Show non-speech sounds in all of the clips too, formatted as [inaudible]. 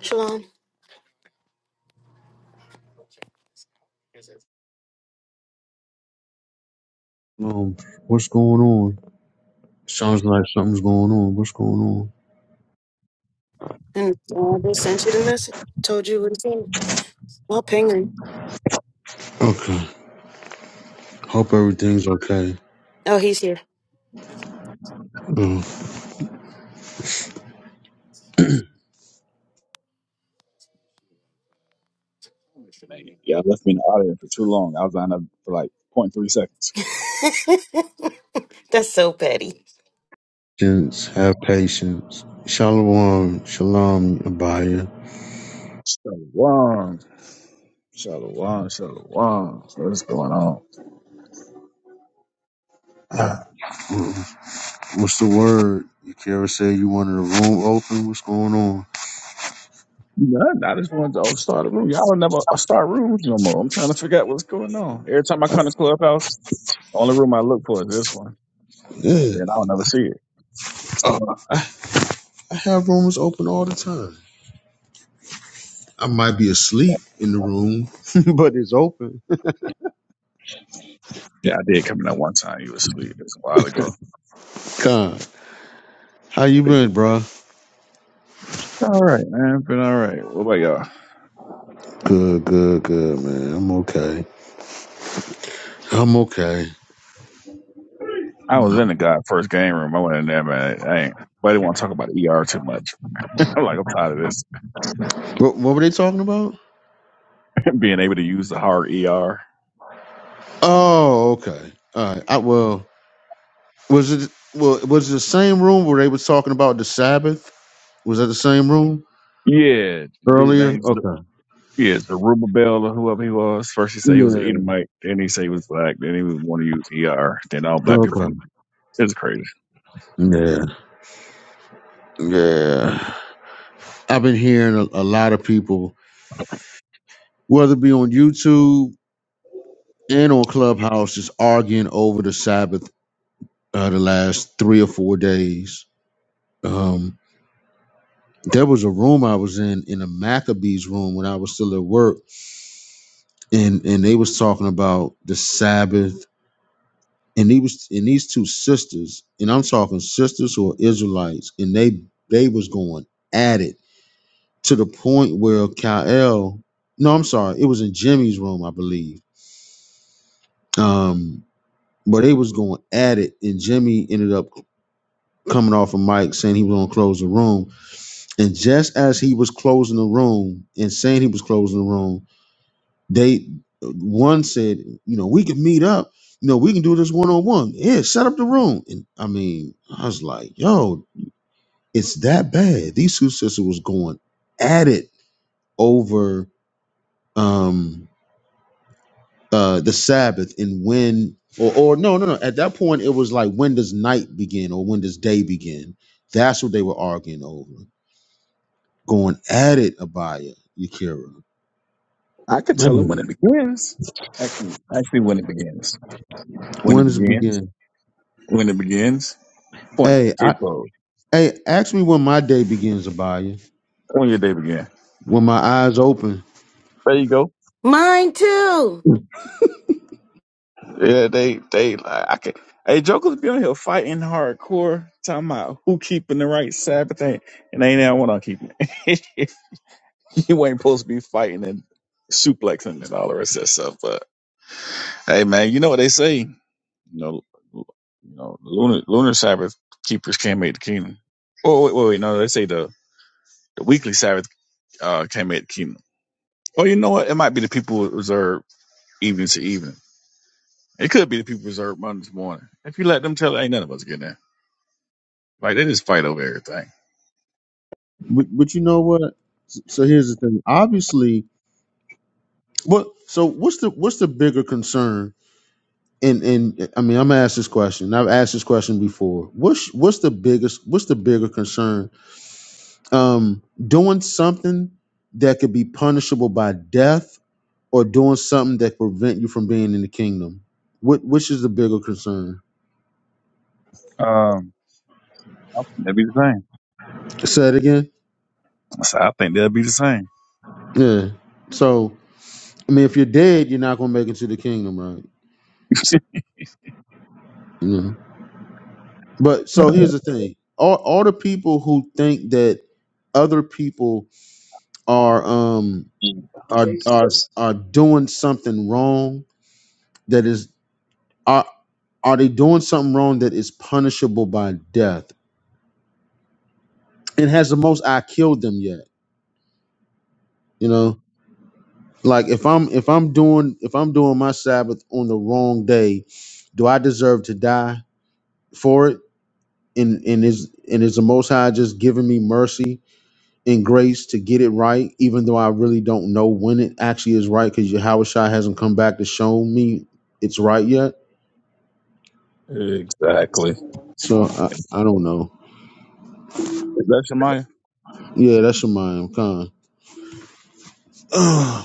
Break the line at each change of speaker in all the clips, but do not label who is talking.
Shalom.
Um, what's going on? Sounds like something's going on. What's going on?
And uh, they sent you the message. Told you what it said. Well, ping him.
Okay. Hope everything's okay.
Oh, he's here.
Um,
Nate, y'all left me in the audience for too long. I was on up for like point three seconds.
[laughs] That's so petty.
Patience. Have patience. Shalom. Shalom, Abaya.
Shalom. Shalom. Shalom. What's going on? Ah,
Um, What's the word? You ever say you wanted a room open? What's going on?
None. I just wanted to oh, start a room. Y'all don't never start rooms no more. I'm trying to figure out what's going on. Every time I come to Clubhouse, the only room I look for is this one. And
Yeah,
then I don't never see it.
I have rooms open all the time. I might be asleep in the room, [laughs] but it's open.
Yeah, I did come in that one time. You was asleep. It was a while ago.
God, how you been, bro?
All right, man. Been all right. What about y'all?
Good, good, good, man. I'm okay. I'm okay.
I was in the God first game room. I went in there, man. I ain't. But I didn't want to talk about ER too much. [laughs] I'm like, I'm tired of this.
What, what were they talking about?
being able to use the hard ER.
Oh, okay. All right. I, well, was it well was it the same room where they was talking about the Sabbath? Was that the same room
Yeah, dude
earlier?
names
Okay.
yeah, Zerubbabel Bell or whoever he was. First he said he was an
Yeah.
Edomite, then he said he was black, then he was want to use ER, then all black people from
Okay.
the- It's crazy.
Yeah. Yeah. I've been hearing a, a lot of people, whether it be on YouTube and on Clubhouse, just arguing over the Sabbath uh, the last three or four days. Um, there was a room I was in in a Maccabees room when I was still at work, and and they was talking about the Sabbath and he was and these two sisters, and I'm talking sisters who are Israelites, and they they was going at it to the point where Kyle, no, I'm sorry, it was in Jimmy's room, I believe. Um, but they was going at it, and Jimmy ended up coming off a mic saying he was gonna close the room. And just as he was closing the room and saying he was closing the room, they one said, you know, we can meet up you know, we can do this one on one. Yeah, set up the room. And I mean, I was like, yo, It's that bad. These two sisters was going at it over um uh the Sabbath and when or or no no no at that point it was like when does night begin or when does day begin? That's what they were arguing over. Going at it, Abaya, Yakira.
I could tell him when it begins. Actually, actually, when it begins. When it
When does it
begins.
begin?
When it begins. Point.
Hey, I
Kid close.
hey, ask me when my day begins, Abaya.
When your day began.
When my eyes open.
There you go.
Mine too.
Yeah, they they like I could. Hey, jokers be on here fighting hardcore, talking about who keeping the right Sabbath thing, and they ain't I want to keep it. [laughs] [laughs] you ain't supposed to be fighting and suplexing and all the rest of that stuff. But hey, man, you know what they say? You know, l- you know, lunar lunar Sabbath keepers can't make the kingdom. Oh wait, wait, wait, no, they say the the weekly Sabbath uh, can't make the kingdom. Well, you know what? It might be the people who observe evening to evening. It could be the people who observe Monday to morning. If you let them tell, ain't none of us getting there. Like they just fight over everything.
But but you know what? S- So here's the thing. Obviously, what so what's the what's the bigger concern and and I mean, I'm gonna ask this question. I've asked this question before. What's what's the biggest? What's the bigger concern? Um, doing something that could be punishable by death, or doing something that prevent you from being in the kingdom. What which is the bigger concern?
Um, I think they'll be the same.
Say it again.
I said, I think they'll be the same.
Yeah. So I mean, if you're dead, you're not gonna make it to the kingdom, right? Yeah. But so here's the thing. All all the people who think that other people are. um are are are doing something wrong that is are are they doing something wrong that is punishable by death? And has the most I killed them yet? You know, like if I'm if I'm doing if I'm doing my Sabbath on the wrong day, do I deserve to die for it? And and is and is the Most High just giving me mercy and grace to get it right, even though I really don't know when it actually is right because Yahweh Shai hasn't come back to show me it's right yet.
[laughs] exactly.
So I, I don't know.
Is that Shemaiah?
Yeah, that's your mind. Con. [sighs] I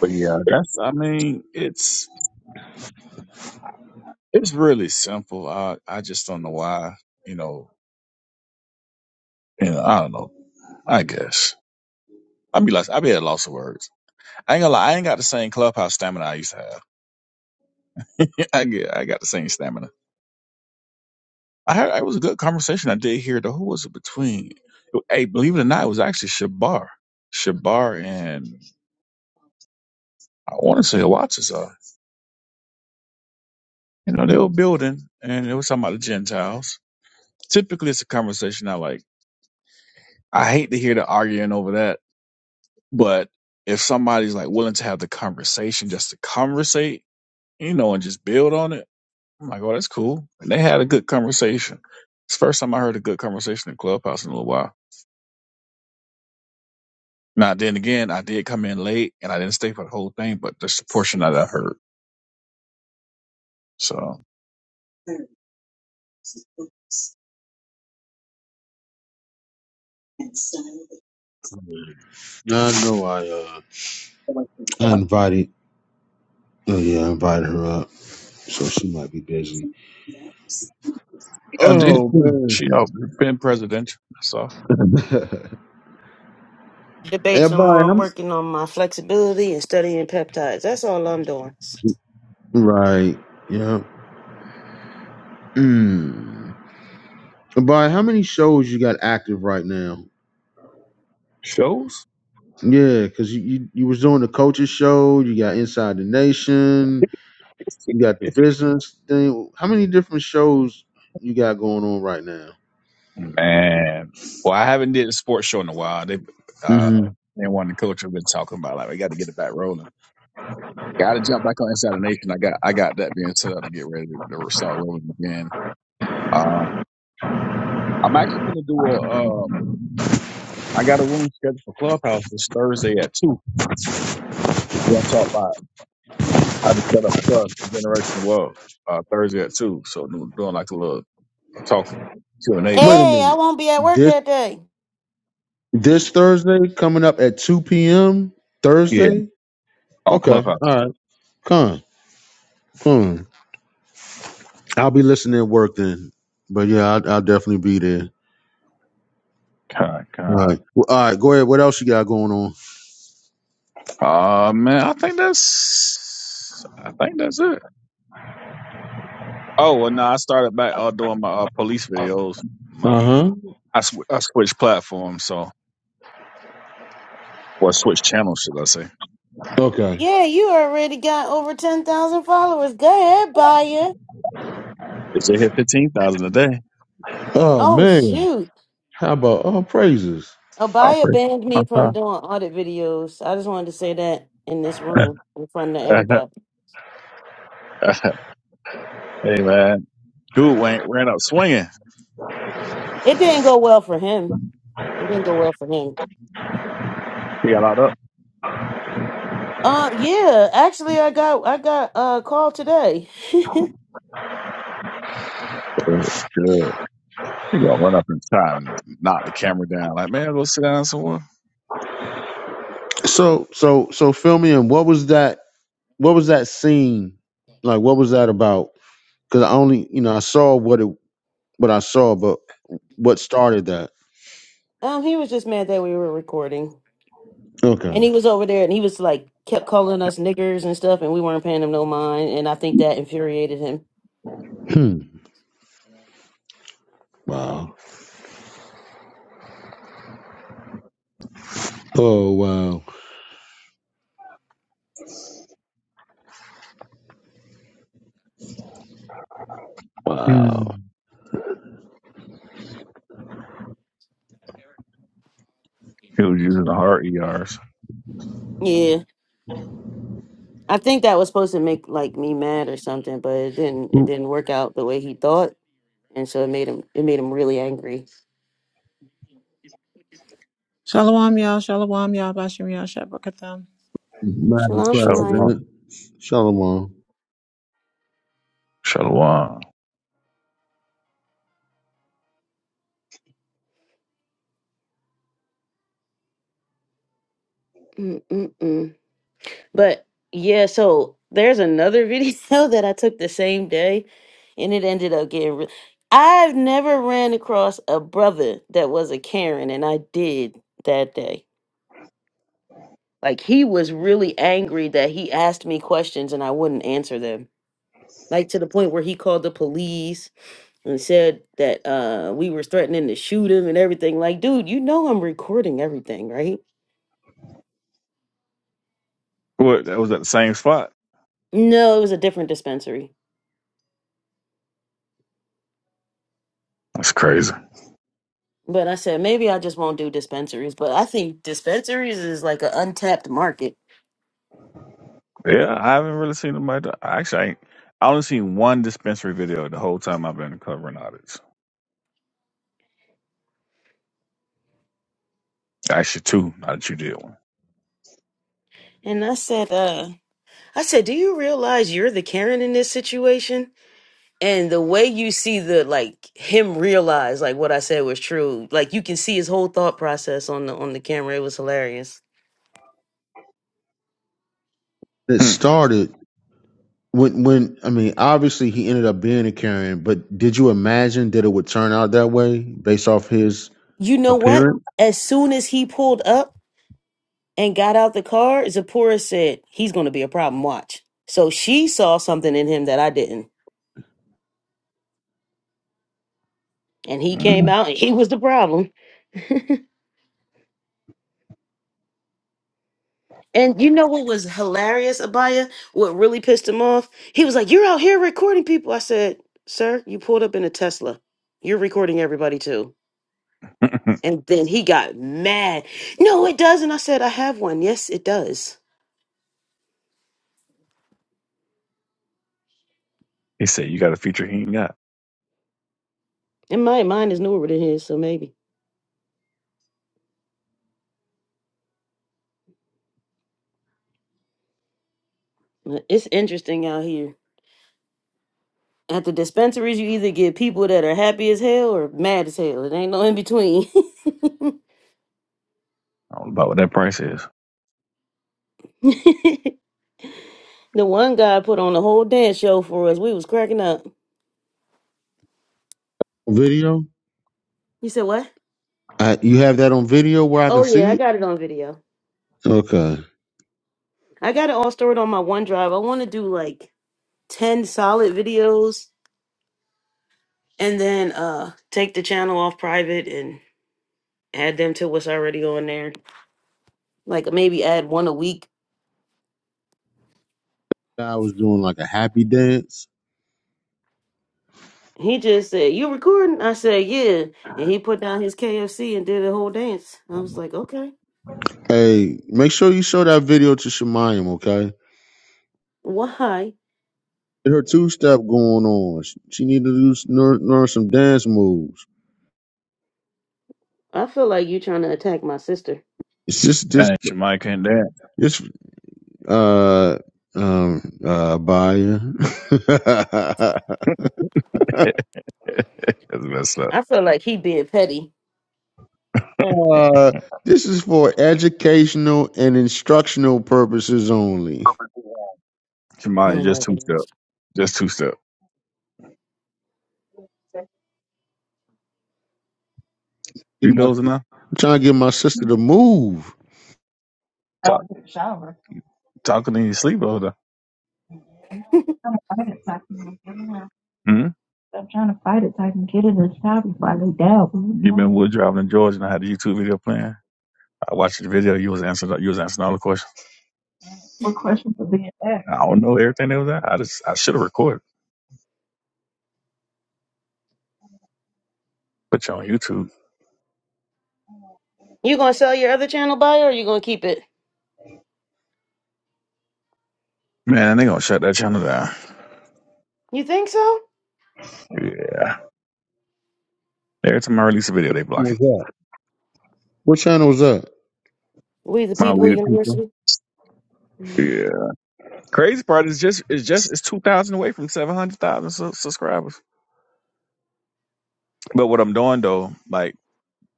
But yeah, that's I mean, it's it's really simple. I I just don't know why, you know, you know, I don't know. I guess. I be lost I be at a loss of words. I ain't gonna lie, I ain't got the same clubhouse stamina I used to have. [laughs] I get I got the same stamina. I heard it was a good conversation I did hear though. Who was it between? Hey, believe it or not, it was actually Shabar. Shabar and I wanna say Watts uh, you know, they were building and they were talking about the Gentiles. Typically it's a conversation I like. I hate to hear the arguing over that But if somebody's like willing to have the conversation just to conversate, you know, and just build on it, I'm like, oh, that's cool. And they had a good conversation. It's the first time I heard a good conversation in Clubhouse in a little while. Now, then again, I did come in late and I didn't stay for the whole thing, but just the portion that I heard. So
know I uh I invited oh yeah, I invited her up. So she might be busy.
I did.
Oh
too.
man.
She uh, been presidential. That's all.
[laughs]
Debate some more.
Everybody
I'm
I'm
working on my flexibility and studying peptides. That's all I'm doing.
Right. Yeah. Mm. Everybody, how many shows you got active right now?
Shows?
Yeah, because you, you you was doing the coaches show, you got Inside the Nation, you got the business thing. How many different shows you got going on right now?
Man, well, I haven't did a sports show in a while. They, uh,
hmm
they one of the coach have been talking about like we got to get it back rolling. Got to jump back on Inside the Nation. I got I got that being set up to get ready to start rolling again. Uh, I'm actually gonna do a um. I got a room scheduled for Clubhouse this Thursday at two. We're gonna talk about how to set up trust and generation wealth. Uh, Thursday at two. So do- doing like a little talking Q and A, but
Wait a
Hey, I
minute.
won't be at work
this.
that day.
This Thursday coming up at 2 p.m.
yeah,
Thursday.
on
Okay. All
Clubhouse.
right. Con. Con. I'll be listening at work then. But yeah, I'll, I'll definitely be there.
kind, kind.
All right. Well, All right. Go ahead. What else you got going on?
Uh man, I think that's I think that's it. Oh well, no, I started back uh, doing my uh, police videos. Mo-
Uh
I sw- I switched platforms, so or switched channels, should I say?
huh. Okay.
Yeah, you already got over 10,000 followers. Go ahead, Baya.
Is it hit fifteen thousand a day?
Oh
Oh,
man.
shoot.
How about oh praises?
I'll
Abaya
pray.
banned me
for
from doing audit videos. I just wanted to say that in this room in front of
My Okay.
everybody.
[laughs] hey man, dude went ran up swinging.
It didn't go well for him. It didn't go well for him.
He got out up.
Uh, yeah. Actually, I got I got uh, called today. [laughs]
Good. He gonna run up and try and knock the camera down. Like man, go sit down somewhere.
So so so fill me in. What was that? What was that scene? Like what was that about? Because I only you know I saw what it what I saw, but what started that?
um, he was just mad that we were recording, and
Okay.
he was over there, and he was like kept calling us niggers and stuff, and we weren't paying him no mind, and I think that infuriated him.
Hmm. Wow. Oh wow. Wow.
Mm. He was using the hard ERs.
Yeah, I think that was supposed to make like me mad or something, but it didn't. It didn't work out the way he thought, and so it made him it made him really angry.
Shalom, y'all. Shalom, y'all. Bashim, y'all. Shabakatam.
Madam
Shalom,
Shalom.
Shemaya.
President, Shalom.
Shalom.
Mm-mm-mm. But yeah, so there's another video [laughs] that I took the same day and it ended up getting re- I've never ran across a brother that was a Karen and I did that day. Like he was really angry that he asked me questions and I wouldn't answer them. Like to the point where he called the police and said that uh we were threatening to shoot him and everything. Like, dude, you know I'm recording everything, right?
What? That was at the same spot.
No, it was a different dispensary.
That's crazy.
But I said maybe I just won't do dispensaries. But I think dispensaries is like an untapped market.
Yeah, I haven't really seen them. I actually, I, ain't, I only seen one dispensary video the whole time I've been covering audits. Actually, two. Now that you did one.
And I said, uh, I said, do you realize you're the Karen in this situation? And the way you see the like him realize like what I said was true, like you can see his whole thought process on the on the camera. It was hilarious.
It started when, when I mean, obviously he ended up being a Karen, but did you imagine that it would turn out that way based off his
You know what?
appearance
As soon as he pulled up and got out the car, Zipporah said, He's gonna be a problem, watch. So she saw something in him that I didn't. And he
Hmm.
came out and he was the problem. And you know what was hilarious, Abaya? What really pissed him off? He was like, You're out here recording people. I said, Sir, you pulled up in a Tesla. You're recording everybody too.
Mm.
And then he got mad. No, it doesn't. I said, I have one. Yes, it does.
[laughs] he said you got a feature he ain't got.
And my mine is newer than his, so maybe. But it's interesting out here. At the dispensaries, you either get people that are happy as hell or mad as hell. It ain't no in between. [laughs]
I don't know about what that price is.
the one guy put on the whole dance show for us. We was cracking up.
video?
You said what?
Uh, you have that on video where I
Oh
can
yeah, I
see it.
got it on video.
Okay,
I got it all stored on my OneDrive. I want to do like 10 solid videos and then uh take the channel off private and add them to what's already on there. Like maybe add one a week.
I was doing like a happy dance.
He just said, "You recording?" I said, "Yeah." And he put down his KFC and did a whole dance. I was like, "Okay.
Hey, make sure you show that video to Shemayim, okay?
Why?"
Get her two step going on. She, she need to do s- learn, learn some dance moves.
I feel like you trying to attack my sister.
It's just
And Shamai can't dance.
this. uh, um, uh, Abaya.
[laughs] That's messed up.
I feel like he being petty.
[laughs] uh, this is for educational and instructional purposes only.
Shamai
Oh
is
my
just two step.
goodness.
Just two step. You
Get my-
dozing now?
I'm trying to get my sister to move.
Talk, talking in your sleep though. I'm trying to fight it so I can get it out. Hmm? I'm trying to fight it so I can get it inside before I lay down. You You know, been wood driving in Georgia and I had the YouTube video playing. I watched the video. You was answering. You was answering all the questions. what questions are being asked? I don't know everything that was there. I just I should have recorded. Put you on YouTube.
You going to sell your other channel buyer or you going to keep it?
Man, they gonna shut that channel down.
You think so?
Yeah. Every time I release a video, they block it.
What was that? What channel was that?
We the
My
people
weird people.
university. Mm,
Yeah. Crazy part is just it's just it's two thousand away from seven hundred thousand su- subscribers. But what I'm doing though, like.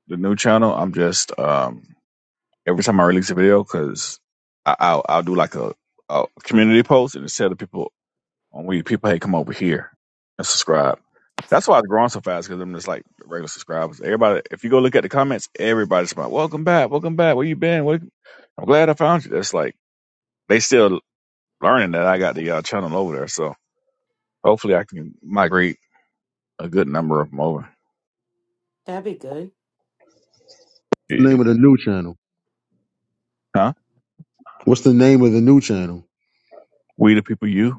the new channel, I'm just um every time I release a video, cause I, I'll I'll do like a, a community post and just tell the people on we people hey come over here and subscribe. That's why it's growing so fast because I'm just like regular subscribers. Everybody, if you go look at the comments, everybody's like, "Welcome back, welcome back. Where you been? What, I'm glad I found you." That's like they still learning that I got the uh, channel over there. So hopefully, I can migrate a good number of them over.
That'd be good.
Yeah.
Name of the new channel.
Huh?
What's the name of the new channel?
We the people, you.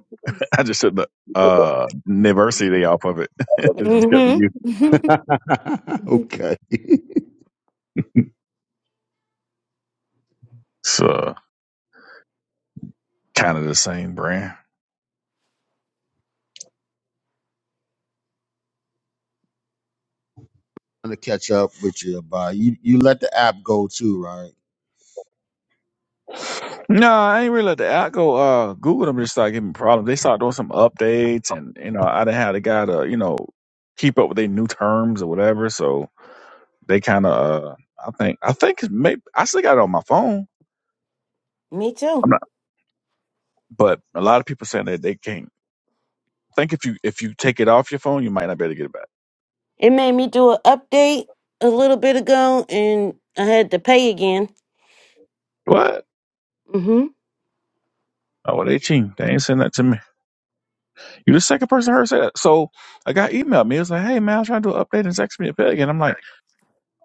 I just took the uh Niversity off of it. [laughs] it just got
hmm
the
[laughs]
[laughs] okay. [laughs]
U. It's uh, kind of the same brand.
I'm gonna catch up with you, Abaya. You you let the app go too, right?
No, I ain't really let the app go. Uh, Google them just started giving me problems. They started doing some updates, and you know, I didn't have the guy to you know keep up with their new terms or whatever. So they kind of, uh, I think, I think it's maybe I still got it on my phone.
Me too.
I'm not, but a lot of people saying that they can't. I think if you if you take it off your phone, you might not be able to get it back.
It made me do an update a little bit ago, and I had to pay again.
What?
Mm-hmm.
Oh, well, they cheating. They ain't send that to me. You're the second person I heard say that. So a guy emailed me. It was like, hey, man, I'm trying to do an update and text me a peg. And I'm like,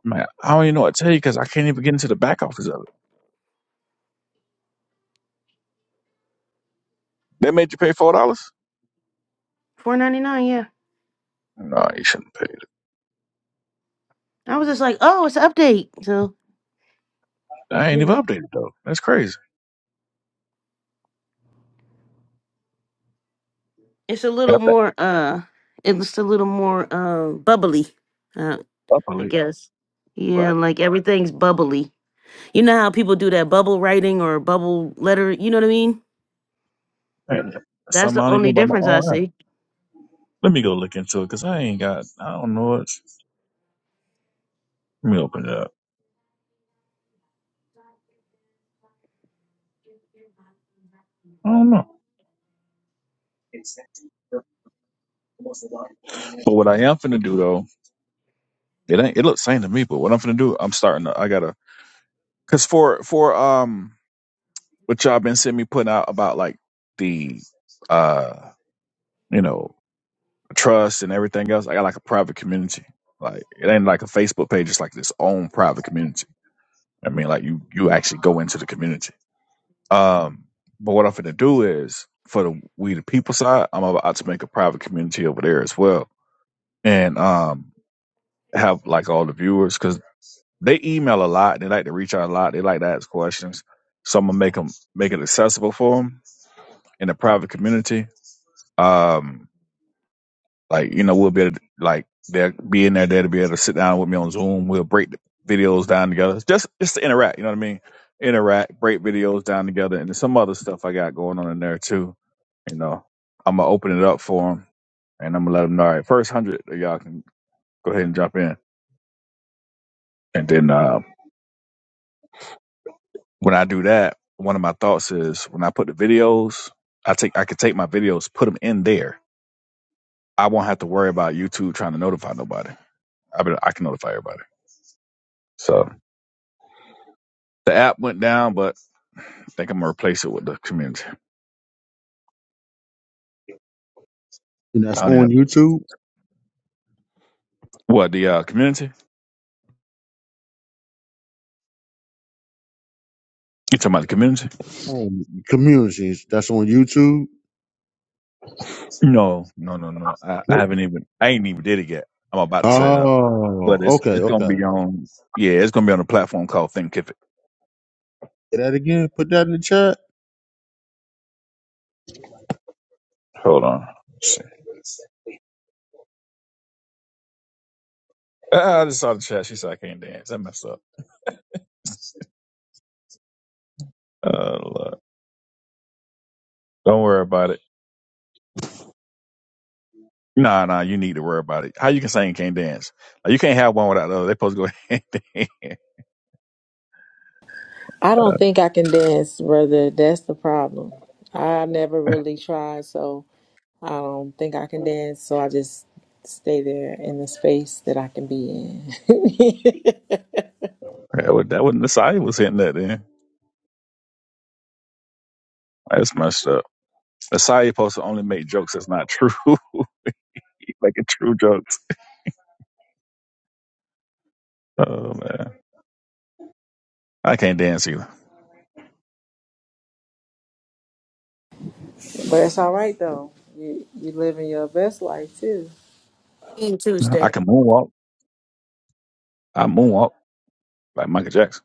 man, I don't even know what to tell you because I can't even get into the back office of it. They made you pay $4?
Four ninety nine. Yeah.
No, you shouldn't pay.
I was just like, oh, it's an update. So
that. I
you
ain't even
know,
updated, though. That's crazy.
it's a little
Got that
more. Uh, it's a little more uh bubbly. Uh,
up
I
late.
guess. Yeah,
What?
like everything's bubbly. You know how people do that bubble writing or bubble letter. You know what I mean?
Man, that's
That's
something I
the
don't even know
only
about my
difference I
own app.
see.
Let me go look into it because I ain't got, I don't know it. Let me open it up. I don't know. But what I am finna do though, it ain't it looks same to me. But what I'm finna do, I'm starting. To, I gotta because for for um what y'all been seeing me putting out about like the uh you know trust and everything else i got like a private community like it ain't like a facebook page it's like this own private community i mean like you you actually go into the community um but what i'm gonna do is for the we the people side i'm about to make a private community over there as well and um have like all the viewers because they email a lot they like to reach out a lot they like to ask questions so i'm gonna make them make it accessible for them in the private community Um, like you know, we'll be able to, like they'll be in there there to be able to sit down with me on Zoom. We'll break the videos down together, just just to interact. You know what I mean? Interact, break videos down together, and there's some other stuff I got going on in there too. You know, I'm gonna open it up for them, and I'm gonna let them know. All right, first hundred of y'all can go ahead and jump in, and then uh, when I do that, one of my thoughts is when I put the videos, I take I could take my videos, put them in there. I won't have to worry about YouTube trying to notify nobody. I be, I can notify everybody. So the app went down, but I think I'm gonna replace it with the community.
And that's
I don't
on
even
YouTube.
what the uh, community. You talking about the community?
Um, communities. That's on YouTube.
No, no, no, no. I, I haven't even. I ain't even did it yet. I'm about to set it up, but
Oh,
it's
okay,
it's gonna
okay.
be on. Yeah, it's gonna be on a platform called Thinkific.
Say that again. Put that in the chat.
Hold on. Let's see. Ah, I just saw the chat. She said I can't dance. I messed up. Oh, Lord. Don't worry about it. Nah, nah. You need to worry about it. How you can say you can't dance? Like, you can't have one without the other. They supposed to go [laughs] hand in hand.
I don't think I can dance, brother. That's the problem. I never really tried, so I don't think I can dance. So I just stay there in the space that I can be in. [laughs] but
That would that wouldn't Nasai was hitting that then. That's messed up. Nasai supposed to only make jokes that's not true. [laughs] He making true jokes. Oh man. I can't dance either.
it's all right though. You you living your best life too.
Tuesday.
I can moonwalk. I moonwalk like Michael Jackson.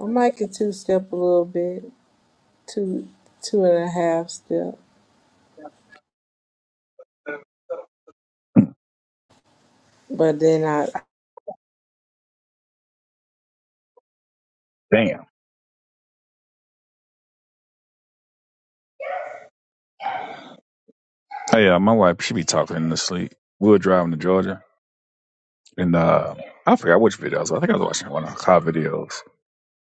I might can two step a little bit, two two and a half step.
Mm,
But then I, I-
Damn. Hey, uh, my wife, she be talking in the sleep. We were driving to Georgia and uh I forgot which videos. I think I was watching one of her car videos.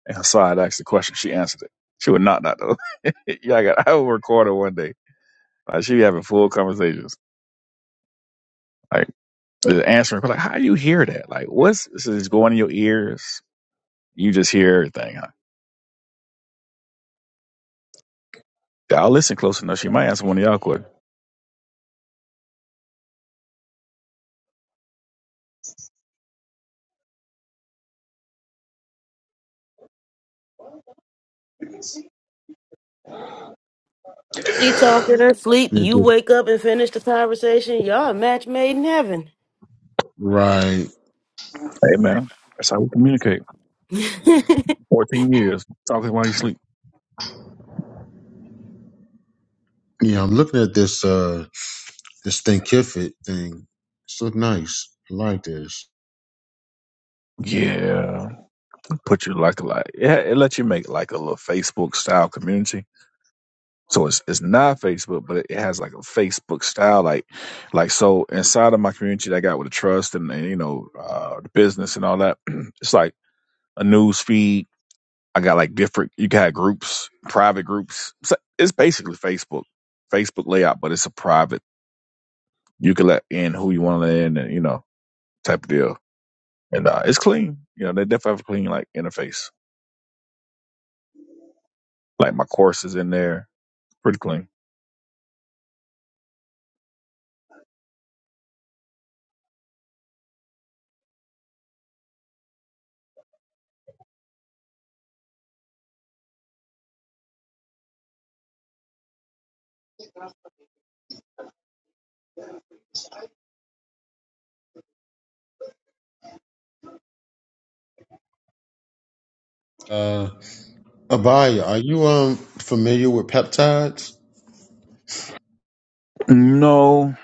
And Hassan asked the question. She answered it. She would not not though. [laughs] yeah, I got. I will record her one day. Like she be having full conversations, like just answering. Like, how do you hear that? Like, what's this is going in your ears? You just hear everything. Huh? Y'all listen close enough. She might answer one of y'all quick.
She talked in her sleep.
Yeah,
You
dude.
wake up and finish the conversation. Y'all a match made in heaven.
Right.
Hey man, that's how we communicate.
[laughs]
Fourteen years talking while you sleep.
Yeah, I'm looking at this uh this Thinkific thing. This look nice. I like this.
Yeah, put you like a like. Yeah, it let you make like a little Facebook style community So it's it's not Facebook, but it has like a Facebook style, like like so inside of my community that I got with the trust and, and you know uh, the business and all that. [clears throat] it's like a news feed. I got like different. You got groups, private groups. So it's basically Facebook, Facebook layout, but it's a private. You can let in who you want to let in, and you know type of deal. And uh, it's clean. You know they definitely have a clean like interface. Like my course is in there, pretty clean.
Uh Abaya, are you um familiar with peptides?
No,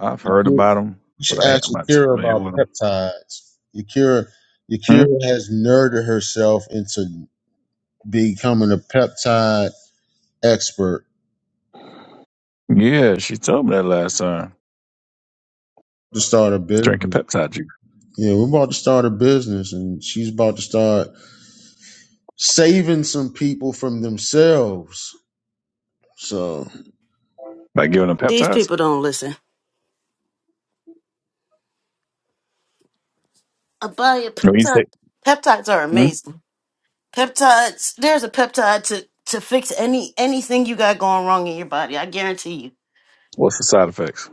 I've heard
You
about them, but
should
I ain't,
ask
I'm not too
Yakira
familiar
about
with them.
peptides. Yakira Yakira has nerded herself into becoming a peptide expert
Yeah, she told me that last time.
to start a
Drinking
business.
peptide juice.
Yeah, we're about to start a business and she's about to start saving some people from themselves. So
By giving them
These
peptides?
people don't listen. I buy of
What you
peptides.
say?
Peptides are
Hmm?
amazing. Peptides. There's a peptide to to fix any anything you got going wrong in your body. I guarantee you.
What's the side effects?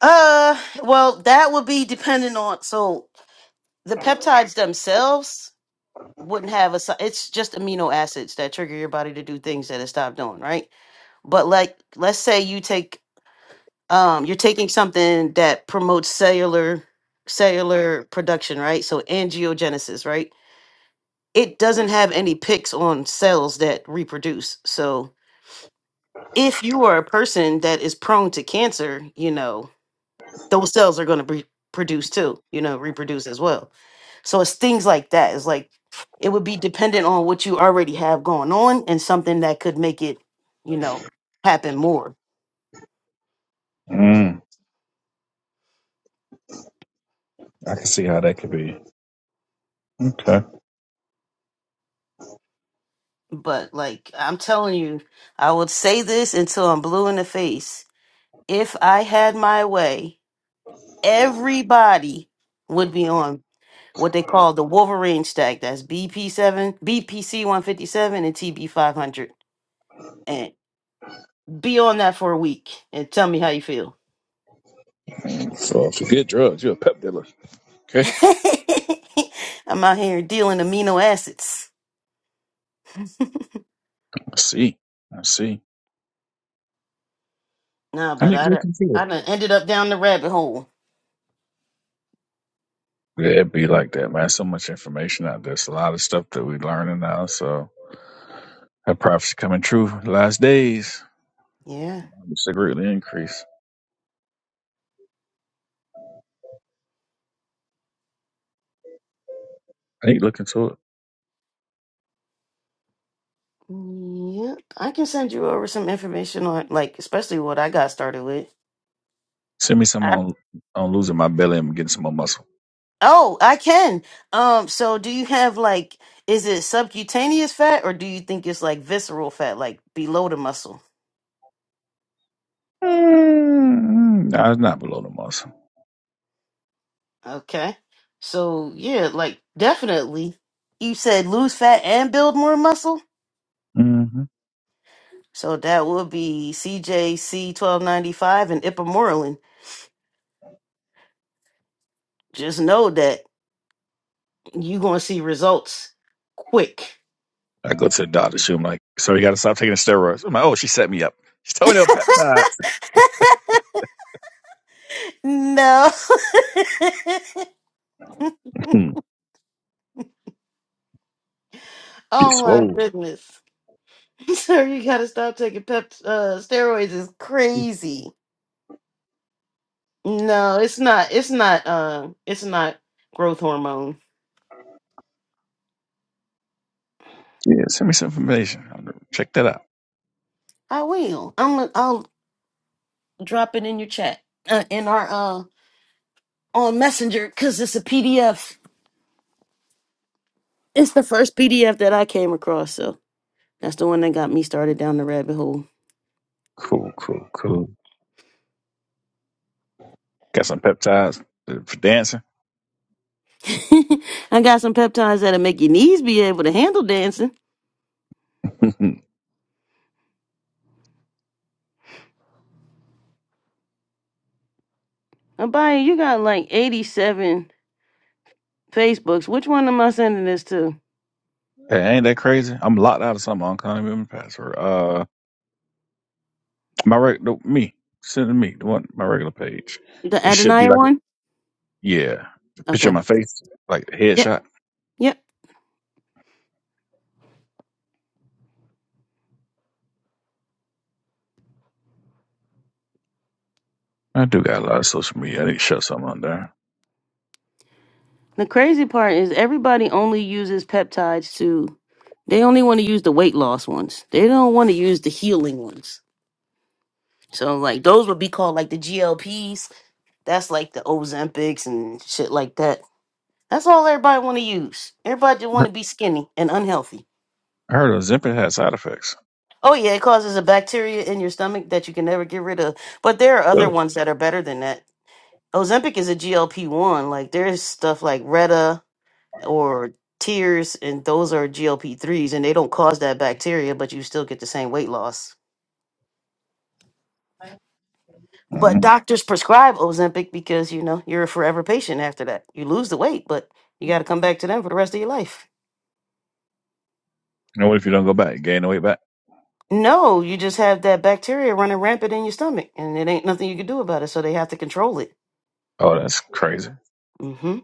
Uh, well, that would be dependent on. So the peptides themselves wouldn't have a. si- It's just amino acids that trigger your body to do things that it stopped doing, right? But like, let's say you take um you're taking something that promotes cellular cellular production right so angiogenesis right it doesn't have any picks on cells that reproduce so if you are a person that is prone to cancer you know those cells are going to be produce too you know reproduce as well so it's things like that it's like it would be dependent on what you already have going on and something that could make it you know happen more
Mm, I can see how that could be. Okay.
But like I'm telling you, I would say this until I'm blue in the face. If I had my way, everybody would be on what they call the Wolverine stack. That's BP seven, BPC one fifty seven, and TB five hundred. And be on that for a week and tell me how you feel.
So if you get drugs, you're a pep dealer. Okay.
[laughs] I'm out here dealing amino acids.
I see. I see.
Nah,
I
but
need
I
to
done-
look into
I
it.
done ended up down the rabbit hole.
Yeah, it'd be like that, man. So much information out there. It's a lot of stuff that we're learning now. So that prophecy coming true. Last days,
Yeah.
it's a greatly increase. I need to look into it.
Yeah, I can send you over some information on like especially what I got started with.
Send me some
I,
on on losing my belly and getting some more muscle.
oh, I can. Um, so do you have like is it subcutaneous fat or do you think it's like visceral fat, like below the muscle?
Nah, it's not below the muscle.
Okay. So yeah, like definitely. You said lose fat and build more muscle?
hmm
So that would be CJC twelve ninety five and Ipamorelin. Just know that you gonna see results quick. [laughs]
I go to the doctor. She, I'm like, so you got to stop taking the steroids. I'm like, oh, she set me up. She told me no peptides.
No. [laughs]
Hmm. Be
Oh my
swole.
goodness. [laughs] Sir, you gotta stop taking pep uh steroids is crazy. No, it's not it's not uh it's not growth hormone.
Yeah, send me some information. I'm gonna check that out.
I will. I'm gonna- I'll drop it in your chat. Uh, in our uh on Messenger cuz it's a PDF. It's the first PDF that I came across, so that's the one that got me started down the rabbit hole.
Cool, cool, cool. Got some peptides uh, for dancing.
[laughs] I got some peptides that'll make your knees be able to handle dancing.
[laughs] hey,
Abaya, you got like 87 Facebooks. Which one am I sending this to?
ain't that crazy? I'm locked out of something. I can't even remember my password. Uh, my regular me send it to me the one my regular page.
The
It should be
Adonai
like a,
one?
yeah, picture of
Okay.
my face, like a
Yep.
headshot.
Yep.
I do got a lot of social media. I need to shut something on there.
The crazy part is everybody only uses peptides to they only want to use the weight loss ones. They don't want to use the healing ones. So like those would be called like the GLPs. That's like the Ozempics and shit like that. That's all everybody want to use. Everybody just want to be skinny and unhealthy.
I heard Ozempic has side effects.
Oh yeah, it causes a bacteria in your stomach that you can never get rid of. But there are other ones that are better than that. Ozempic is a GLP one. Like there's stuff like Retta or tears, and those are GLP threes, and they don't cause that bacteria, but you still get the same weight loss.
hmm
But doctors prescribe Ozempic because you know you're a forever patient after that. You lose the weight, but you got to come back to them for the rest of your life.
And what if you don't go back? You gain the weight back?
No, you just have that bacteria running rampant in your stomach, and it ain't nothing you can do about it. So they have to control it.
Oh, that's crazy.
hmm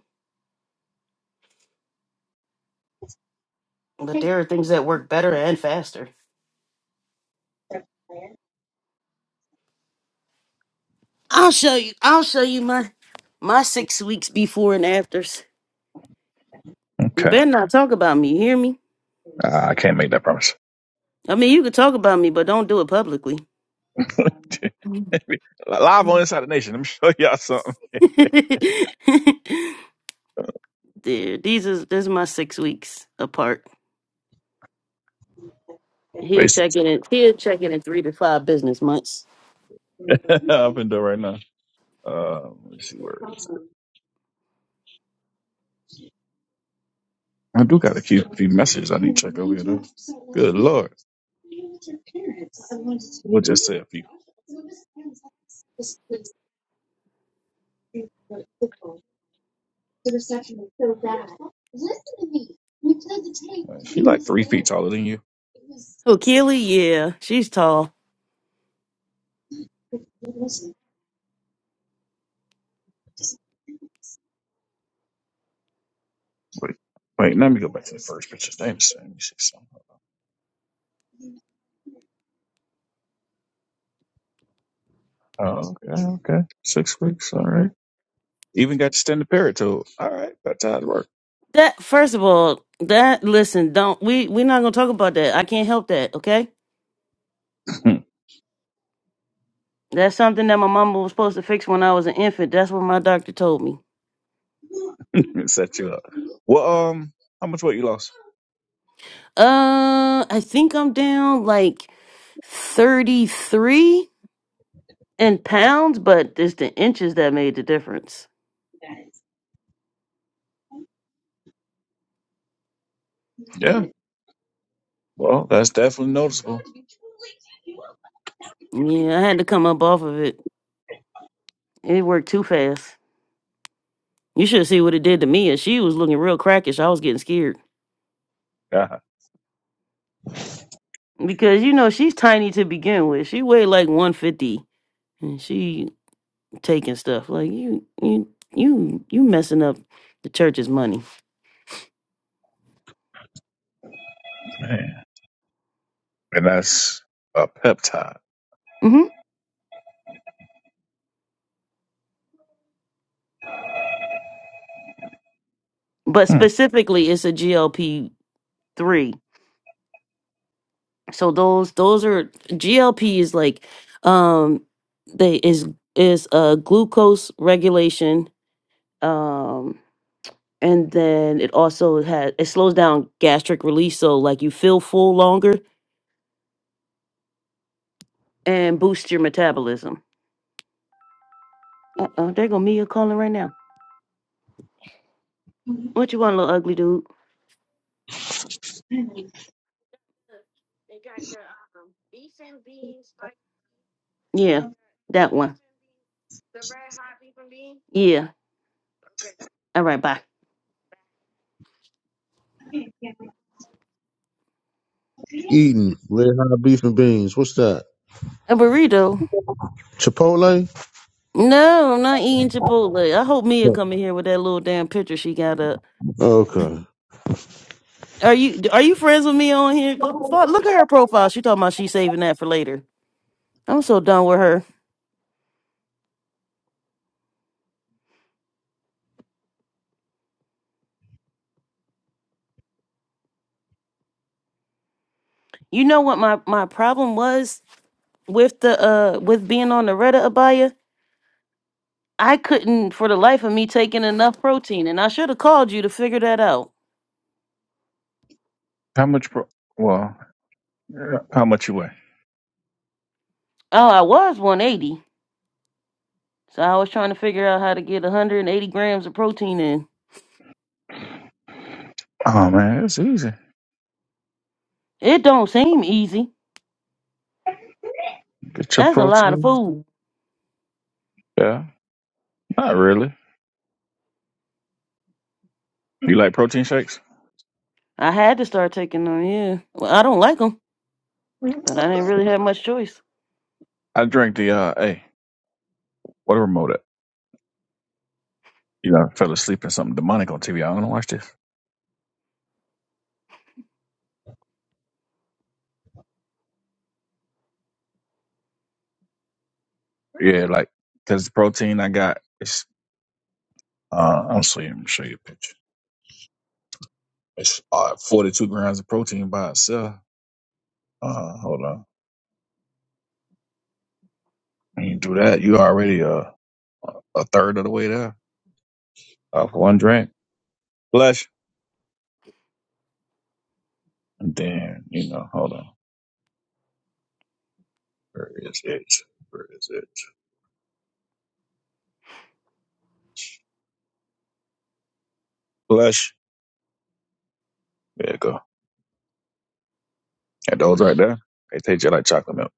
But there are things that work better and faster. I'll show you. I'll show you my my six weeks before and afters. You
Okay.
better not talk about me. You hear me?
Uh, I can't make that promise.
I mean, you could talk about me, but don't do it publicly.
[laughs]
[laughs]
Live on Inside the Nation. Let me show y'all something.
there, these is this is my six weeks apart. He'll
Wait,
check
since
in. He'll check in in three to five business months.
[laughs] I've been doing right now. Uh, let me see where it is. I do got a few, few messages I need to check over here, though. Good Lord. We'll just say a few. Uh, She like three feet taller than you.
Oh, Keely, yeah, she's tall.
Wait, wait. Let me go back to the first picture. Damn, son, Let me see something. Oh, okay, okay. Six weeks. All right. Even got to stand the parrot toe. All right, that's how it works.
That first of all, that listen, don't we? We're not gonna talk about that. I can't help that. Okay,
[laughs]
that's something that my mama was supposed to fix when I was an infant. That's what my doctor told me.
It set you up. Well, um, how much weight you lost?
Uh, I think I'm down like thirty three. in pounds, but it's the inches that made the difference.
Yeah. Well, that's definitely noticeable.
Yeah, I had to come up off of it. It worked too fast. You should see what it did to me. And she was looking real crackish. I was getting scared
God,
because you know she's tiny to begin with. She weighed like one fifty, and she taking stuff like you, you, you, you messing up the church's money.
man. And that's a peptide.
hmm But
Hmm.
specifically, it's a GLP three. so those those are GLP is like um they is is a glucose regulation um and then it also has it slows down gastric release so like you feel full longer and boosts your metabolism. Uh-oh, there go Mia calling right now. What you want, little ugly dude? Yeah, that one. Yeah. All right, bye.
eating red hot beef and beans. What's that?
A burrito?
Chipotle?
No, I'm not eating Chipotle. I hope Mia come in here with that little damn picture she got
Okay.
Are you are you friends with me on here? Go, fuck, look at her profile. She talking about she saving that for later. I'm so done with her. You know what my my problem was with the uh with being on the Reddit Abaya? I couldn't for the life of me taking enough protein, and I should have called you to figure that out.
How much? Pro- well, yeah, how much you weigh?
Oh, I was 180, so I was trying to figure out how to get 180 grams of protein in.
Oh man, it's easy.
It don't seem easy.
Get your
That's a lot of
protein.
food.
Yeah, not really. You like protein shakes?
I had to start taking them. Yeah, well, I don't like them, but I didn't really have much choice.
I drink the uh, hey, what a remote at? You know, I fell asleep in something demonic on TV. i don't want to watch this. Yeah, like because the protein I got is uh, I'm see. Let me show you a picture. It's uh, 42 grams of protein by itself. Uh, hold on. When you do that, you already uh, a third of the way there off one drink. Flesh. And then, you know, hold on. Where is it? Where is it? Flesh. There you go. And those right there, they taste just like chocolate milk.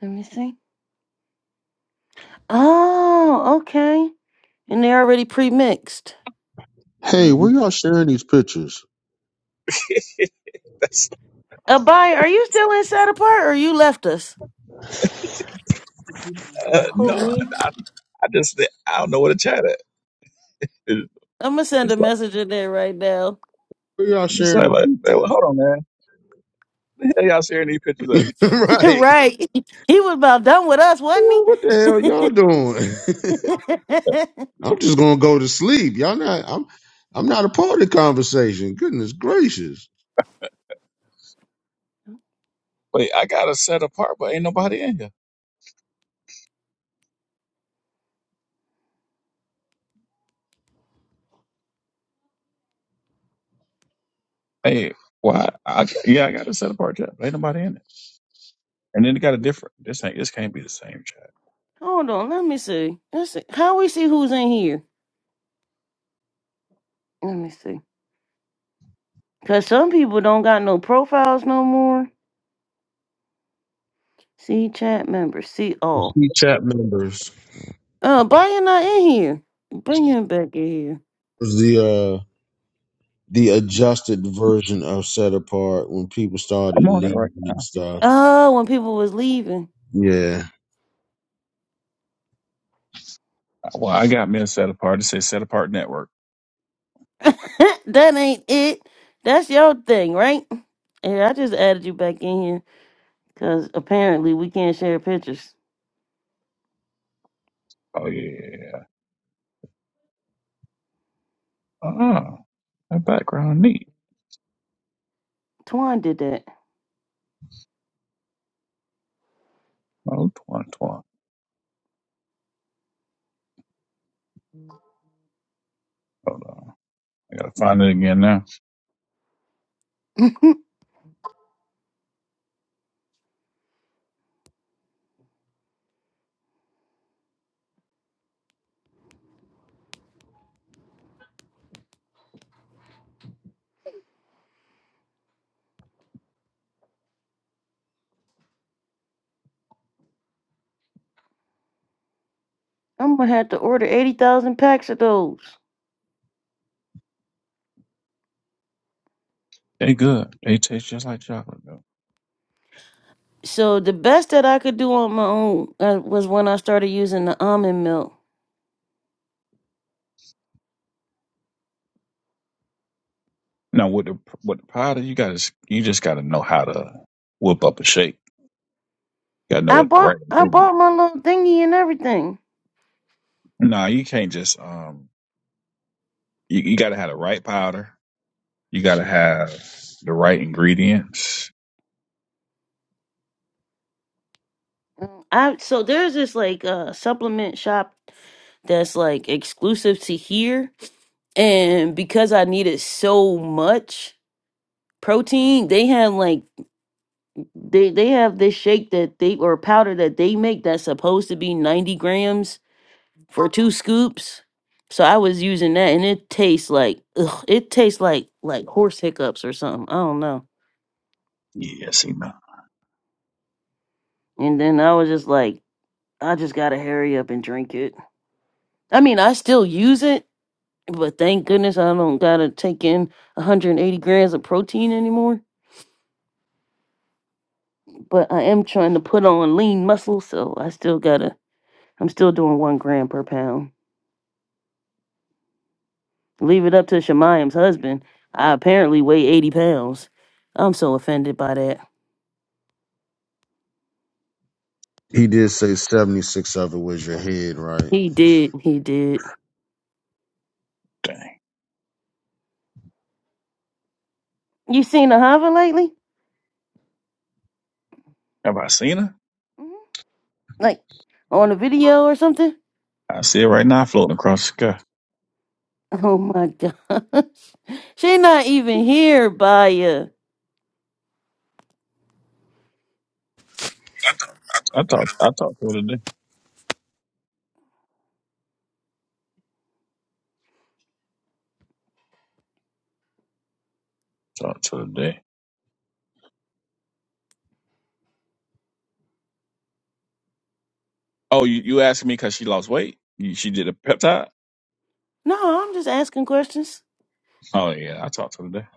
Let me see. Oh, okay. And they're already pre-mixed.
Hey,
hmm
where y'all sharing these pictures?
[laughs] That's,
Abai, are you still inside apart or you left us?
uh,
Who
no, I,
me?
I, I just, I don't know where to chat at. It,
I'm gonna send a
it's like,
message in there right now.
Where y'all
it's
sharing
like,
the
like, man, well,
pictures?
hold on, man. The hell y'all sharing these pictures at?
[laughs]
[laughs]
right.
right. He was about done with us, wasn't
What the hell
he?
y'all doing?
[laughs]
[laughs] I'm just gonna go to sleep. Y'all not I'm I'm not a part of the conversation. Goodness gracious.
Wait, I got a set apart, but ain't nobody in here. Hey, why? I, yeah, I got a set apart chat. But Ain't nobody in it. And then it got a different. This ain't. This can't be the same chat.
Hold on, let me see. Let's see. How we see who's in here? Let me see. Cause some people don't got no profiles no more. See chat members, see all.
See chat members
Uh, Abai not in here. Bring him back in here.
was the uh the adjusted version of set apart when people
I'm
started
on it
leaving
right now.
and stuff.
Oh, when people was leaving.
Yeah.
Well, I got me a set apart. It says set apart network.
[laughs] that ain't it. That's your thing, right? Yeah, I just added you back in here because apparently we can't share pictures.
Oh yeah. Oh, that background neat.
Twan did that.
Oh, twan twan. Hold on. I gotta find it again now.
[laughs] I'm gonna have to order eighty thousand packs of those.
They good. They taste just like chocolate though.
So the best that I could do on my own uh, was when I started using the almond milk.
Now with the with the powder, you gotta s- you just gotta know how to whip up a shake. You gotta know
I
what the
bought
right
I bought
ingredient.
my little thingy and everything.
Nah, you can't just um. You, you gotta have the right powder. You gotta have the right ingredients.
Mm, I so there's this like uh, supplement shop that's like exclusive to here, and because I need it so much. protein they have like they they have this shake that they or powder that they make that's supposed to be 90 grams for two scoops so i was using that and it tastes like ugh, it tastes like like horse hiccups or something i don't know
Yeah, Cena.
and then i was just like i just gotta hurry up and drink it i mean i still use it but thank goodness i don't gotta take in 180 grams of protein anymore but i am trying to put on lean muscle so i still gotta i'm still doing one gram per pound Leave it up to Shemayim's husband. I apparently weigh 80 pounds. I'm so offended by that.
He did say 76 of it was your head, right?
He did. He did.
Dang.
You seen the lately?
Have I seen her?
Mhm. Like on a video or something? [laughs]
I see it right now floating across the sky.
Oh my gosh. [laughs] She not even here, Baya.
I talked I talked to her today. Talked to her today. Oh, you, you asked me because she lost weight? You, she did a peptide?
No, I'm just asking questions.
Oh yeah, I talked to her today.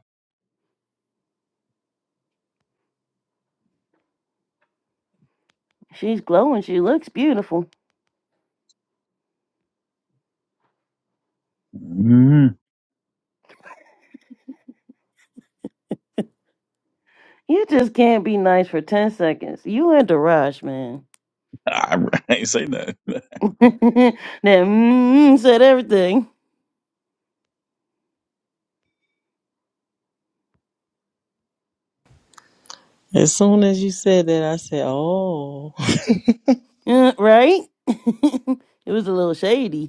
She's glowing. She looks beautiful.
Mm.
You just can't be nice for 10 seconds. You and Daraj, man.
I, [laughs] I ain't say nothing. [laughs] but
[laughs] that mm said everything.
as soon as you said that, I said, "Oh." [laughs]
Uh, Right? [laughs] it was a little shady.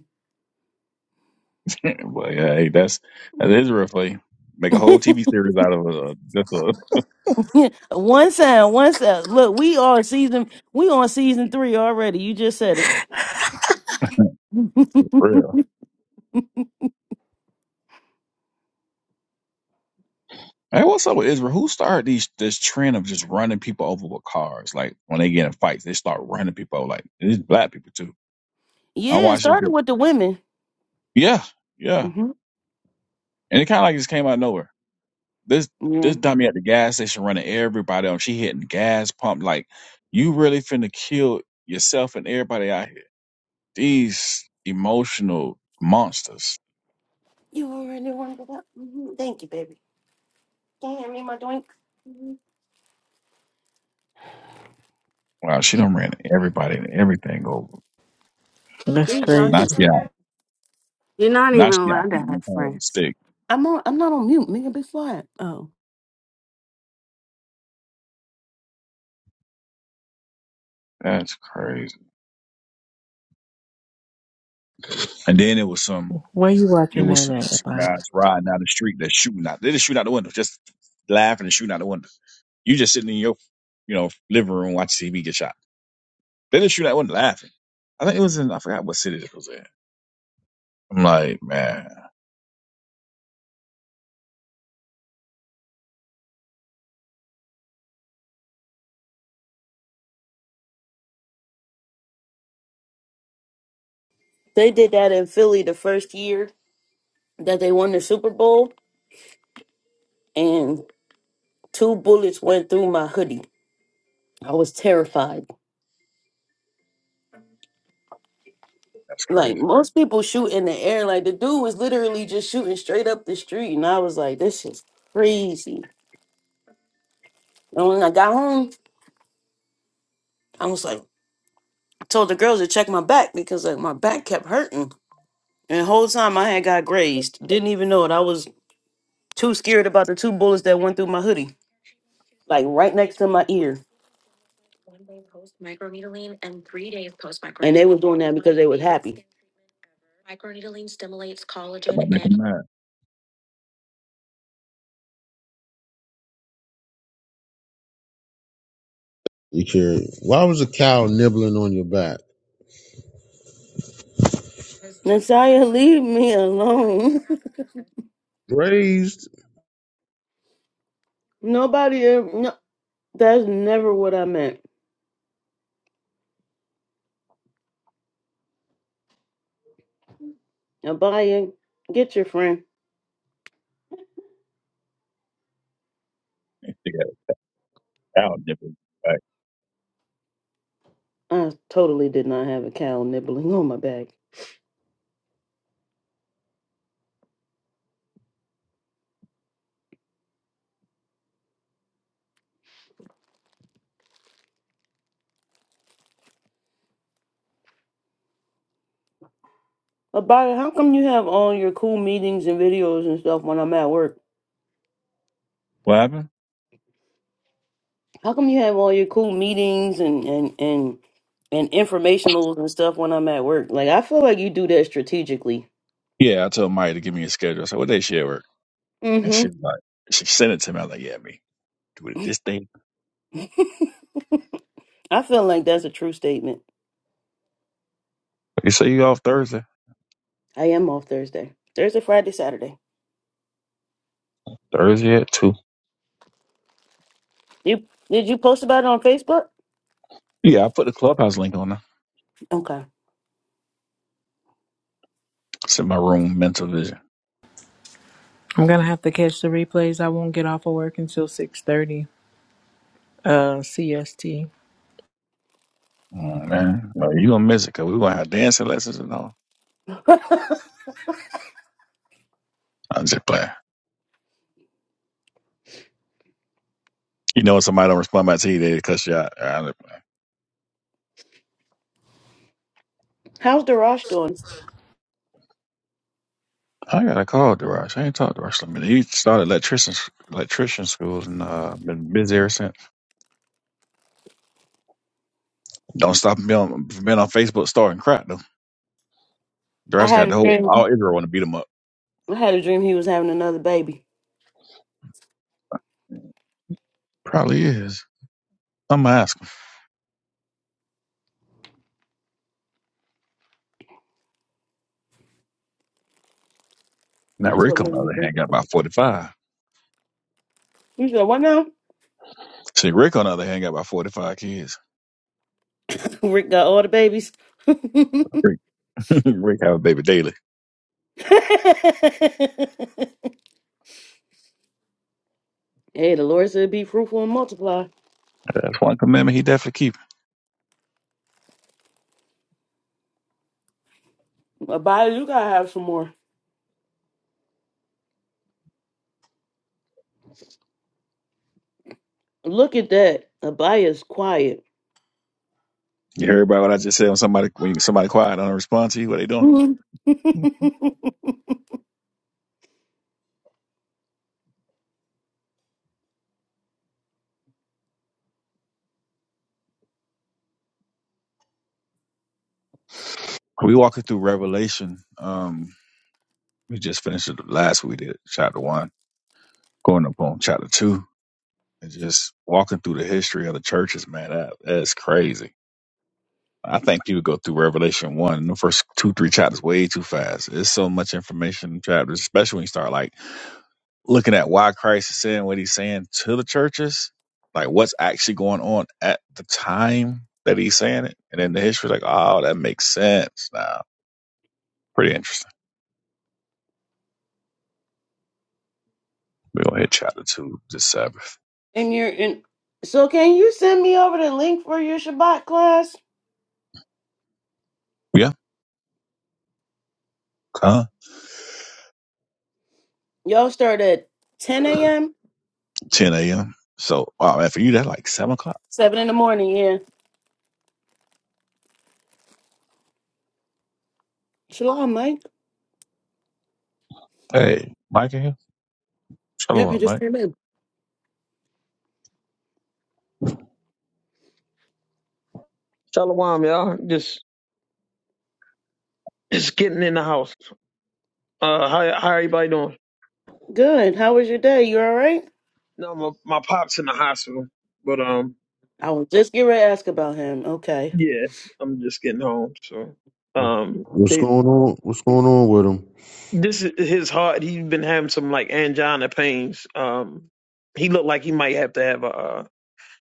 yeah, hey, that's that is real for Make a whole TV series out of uh, just a
[laughs] one sound, one sound. Look, we are season. We on season three already. You just said it. [laughs]
[laughs] real. Hey, what's up with Israel? Who started these this trend of just running people over with cars? Like when they get in fights, they start running people. Like and it's black people too. I
yeah, it
watched it.
started with the women.
Yeah, yeah.
hmm
And it kind of like just came out of nowhere. This
Yeah.
this dummy at the gas station running everybody on. She hitting the gas pump. Like you really finna kill yourself and everybody out here. These emotional monsters.
You already warmed it up. hmm Thank you, baby. Can you hand me my drink?
Wow, she done ran everybody and everything over.
Who
That's
you
crazy.
Now
talking
she got
to? You're not.
now she got beaten in the car with a stick.
I'm on. I'm not on mute. Nigga, be quiet. Oh.
That's crazy. And then it was some.
Where you
It
watching
was
that
some,
at?
some
Like,
guys riding down the street that shooting out. They just shooting out the window, just laughing and shooting out the window. You just sitting in your, you know, living room watching TV get shot. They just shooting out the window laughing. I think it was in I forgot what city it was in. I'm like, man,
They did that in Philly the first year that they won the Super Bowl, and two bullets went through my hoodie. I was terrified.
that's
Like
crazy.
most people shoot in the air. Like the dude was literally just shooting straight up the street, and I was like, "This is crazy." And when I got home, I was like, I told the girls to check my back because like my back kept hurting, and the whole time I had got grazed. Didn't even know it. I was too scared about the two bullets that went through my hoodie, like right next to my ear. And they was doing that because they was happy.
That might make them mad.
You carried. Why was a cow nibbling on your back?
[laughs] Nasiah, leave me alone.
Raised.
[laughs] Nobody, ever, no, that's never what I meant. Abaya, get your friend.
They got a thousand different- Like,
I totally did not have a cow nibbling on my back. Abaya, how come you have all your cool meetings and videos and stuff when I'm at work?
what happened?
How come you have all your cool meetings and and and and informationals and stuff when I'm at work? Like I feel like you do that strategically.
Yeah, I told Maya to give me a schedule. I said, what day she at work? And she
Mm-hmm.
was like, she sent it to me. I was like, yeah, me do it this day.
[laughs] I feel like that's a true statement.
You say you off Thursday?
I am off Thursday. Thursday, Friday, Saturday.
Thursday at two.
You did you post about it on Facebook?
Yeah, I put the clubhouse link on there.
Okay.
It's in my room, mental vision.
I'm gonna have to catch the replays. I won't get off of work until six thirty. Uh, CST.
Mm, man, like, you gonna miss it because we gonna have dancing lessons and all.
[laughs]
I'm just playing. You know, when somebody don't respond by T, they cuss you out. I,
How's Darash doing?
I got a call, Darash. I ain't talked to Rush. He started electrician electrician schools and uh, been busy ever since. Don't stop him being on, from being on Facebook starting crap though.
I
Darash
had
got
a
the
dream.
whole all Israel want to beat him up.
I had a dream he was having another baby.
Probably is. I'm gonna ask him. Now
That's what
Rick on
made
the
me
other
think
hand got
of it.
about 45.
You said what now?
See, Rick on the other hand got about 45 kids.
[laughs] Rick got all the babies. [laughs] hey,
Rick, [laughs] Rick have a baby daily.
the Lord said, "Be fruitful and multiply."
That's one commitment he definitely keeping.
Abaya, you gotta have some more. Look at that. Abaya's quiet.
You heard about what I just said when somebody when somebody quiet I don't respond to you. What they doing?
[laughs] and
We walking through Revelation. Um, we just finished the last we did chapter one, going up on chapter two, and just walking through the history of the churches. Man, that that's crazy. I think people go through Revelation one in the first two three chapters way too fast. It's so much information in chapters, especially when you start like looking at why Christ is saying what he's saying to the churches, like what's actually going on at the time that he's saying it, and then the history, like, oh, that makes sense now. Pretty interesting. We're gonna hit chapter two this Sabbath.
you're in. So, can you send me over the link for your Shabbat class?
Yeah, huh?
Y'all start at 10 a.m.
Ten a.m. So, wow, man, for you that's like seven o'clock.
Seven in the morning. Yeah. Shalom, Mike.
Hey, Mike in here.
Yep, he
Shalom, Mike.
just came in.
Shalom, y'all. Just just getting in the house. Uh, how how everybody doing?
Good. How was your day? You all right?
No, my my pop's in the hospital, but um,
I was just getting ready to ask about him. Okay.
yeah, I'm just getting home. So um,
What's
they,
going on? What's going on with him?
this is his heart. He's been having some like angina pains. Um, he looked like he might have to have a a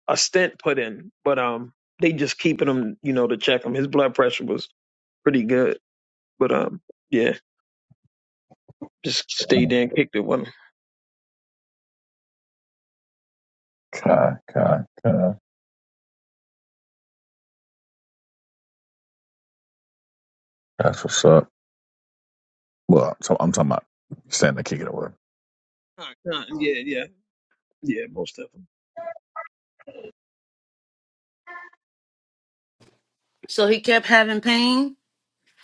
a stent put in, but um, they just keeping him, you know, to check him. His blood pressure was pretty good, but um, yeah, just stayed there and kicked it with him.
Kai, Kai, Kai. That's what's up. Well, so I'm talking about standing to kick it away.
Huh, huh, Yeah, yeah, yeah, most of them.
So he kept having pain,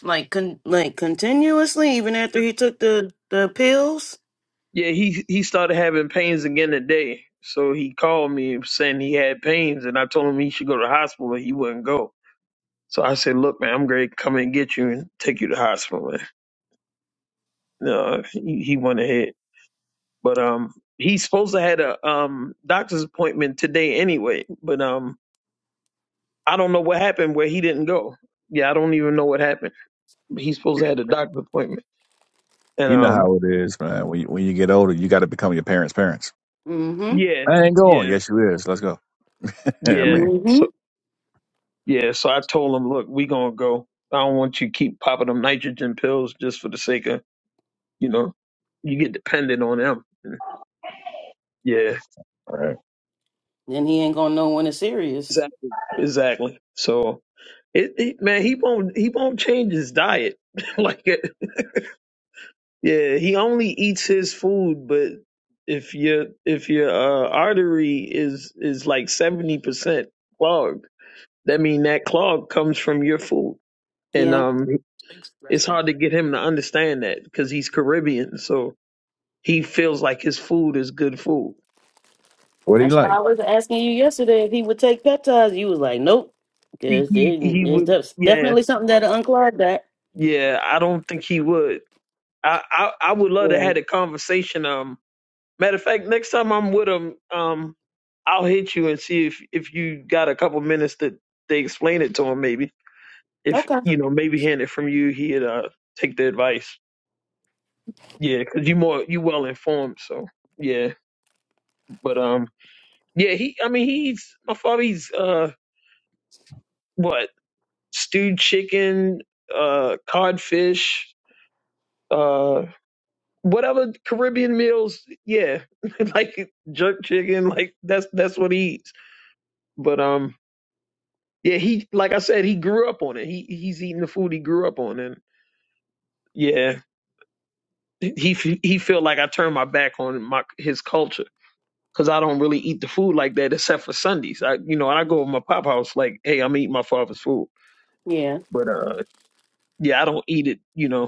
like con- like continuously, even after he took the the pills.
Yeah, he he started having pains again today. So he called me saying he had pains, and I told him he should go to the hospital. and He wouldn't go. So I said, "Look, man, I'm gonna Come and get you and take you to the hospital." Man. No, he, he went ahead, but um, he's supposed to had a um doctor's appointment today anyway. But um, I don't know what happened where he didn't go. Yeah, I don't even know what happened. But he's supposed to had a doctor's appointment, and
You know
um,
how it is, man. When you, when you get older, you got to become your parents' parents.
Mm-hmm.
yeah,
I ain't going.
yeah,
Yes, you is. Let's go. [laughs] I
yeah.
mean,
So
Mm-hmm.
Yeah, so I told him, look, we gonna go. I don't want you to keep popping them nitrogen pills just for the sake of, you know, you get dependent on them. Yeah,
all right.
Then he ain't gonna know when it's serious.
exactly, exactly. So it, it man, he won't he won't change his diet. [laughs] like, yeah, he only eats his food, but if your if your uh, artery is is like seventy percent clogged, that mean that clog comes from your food, and
Yeah.
um, it's hard to get him to understand that because he's Caribbean, so He feels like his food is good food.
What do you
That's why
like?
I was asking you yesterday if he would take peptides. You was like, nope,
He
because
he, he
there's
would
def-
yeah
definitely something that'll unclog that.
yeah. I don't think he would. I, I I would love to
Yeah.
have a conversation. Um, matter of fact, next time I'm with him, um, I'll hit you and see if if you got a couple minutes that they explain it to him. Maybe if
Okay.
you know, maybe hearing it from you, he'd uh take the advice. Yeah, because you more you well informed. So yeah, but um, yeah, he. I mean, he's my father. He's uh what stewed chicken, uh, codfish, uh, whatever Caribbean meals. Yeah, [laughs] like jerk chicken. Like that's that's what he eats. But um, yeah, he like I said, he grew up on it. He he's eating the food he grew up on, and yeah, he f- he feel like I turned my back on my his culture. Cause I don't really eat the food like that except for Sundays. I, you know, I go to my pop house like, hey, I'm eating my father's food,
Yeah.
but uh, yeah, I don't eat it, you know,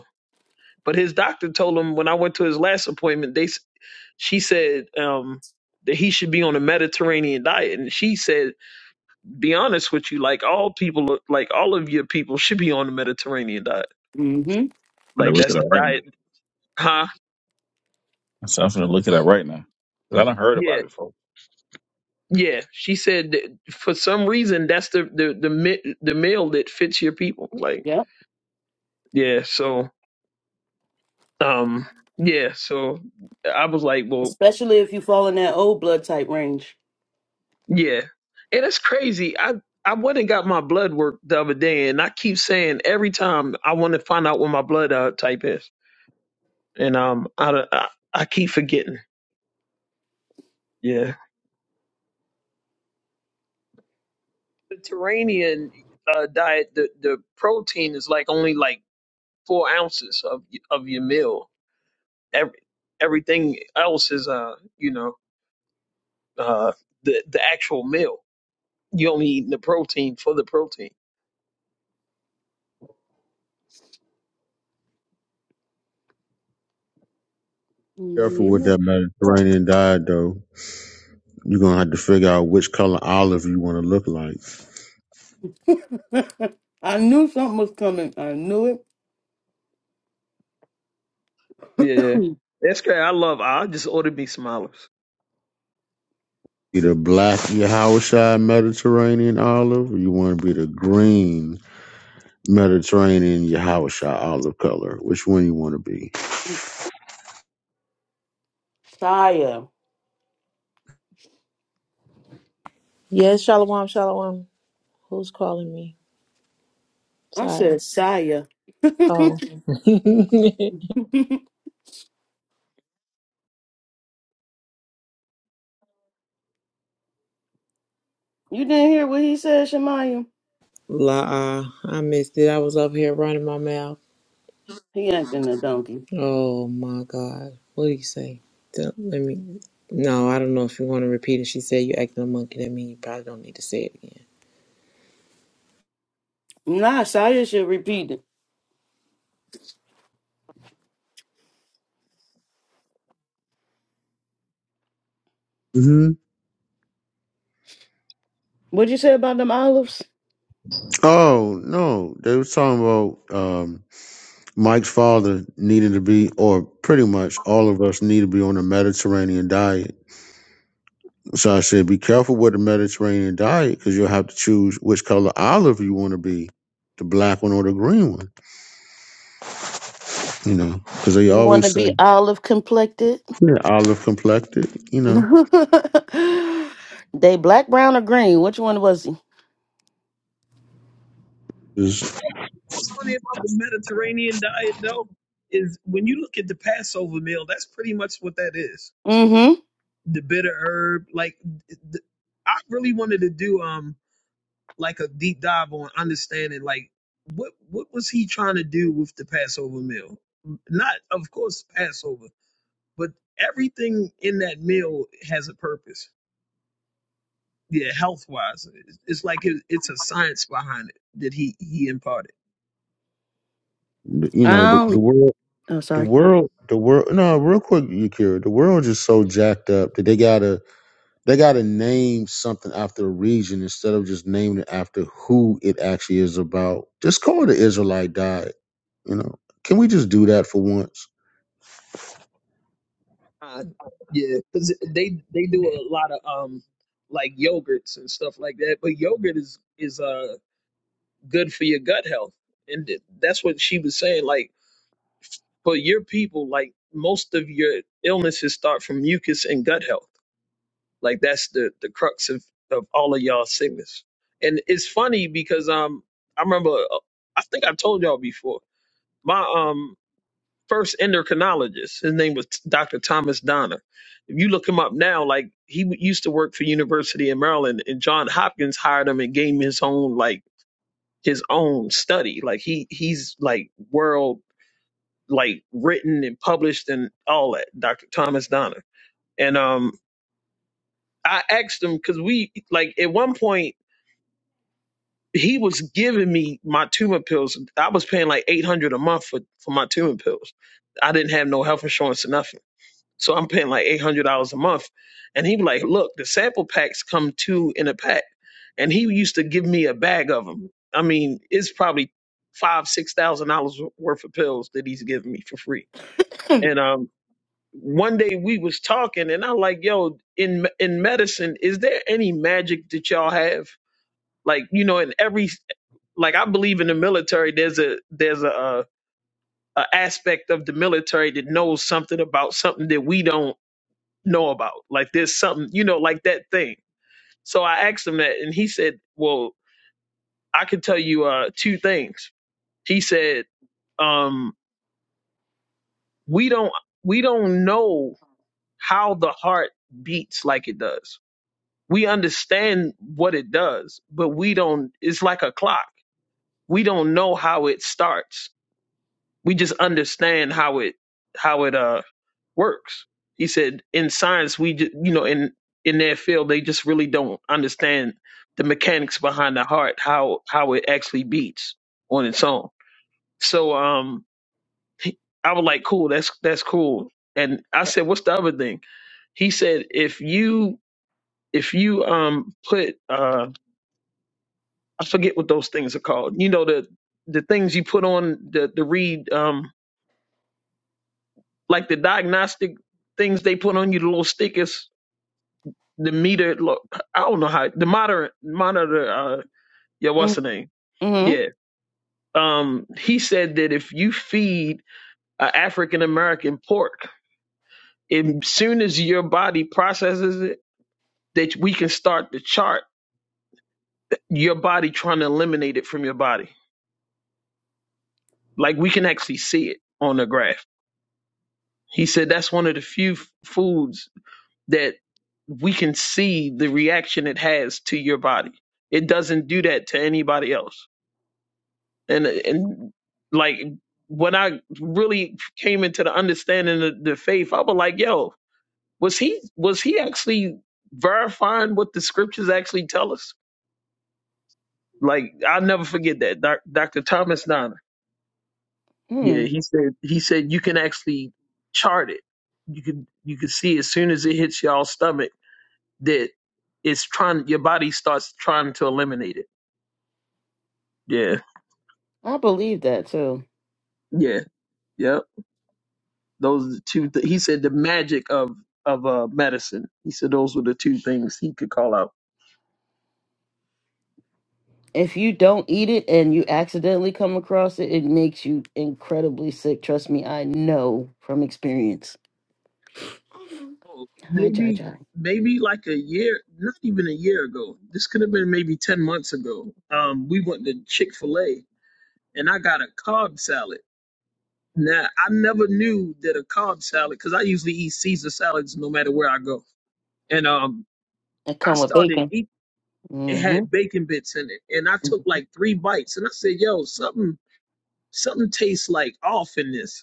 But his doctor told him when I went to his last appointment, they s- she said um, that he should be on a Mediterranean diet, and she said, "Be honest with you, like all people, like all of your people should be on a Mediterranean diet.
Mm-hmm.
I'm
Like
gonna look it
that's
up
the
right now.
diet, huh?
So I'm gonna look it up right now. 'Cause I done heard
Yeah,
about it before.
yeah." She said that for some reason that's the the the mi- the meal that fits your people. Like
Yeah.
yeah, so um yeah, so I was like, well.
Especially if you fall in that old blood type range.
Yeah. And it's crazy. I I went and got my blood work the other day, and I keep saying every time I want to find out what my blood uh, type is, and um, I, don't- I I keep forgetting. Yeah. Mediterranean uh, diet, the the protein is like only like four ounces of of your meal. Every everything else is uh you know uh the the actual meal. You only eating the protein for the protein.
Careful with
Yeah.
that Mediterranean diet, though. You're going to have to figure out which color olive you want to look like.
[laughs] I knew something was coming. I knew
Yeah.
it.
That's great. I love. I just ordered me some olives.
Either black, your Hawashai Mediterranean olive, or you want to be the green Mediterranean, your Hawashai olive color. Which one you want to be?
[clears throat] Saya.
Yes, shalom, shalom. Who's calling me?
I
Sorry.
said Saya. [laughs] you
Oh, [laughs]
didn't hear what he said, Shemaya?
la. uh, I missed it. I was up here running my mouth.
He acting a donkey.
Oh my God. What do you say? Don't- Let me. No, I don't know if you want to repeat it. She said you acting a monkey. That means you probably don't need to say it again.
Nah, Saya should repeat it.
hmm
What'd you say about them olives?
Oh, no. They was talking about. Um, Mike's father needed to be, or pretty much all of us need to be on a Mediterranean diet. So I said, be careful with the Mediterranean diet because you'll have to choose which color olive you want to be, the black one or the green one, you know, because they
You want to
always say,
be olive complected?
yeah, olive complected, you
[laughs]
know,
they black, brown, or green? Which one was he?
is,
What's funny about the Mediterranean diet, though, is when you look at the Passover meal, that's pretty much what that is.
Mm-hmm.
The bitter herb, like th- I really wanted to do um like a deep dive on understanding like what what was he trying to do with the Passover meal? Not of course Passover, but everything in that meal has a purpose. Yeah, health wise, it's it's like it, it's a science behind it that he he imparted.
you
I
know, the, the
don't.
world,
Oh,
the
sorry.
world, the world, no, real quick, you The world is so jacked up that they got to They got to name something after a region instead of just naming it after who it actually is about. Just call it the Israelite diet. You know, can we just do that for once?
Uh, yeah, because they they do a lot of um like yogurts and stuff like that. But yogurt is is uh good for your gut health, and th- that's what she was saying. Like for your people, like most of your illnesses start from mucus and gut health. Like that's the the crux of of all of y'all sickness. And it's funny because um I remember uh, I think I told y'all before. first endocrinologist. His name was Dr. Thomas Donner. If you look him up now, like he w- used to work for University of Maryland, and John Hopkins hired him and gave him his own like his own study. Like he he's like world like written and published and all that. Dr. Thomas Donner. And um, I asked him because we like at one point he was giving me my tumor pills. I was paying like eight hundred a month for for my tumor pills. I didn't have no health insurance or nothing So I'm paying like eight hundred dollars a month. And he be like, look, the sample packs come two in a pack. And he used to give me a bag of them. I mean, it's probably five, six thousand dollars worth of pills that he's giving me for free. And um, one day we was talking, and i like, yo, in in medicine, is there any magic that y'all have? Like, you know, in every like I believe in the military, there's a there's a, a, a aspect of the military that knows something about something that we don't know about. Like there's something, you know, like that thing. So I asked him that and he said, Well, I can tell you uh two things. He said, um, we don't we don't know how the heart beats like it does. We understand what it does, but we don't it's like a clock. We don't know how it starts. We just understand how it how it uh works. He said, in science, we just, you know, in in their field, they just really don't understand the mechanics behind the heart, how how it actually beats on its own. So, um, he- I was like, cool, that's that's cool. And I said, what's the other thing? He said, if you if you um put uh I forget what those things are called. You know the the things you put on the the read um like the diagnostic things they put on you, the little stickers the meter. Look, I don't know how the monitor monitor. Uh, yeah, what's the name?
Mm-hmm.
Yeah. Um, he said that if you feed an African American pork, as soon as your body processes it, that we can start to chart your body trying to eliminate it from your body. Like we can actually see it on the graph. He said that's one of the few f- foods that we can see the reaction it has to your body. It doesn't do that to anybody else and and like when I really came into the understanding of the faith, I was like, yo, was he was he actually verifying what the scriptures actually tell us? Like I'll never forget that Doc, Dr. Thomas Donner. Yeah,
Mm.
he said he said you can actually chart it. You can you can see as soon as it hits y'all stomach that it's trying your body starts trying to eliminate it. Yeah.
I believe that too.
Yeah. Yep. Those two. Th- he said the magic of of uh, medicine. He said those were the two things he could call out.
if you don't eat it and you accidentally come across it, it makes you incredibly sick. Trust me, I know from experience.
Oh,
Hi, Jai
maybe
Jai.
maybe like a year, not even a year ago. This could have been maybe ten months ago. Um, we went to Chick Fil A and I got a Cobb salad. Now I never knew that a Cobb salad because I usually eat Caesar salads no matter where I go. And um,
It
I
come with
started
bacon.
eating it
hmm
had bacon bits in it, and I took like three bites, and I said, "Yo, something something tastes like off in this."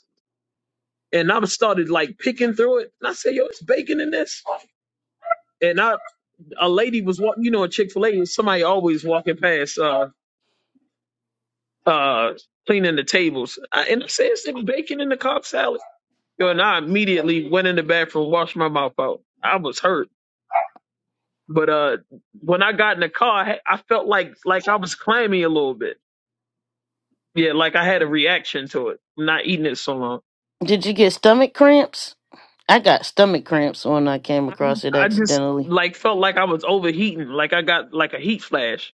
and I started like picking through it. And I said, yo, it's bacon in this. And I, a lady was walking, you know, in Chick fil A, somebody always walking past, uh, uh, cleaning the tables. I, and I said, is there bacon in the Cobb salad? Yo, and I immediately went in the bathroom, washed my mouth out. I was hurt. But, uh, when I got in the car, I, had- I felt like, like I was clammy a little bit. Yeah, like I had a reaction to it, not eating it so long.
Did you get stomach cramps? I got stomach cramps when I came across it
I just
accidentally.
like felt like I was overheating, like I got like a heat flash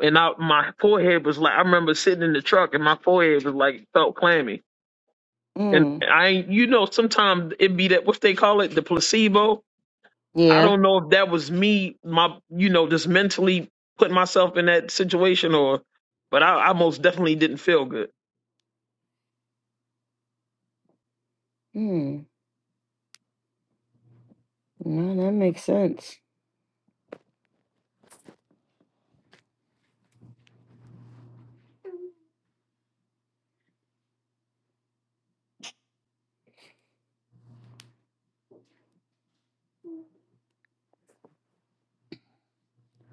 and I, my forehead was like I remember sitting in the truck and my forehead was like felt clammy. And
Mm.
I ain't- you know sometimes it be that what they call it the placebo. I
Yeah.
don't know if that was me my you know just mentally putting myself in that situation or but I, I most definitely didn't feel good.
Mm. No, that makes sense.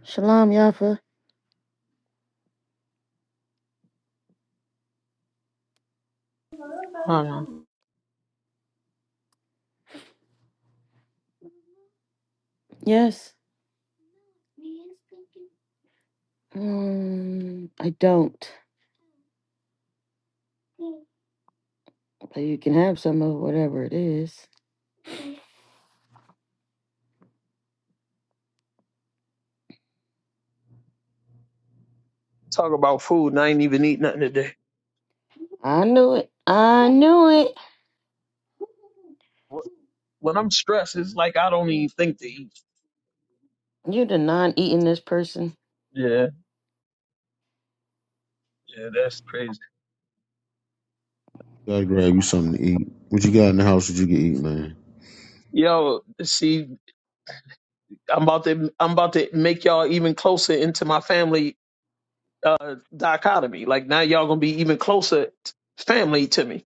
Shalom, Yafa.
Hold on.
Yes. Um, I don't. But you can have some of whatever it is.
Talk about food and I ain't even eat nothing today.
I knew it. I knew it.
Wh- When I'm stressed, it's like I don't even think to eat.
You did not eating this person.
Yeah, yeah, that's crazy.
Gotta grab you something to eat. What you got in the house that you can eat, man?
Yo, see, I'm about to I'm about to make y'all even closer into my family uh, dichotomy. Like now, y'all gonna be even closer t- family to me.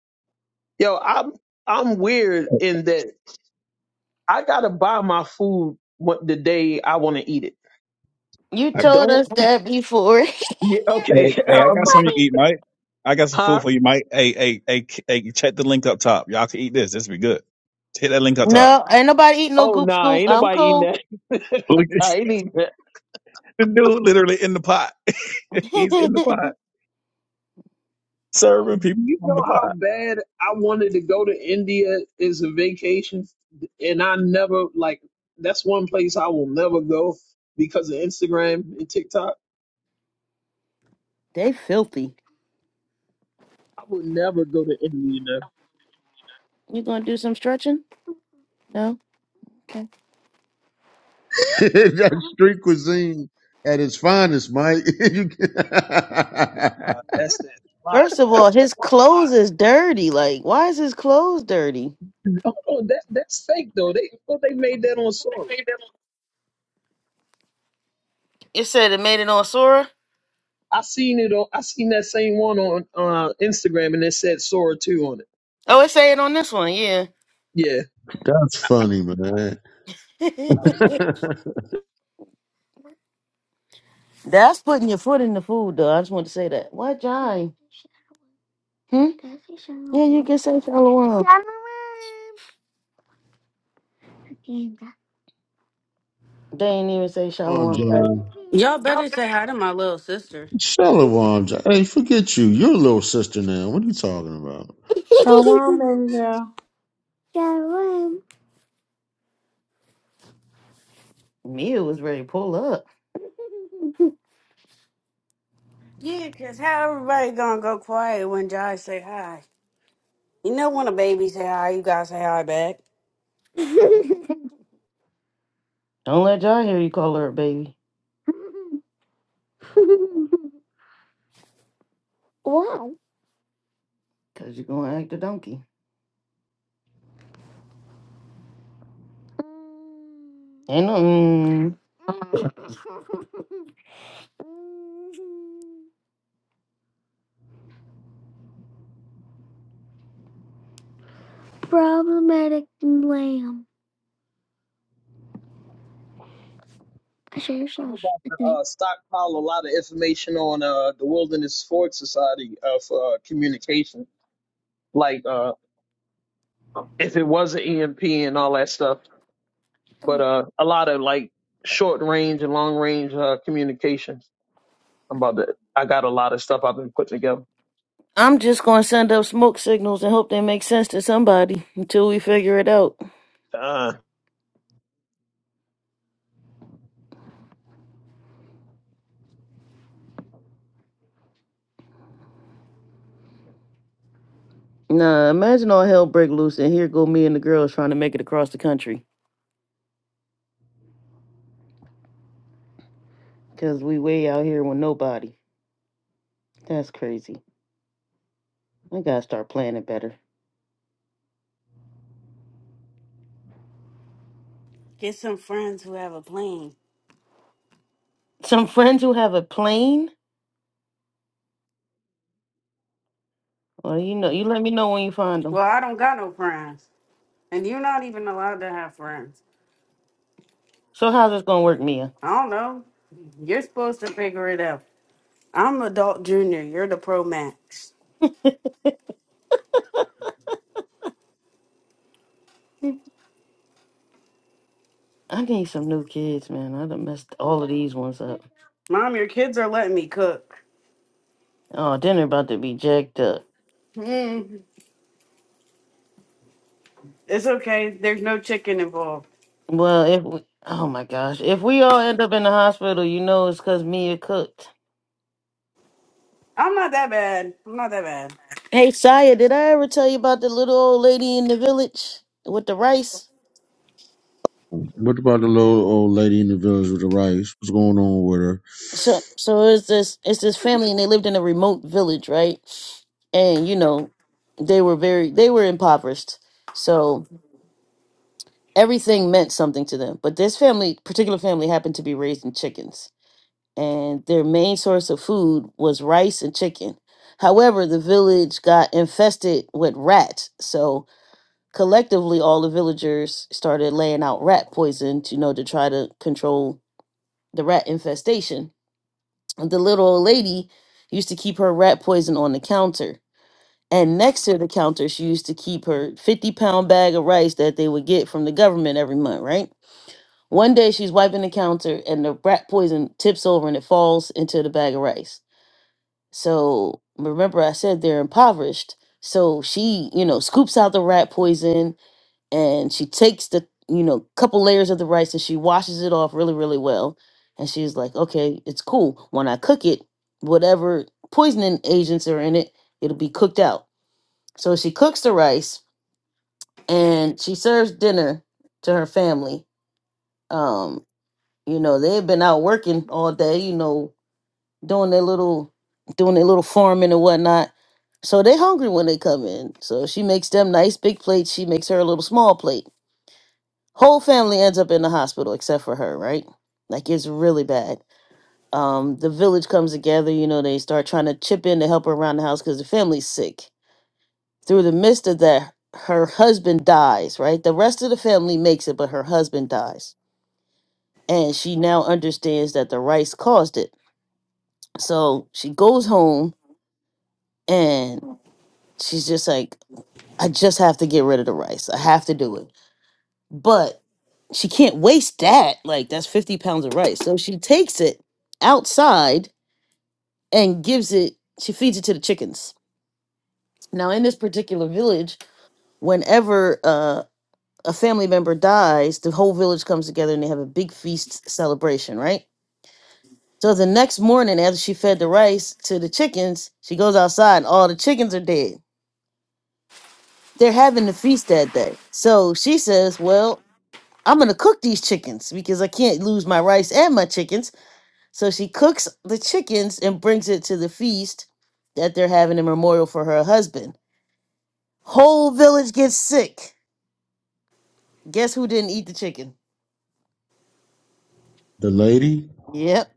Yo, I'm I'm weird in that I gotta buy my food what the day I want to eat it.
You
I,
told
Don't
us that before. [laughs] I think
yeah,
hey,
okay, [laughs]
that's
hey,
so
I
I'm,
got something you can
funny.
eat, Mike. I got some food
huh?
for you, Mike. Hey, hey, hey, hey, check the link up top. Y'all can eat this. This be good. Hit that link up top.
No, ain't nobody eating no
Oh
goop
nah,
scoop.
ain't
I'm
nobody eating
cool.
that. [laughs]
Look at
I ain't eating that.
[laughs] the dude literally in the pot. [laughs] He's in the
[laughs]
pot.
Yo, do
Serving people
you
from the
know how
pot.
bad I wanted to go to India as a vacation, and I never like. That's one place I will never go because of Instagram and TikTok.
they filthy.
I would never go to India.
You gonna do some stretching? No. Okay.
[laughs] That's street cuisine at its finest, Mike. [laughs] You can- [laughs]
Uh, that's that plot,
First of all,
man.
his clothes is dirty. Like, why is his clothes dirty?
[laughs] Hold on, that that's fake though. They well, they made that on Sora.
It said it made it on Sora.
I seen it on. I seen that same one on uh, Instagram, and it said Sora two on it.
Oh, it said it on this one. Yeah.
Yeah,
That's funny, man.
[laughs] That's putting your foot in the food, though. I just want to say that. What, Jai? Hmm? Yeah, you can say shalom. They ain't even say
Shalom,
shalom.
John.
Y'all better say hi to my little sister.
Shalom, John. Hey, forget you. You're a little sister now. What are you talking about?
Shalom, baby girl.
Mia was ready to pull up.
Yeah, 'cause how everybody gonna go quiet when Josh say hi? You know when a baby say hi, you gotta say hi back.
Don't let y'all hear you call her a baby, cause you're gonna act a donkey. Ain't nothing.
I'm about to uh, stockpile a lot of information on uh, the Wilderness Forge Society uh, for uh, communication, like uh, if it was an EMP and all that stuff. But uh, a lot of like short range and long range uh, communications. I'm about to. I got a lot of stuff I've been putting together.
I'm just gonna send up smoke signals and hope they make sense to somebody until we figure it out.
Uh,
Nah, imagine all hell break loose and here go me and the girls trying to make it across the country, cause we way out here with nobody. That's crazy. I gotta start planning better.
Get some friends who have a plan.
Some friends who have a plane. Well, you know, you let me know when you find
Well,
them.
I don't got no friends. And you're not even allowed to have friends.
So how's this gonna work, Mia?
I don't know. You're supposed to figure it out. I'm adult junior. You're the pro max.
I need some new kids, man. I done messed all of these ones up.
Mom, your kids are letting me cook.
Oh, dinner about to be jacked up.
Mm, it's okay. There's no chicken involved.
Well, if we, oh my gosh, if we all end up in the hospital, you know it's because Mia cooked.
I'm not that bad. I'm not that bad.
Hey, Saya, did I ever tell you about the little old lady in the village with the rice?
What about the little old lady in the village with the rice? What's going on with her?
So, so it's this it's this family, and they lived in a remote village, right? And you know, they were very they were impoverished, so everything meant something to them. But this family, particular family, happened to be raising chickens. and their main source of food was rice and chicken. However, the village got infested with rats, so collectively all the villagers started laying out rat poison, to, you know, to try to control the rat infestation. The little old lady used to keep her rat poison on the counter. And next to the counter, she used to keep her 50 pound bag of rice that they would get from the government every month, right? One day she's wiping the counter and the rat poison tips over and it falls into the bag of rice. So remember, I said they're impoverished. So she, you know, scoops out the rat poison and she takes the, you know, couple layers of the rice and she washes it off really, really well. And she's like, okay, it's cool. When I cook it, whatever poisoning agents are in it, it'll be cooked out. So she cooks the rice and she serves dinner to her family. Um, you know, they've been out working all day, you know, doing their little doing their little farming and whatnot. So they hungry when they come in. So she makes them nice big plates. She makes her a little small plate. Whole family ends up in the hospital except for her, right? Like it's really bad. Um, the village comes together. You know, they start trying to chip in to help her around the house because the family's sick. Through the midst of that, her husband dies. Right, the rest of the family makes it, but her husband dies, and she now understands that the rice caused it. So she goes home and she's just like, I just have to get rid of the rice. I have to do it. But she can't waste that. Like, that's 50 pounds of rice. So she takes it outside and gives it, she feeds it to the chickens. Now, in this particular village, whenever uh, a family member dies, the whole village comes together and they have a big feast celebration, right? So the next morning, after she fed the rice to the chickens, she goes outside and all the chickens are dead they're having the feast that day. So she says, Well, I'm gonna cook these chickens because I can't lose my rice and my chickens. So she cooks the chickens and brings it to the feast that they're having a memorial for her husband. Whole village gets sick. Guess who didn't eat the chicken?
The lady
Yep.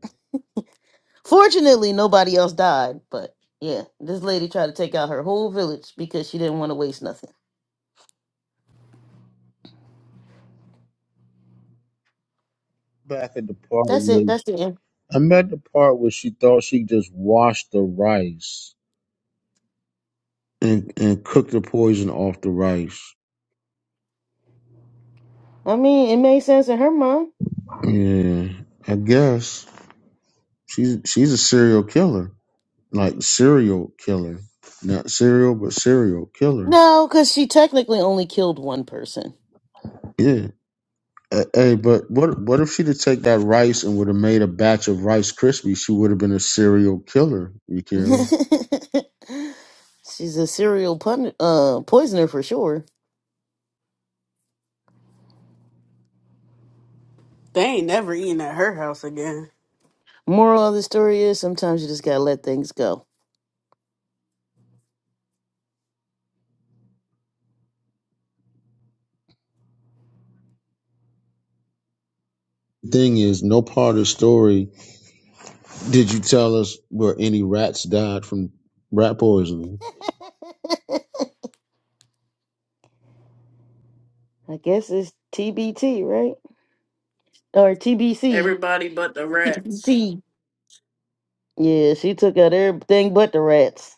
Fortunately, nobody else died, but yeah, this lady tried to take out her whole village because she didn't want to waste nothing.
back at the part
That's
where
it. That's the end.
I'm at the part where she thought she just washed the rice and and cooked the poison off the rice.
I mean, it made sense in her mind.
Yeah, I guess she's she's a serial killer, like serial killer, not serial but serial killer.
No, because she technically only killed one person.
Yeah. Uh, Hey, but what what if she'd have taken that rice and would have made a batch of Rice Krispies? She would have been a serial killer,
[laughs]
Yakira.
She's a serial pun- uh, poisoner for sure.
They ain't never eating at her house again.
Moral of the story is sometimes you just gotta let things go.
Thing is, no part of the story Did you tell us where any rats died from rat poisoning?
[laughs] I guess it's TBT, right? Or TBC.
Everybody but the rats.
Yeah, she took out everything but the rats.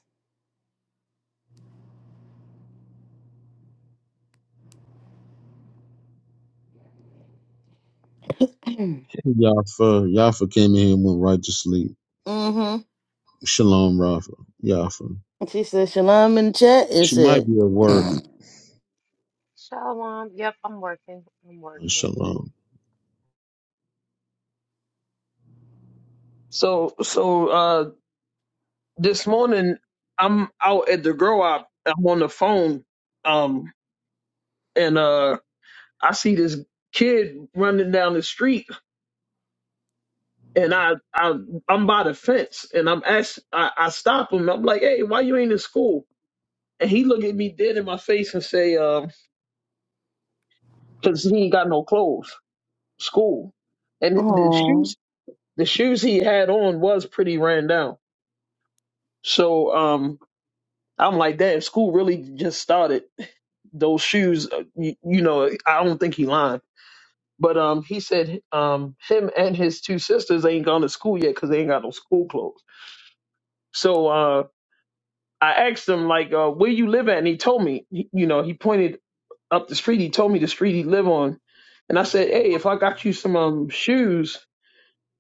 [laughs] [clears throat] mm-hmm.
Yafa, Yafa came in here and went right to sleep. Shalom, Rafa, Yafa.
She said shalom in the chat. It
She might
said,
be at work.
[clears throat]
Shalom. Yep, I'm working. I'm working.
Shalom.
So so uh This morning, I'm out at the grow up. I'm on the phone, um, and uh, I see this kid running down the street, and I, I I'm by the fence, and I'm ask, I, I stop him. I'm like, "Hey, why you ain't in school?" And he look at me dead in my face and say, um, "Cause he ain't got no clothes, school, and the shoes, the shoes he had on was pretty ran down." So, um, I'm like, "Damn, school really just started." those shoes. uh, You, you know, I don't think he lying. But um, he said um, him and his two sisters ain't gone to school yet because they ain't got no school clothes. So uh, I asked him like, uh, where you live at, and he told me. He, you know, he pointed up the street. He told me the street he live on, and I said, hey, if I got you some um shoes,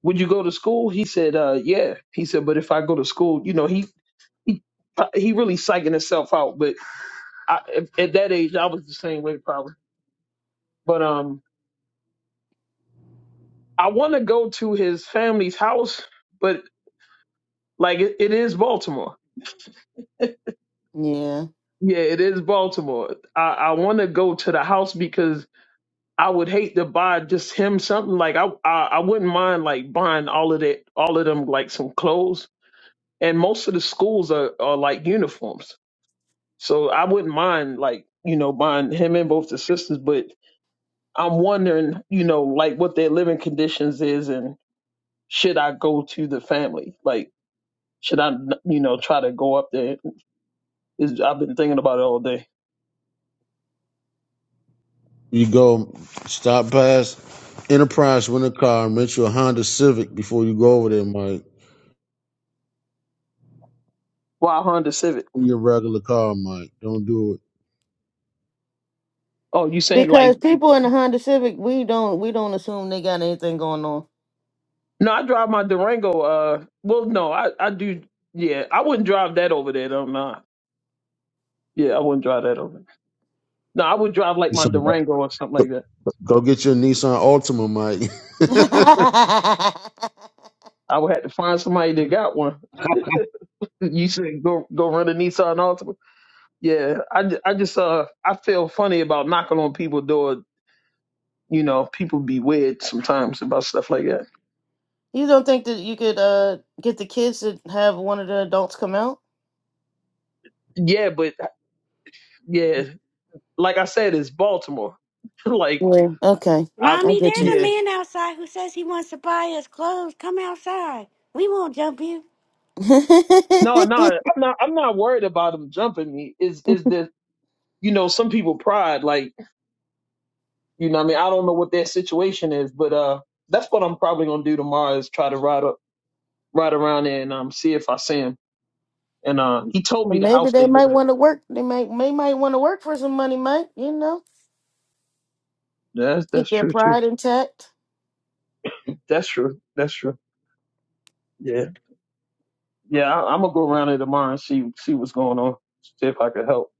would you go to school? He said, uh, yeah. He said, but if I go to school, you know, he he he really psyching himself out. But I, at at that age, I was the same way probably. But um, I want to go to his family's house, but like it, it is Baltimore.
yeah,
Yeah, it is Baltimore. I, I want to go to the house because I would hate to buy just him something. Like I, I I wouldn't mind like buying all of that, all of them like some clothes. And most of the schools are are like uniforms, so I wouldn't mind like you know buying him and both the sisters. But I'm wondering, you know, like what their living conditions is, and should I go to the family? Like Should I, you know, try to go up there? Is I've been thinking about it all day.
You go stop past Enterprise, rent a car, and rent you a Honda Civic before you go over there, Mike.
Why Honda Civic?
In your regular car, Mike. Don't do it.
Oh, you saying
because
like?
people in the Honda Civic, we don't we don't assume they got anything going on.
No, I drive my Durango. Uh, well, no, I I do. Yeah, I wouldn't drive that over there. though. Nah. Yeah, I wouldn't drive that over. there. No, I would drive like
You
my
some-
Durango or something like that.
Go get your Nissan Altima, Mike.
[laughs]
I would have to find somebody that got one. You said go go run a Nissan Altima. Yeah, I, ju- I just uh I feel funny about knocking on people's door. You know, people be weird sometimes about stuff like that.
you don't think that you could uh get the kids to have one of the adults come out?
Yeah, but yeah, like I said, it's Baltimore. [laughs] like,
Yeah. Okay.
I,
I
Mommy,
get
there's
you.
a
yeah,
man outside who says he wants to buy us clothes. Come outside. We won't jump you.
no, no,
[laughs]
I'm not. I'm not worried about them jumping me. Is is the you know some people pride like you know what I mean I don't know what their situation is, but uh, that's what I'm probably gonna do tomorrow is try to ride up, ride around there and um see if I see him. And uh, he told me the
Maybe
house
they
they live
might
at.
want to work. They might may might want to work for some money, Mike. You know,
That's
keep
that's
their
true too.
pride intact.
That's true. That's true. Yeah, yeah. I, I'm gonna go around there tomorrow and see see what's going on. See if I could help.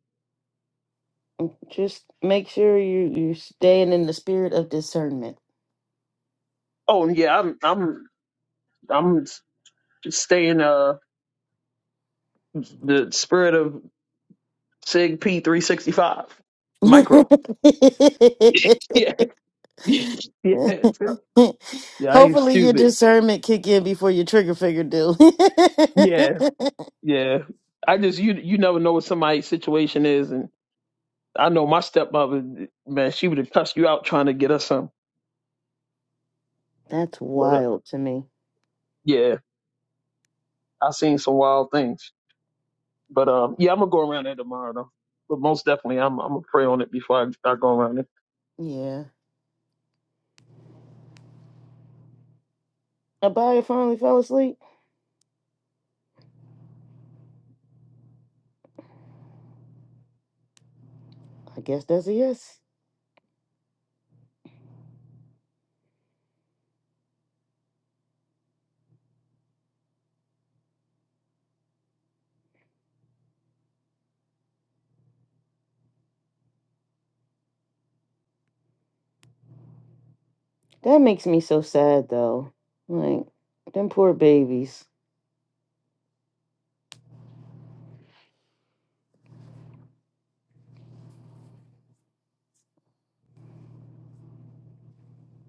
Just make sure you you staying in the spirit of discernment.
Oh and yeah, I'm I'm I'm staying uh the spirit of Sig P365 micro. Yeah. [laughs] yeah. Yeah,
[laughs]
I ain't
Hopefully, your
stupid.
discernment kick in before your trigger finger do. [laughs]
Yeah. Yeah. I just you you never know what somebody's situation is and I know my stepmother man, she would have cussed you out trying to get us some.
that's
But uh,
wild to me.
yeah, I seen some wild things. But um yeah, I'm gonna go around there tomorrow though. But most definitely I'm I'm gonna pray on it before I, I go around it.
Yeah. Abaya finally fell asleep. I guess that's a yes. That makes me so sad though. Like them poor babies.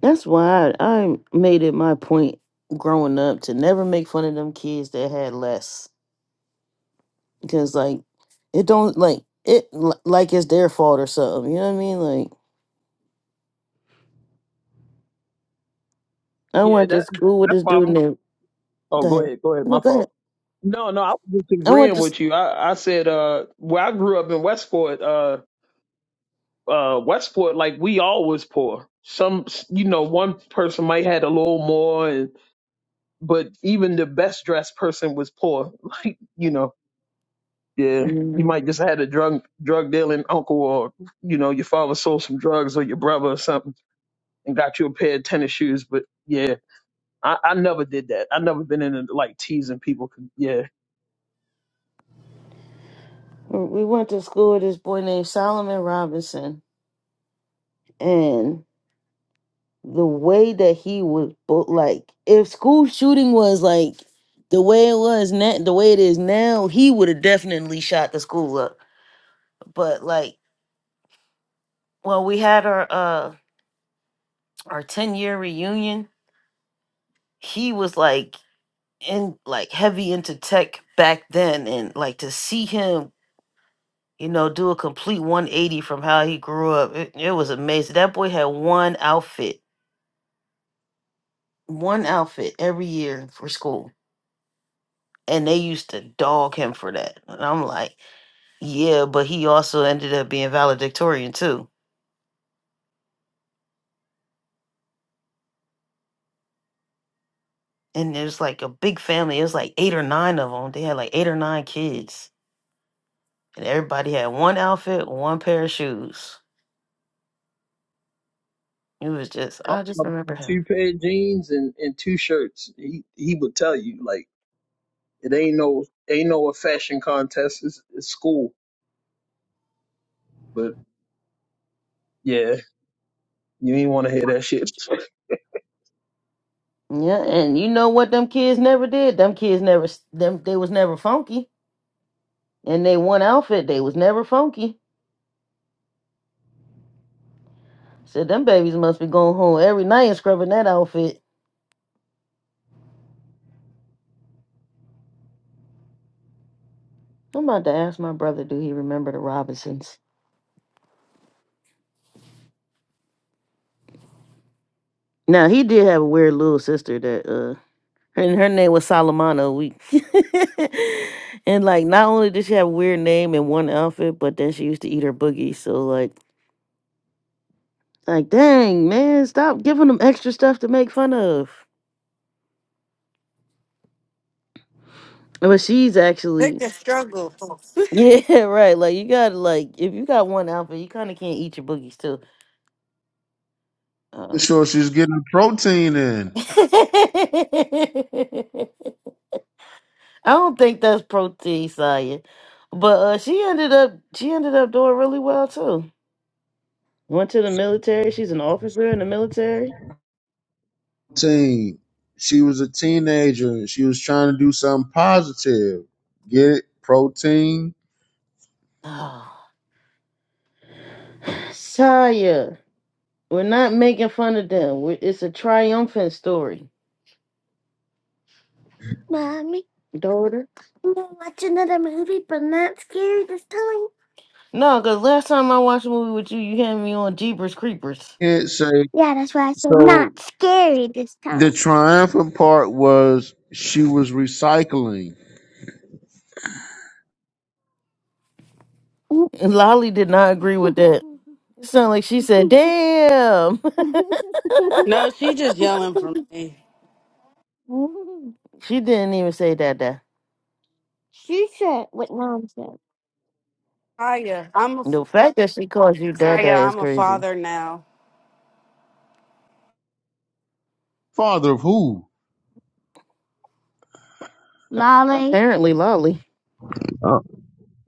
That's why I, I made it my point growing up to never make fun of them kids that had less because like it don't like it li- like it's their fault or something. You know what I mean? Like I
Yeah,
went to
that
school with
that's
this
why
dude
I'm
named.
Oh,
Go
go
ahead.
ahead, go ahead. My
No, go
fault.
ahead.
No, no, I was just
I went
agreeing
to. s-
with you. I, I said, uh, where I grew up in Westport, uh, uh, Westport, like we all was poor. Some, you know, one person might had a little more, and, but even the best dressed person was poor. [laughs] Like, you know, yeah, you
Mhm.
might just had a drug drug dealing uncle, or you know, your father sold some drugs, or your brother or something, and got you a pair of tennis shoes. But yeah, I, I never did that. I never been into like teasing people. Yeah,
We went to school with this boy named Solomon Robinson, and. the way that he would bo- like if school shooting was like the way it was now the way it is now he would have definitely shot the school up but like when we had our uh our 10 year reunion he was like in like heavy into tech back then and like to see him you know do a complete 180 from how he grew up it, it was amazing that boy had one outfit one outfit every year for school and they used to dog him for that. And I'm like, yeah, but he also ended up being valedictorian too. And it was like a big family. It was like eight or nine of them. They had like eight or nine kids, and everybody had one outfit, one pair of shoes. It was just,
My
I just
mom,
remember him.
two pair of jeans and, and two shirts. He he would tell you like it ain't no ain't no a fashion contest. It's, it's school, but yeah, you ain't want to hear that shit. [laughs]
Yeah, and you know what them kids never did? Them kids never, s- them they was never funky. And they one outfit, they was never funky. Said them babies must be going home every night and scrubbing that outfit. I'm about to ask my brother, do he remember the Robinsons? Now he did have a weird little sister that uh her her name was Salamano We [laughs] and like not only did she have a weird name and one outfit, but then she used to eat her boogie. So like like dang man, stop giving them extra stuff to make fun of. But she's
Pick
actually
the struggle.
[laughs] Yeah, right. Like you gotta like if you got one outfit, you kinda can't eat your boogies too.
[laughs] Make
Uh
sure she's getting her protein in.
[laughs] I don't think that's protein, Saya. But uh, she ended up she ended up doing really well too. Went to the military. She's an officer in the military.
teen. She was a teenager and she was trying to do something positive. Get it? Protein.
Oh, Saya, we're not making fun of them. we it's a triumphant story. Don't. No, because last time I watched a movie with you, you had me on Jeepers Creepers.
Can't say. So the triumphant part was she was recycling.
And Lolly did not agree with that. It sounded like she said, damn. [laughs]
No, she just yelling for me.
she didn't even say dada.
Kaya, I'm a
The fact that she calls you dada
Kaya.
is
I'm a
crazy.
father now.
Father of who?
Lolly. Apparently, Lolly.
Uh,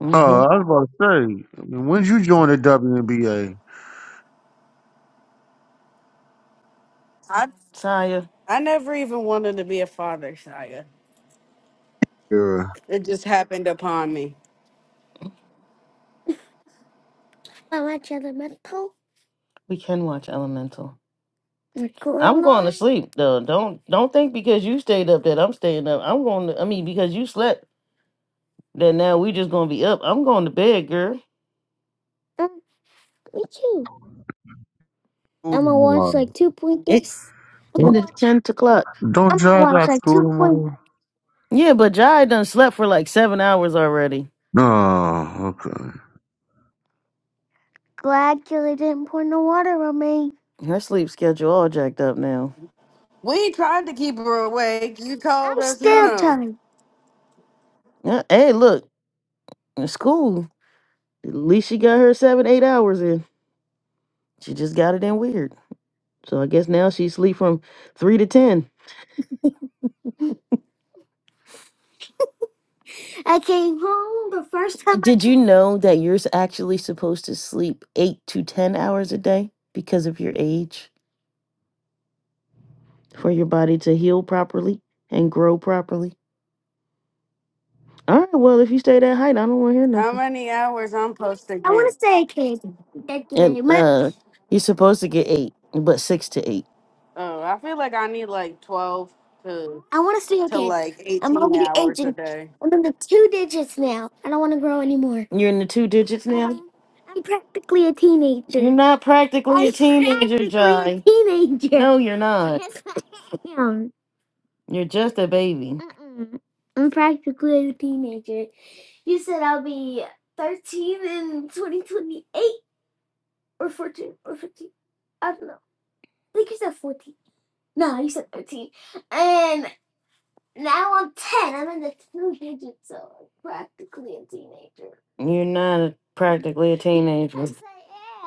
Mm hmm.
uh, I was about to say, I mean, when'd you join the WNBA?
I
Saya,
I never even wanted to be a father, Kaya.
Era.
It just happened upon me.
we can watch Elemental. I'm going to sleep though. Don't don't think because you stayed up that I'm staying up. I'm going to. I mean, because you slept, that now we just going to be up. I'm going to bed, girl.
School tomorrow.
And
Don't,
it's 10 o'clock.
don't y'all got school tomorrow?
Yeah, but Jai done slept for like seven hours already.
No, okay.
Her sleep schedule all jacked up now.
We tried to keep her awake. You told us no.
Yeah, Hey, look, it's cool. At least she got her seven, eight hours in. She just got it in weird. So I guess now she sleep from three to ten. Did you know that you're s- actually supposed to sleep eight to 10 hours a day because of your age for your body to heal properly and grow properly? All right, well, if you stay that height, I don't want to hear
How
nothing.
many hours I'm supposed to get?
And uh, you're supposed to get eight, but six to eight.
Oh, I feel like I need like twelve. to like 18 hours a day.
You're in the two digits now. You're not practically a teenager, Jai. No, you're not. [laughs] Yes, I- You're just a baby. You're not a- practically a teenager. Yes,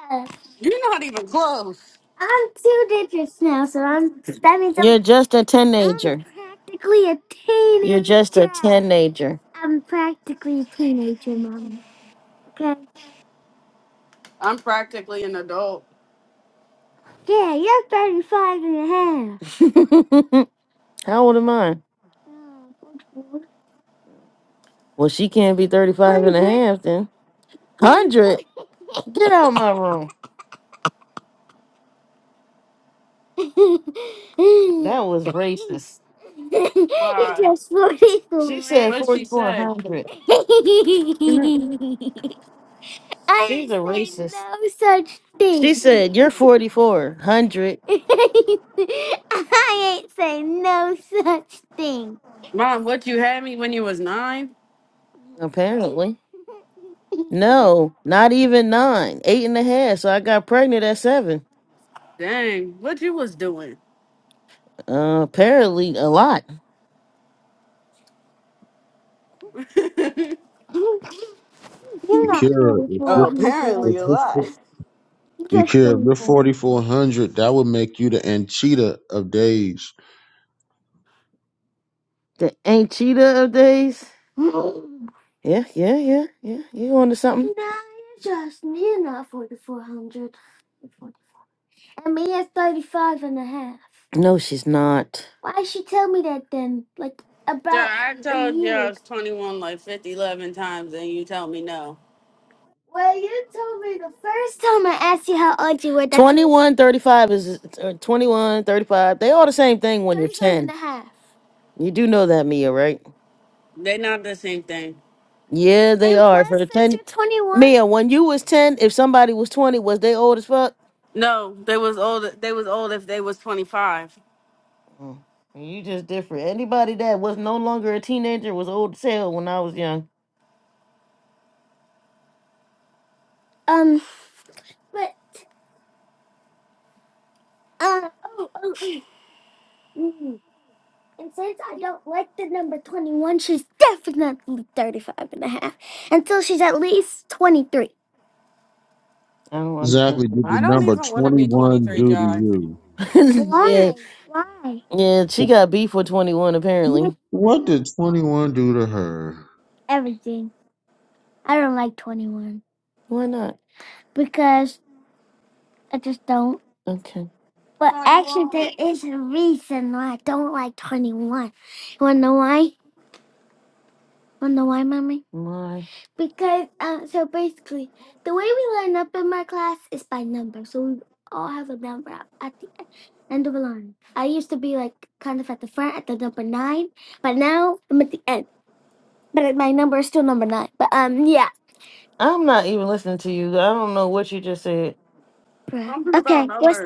I am.
You're not even close.
I'm two digits now, so I'm that means I'm, You're just a teenager. I'm practically a teenager. You're just a teenager.
I'm practically an adult.
[laughs] How old am I? Well, she can't be 35 and a half. then. 100? Get out of my room. That was racist. [laughs] You're
Why?
just 44. She said
What'd she say?
4400.
Mhm.
I She's a didn't say racist. No such thing. She said you're 4400,
Mom, what you had me when you was nine?
apparently.
Oh,
No, not even nine, eight and a half. So I got pregnant at seven.
dang. What you was doing?
Uh, apparently a lot.
[laughs]
Akira, if
oh,
your,
apparently
if
a lot.
your, Yakira, if you're 4,400, that would make you the Anchita of days.
The ain't cheetah of days. Yeah, yeah, yeah, yeah. You onto something? No, she's not.
Yeah, I told you I was 21 like 50, eleven times and you tell me no.
Twenty-one thirty-five is uh, twenty-one thirty-five. They all the same thing when you're ten. You do know that, Mia, right?
They not the same thing.
Yeah, they are. For 10 twenty-one. Mia, when you was ten, if somebody was twenty, was they old as fuck?
No, they was old. They was old if they was 25.
Mm. You just different. Anybody that was no longer a teenager was old as hell when I was young. I don't understand.
Exactly
the
did the
I don't
nonsense.
number
even want to be
21
23,
do to
John.
you?
[laughs] yeah, yeah. She got beef with twenty one
What,
apparently.
what did 21 do to her?
Why not? Okay,
21.
my. I'm not even listening to you. I don't know what you just said.
Something about numbers.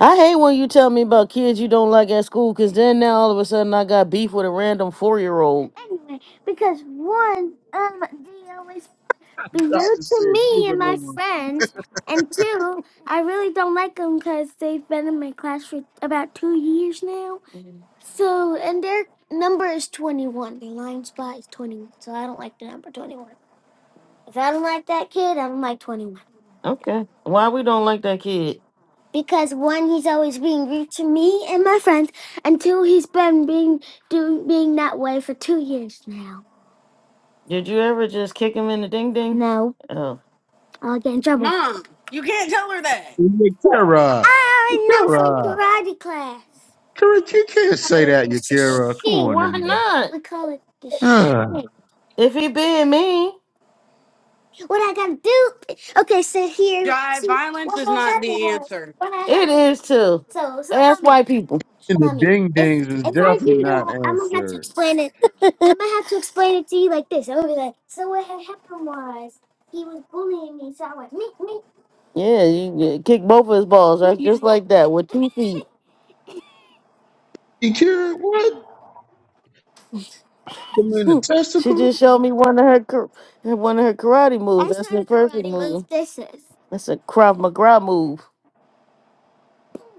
I hate when you tell me about kids you don't like at school, cause then now all of a sudden I got beef with a random four year old.
I just said, moving on.
Okay, why we don't like that kid? Did you ever just kick him in the ding ding? Oh.
Mom, you can't tell her that.
Yakira, Yakira. Correct, you can't
We
say that, Yakira. Come on
Why
now. [sighs]
not?
Ah,
If he being mean,
Jive, violence is not the answer.
it is too. Ask white people.
and the ding dings is definitely not answered.
Yeah, you get- kick both of his balls right just like that with two feet.
Yakira, what? Put them in the
[laughs] she
testicle?
just showed me one of her kar- one of her karate moves. That's her perfect move. That's a Krav Maga move.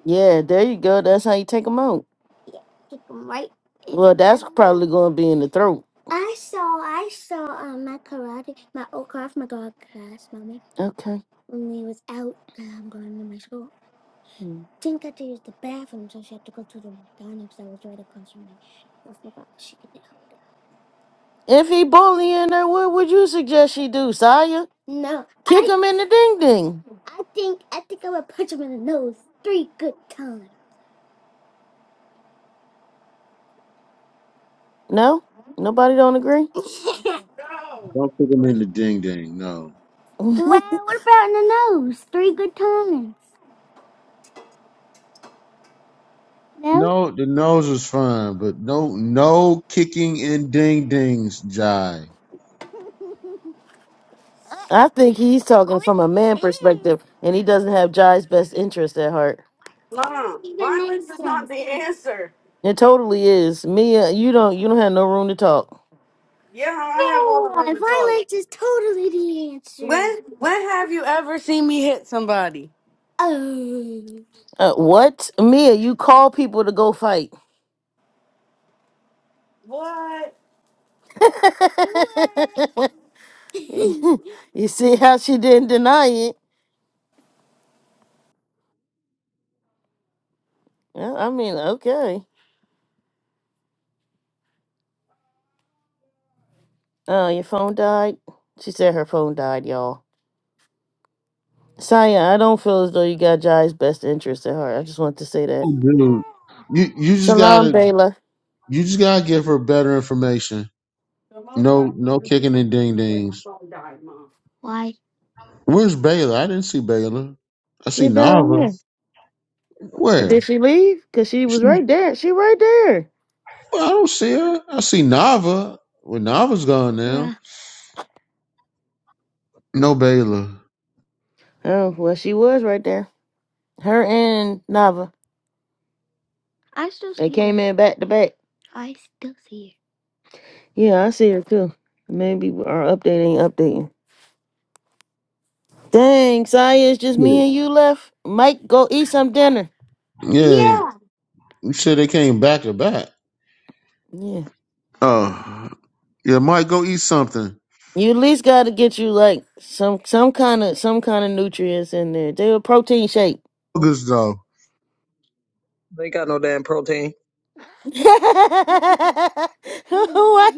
Yeah, there you go. That's how you take him out. Well, that's probably going to be in the throat. Okay. If he bullying her, what would you suggest she do, Saya? No. Kick I- him in the ding ding. No? Nobody don't agree? [laughs]
No.
Don't put them in the ding ding, no.
well, what about in the nose? Three good times.
No, the nose is fine, but no, no kicking and ding dings, Jai.
I think he's talking from a man perspective and he doesn't have Jai's best interest at heart.
Mom, violence is not the answer.
It totally is. Mia, you don't you don't have no room to talk.
Yeah, I have all the room to talk. When when have you ever seen me hit somebody?
Uh, what? Mia, you call people to go fight.
What?
[laughs] [laughs] you see how she didn't deny it? Yeah, I mean, okay. Oh, your phone died? She said her phone died, y'all. Saya, I don't feel as though you got Jai's best interest at heart. I just wanted to say that.
Oh, Dude, you you just
Shalom,
gotta
Bela.
you just gotta give her better information. No, no kicking and ding dings. Where's Baylor? I didn't see Baylor. I see
She down
Nava.
there. Did
Where?
she leave? Cause she
She,
was right there. She right there.
well, I don't see her. I see Nava. Well, Nava's gone now. No Baylor.
Oh, well, she was right there. Her and Nava. I still They see came her. in back to back. Yeah, I see her too. Maybe our update ain't updating. Dang, Saya, it's just me and you left. Mike, go eat some dinner.
Yeah, you said they came back to back.
Yeah.
Oh, yeah, Mike, go eat something.
You at least got to get you like some some kind of some kind of nutrients in there. They a protein shake.
Focus though.
They ain't got no damn protein.
[laughs] Why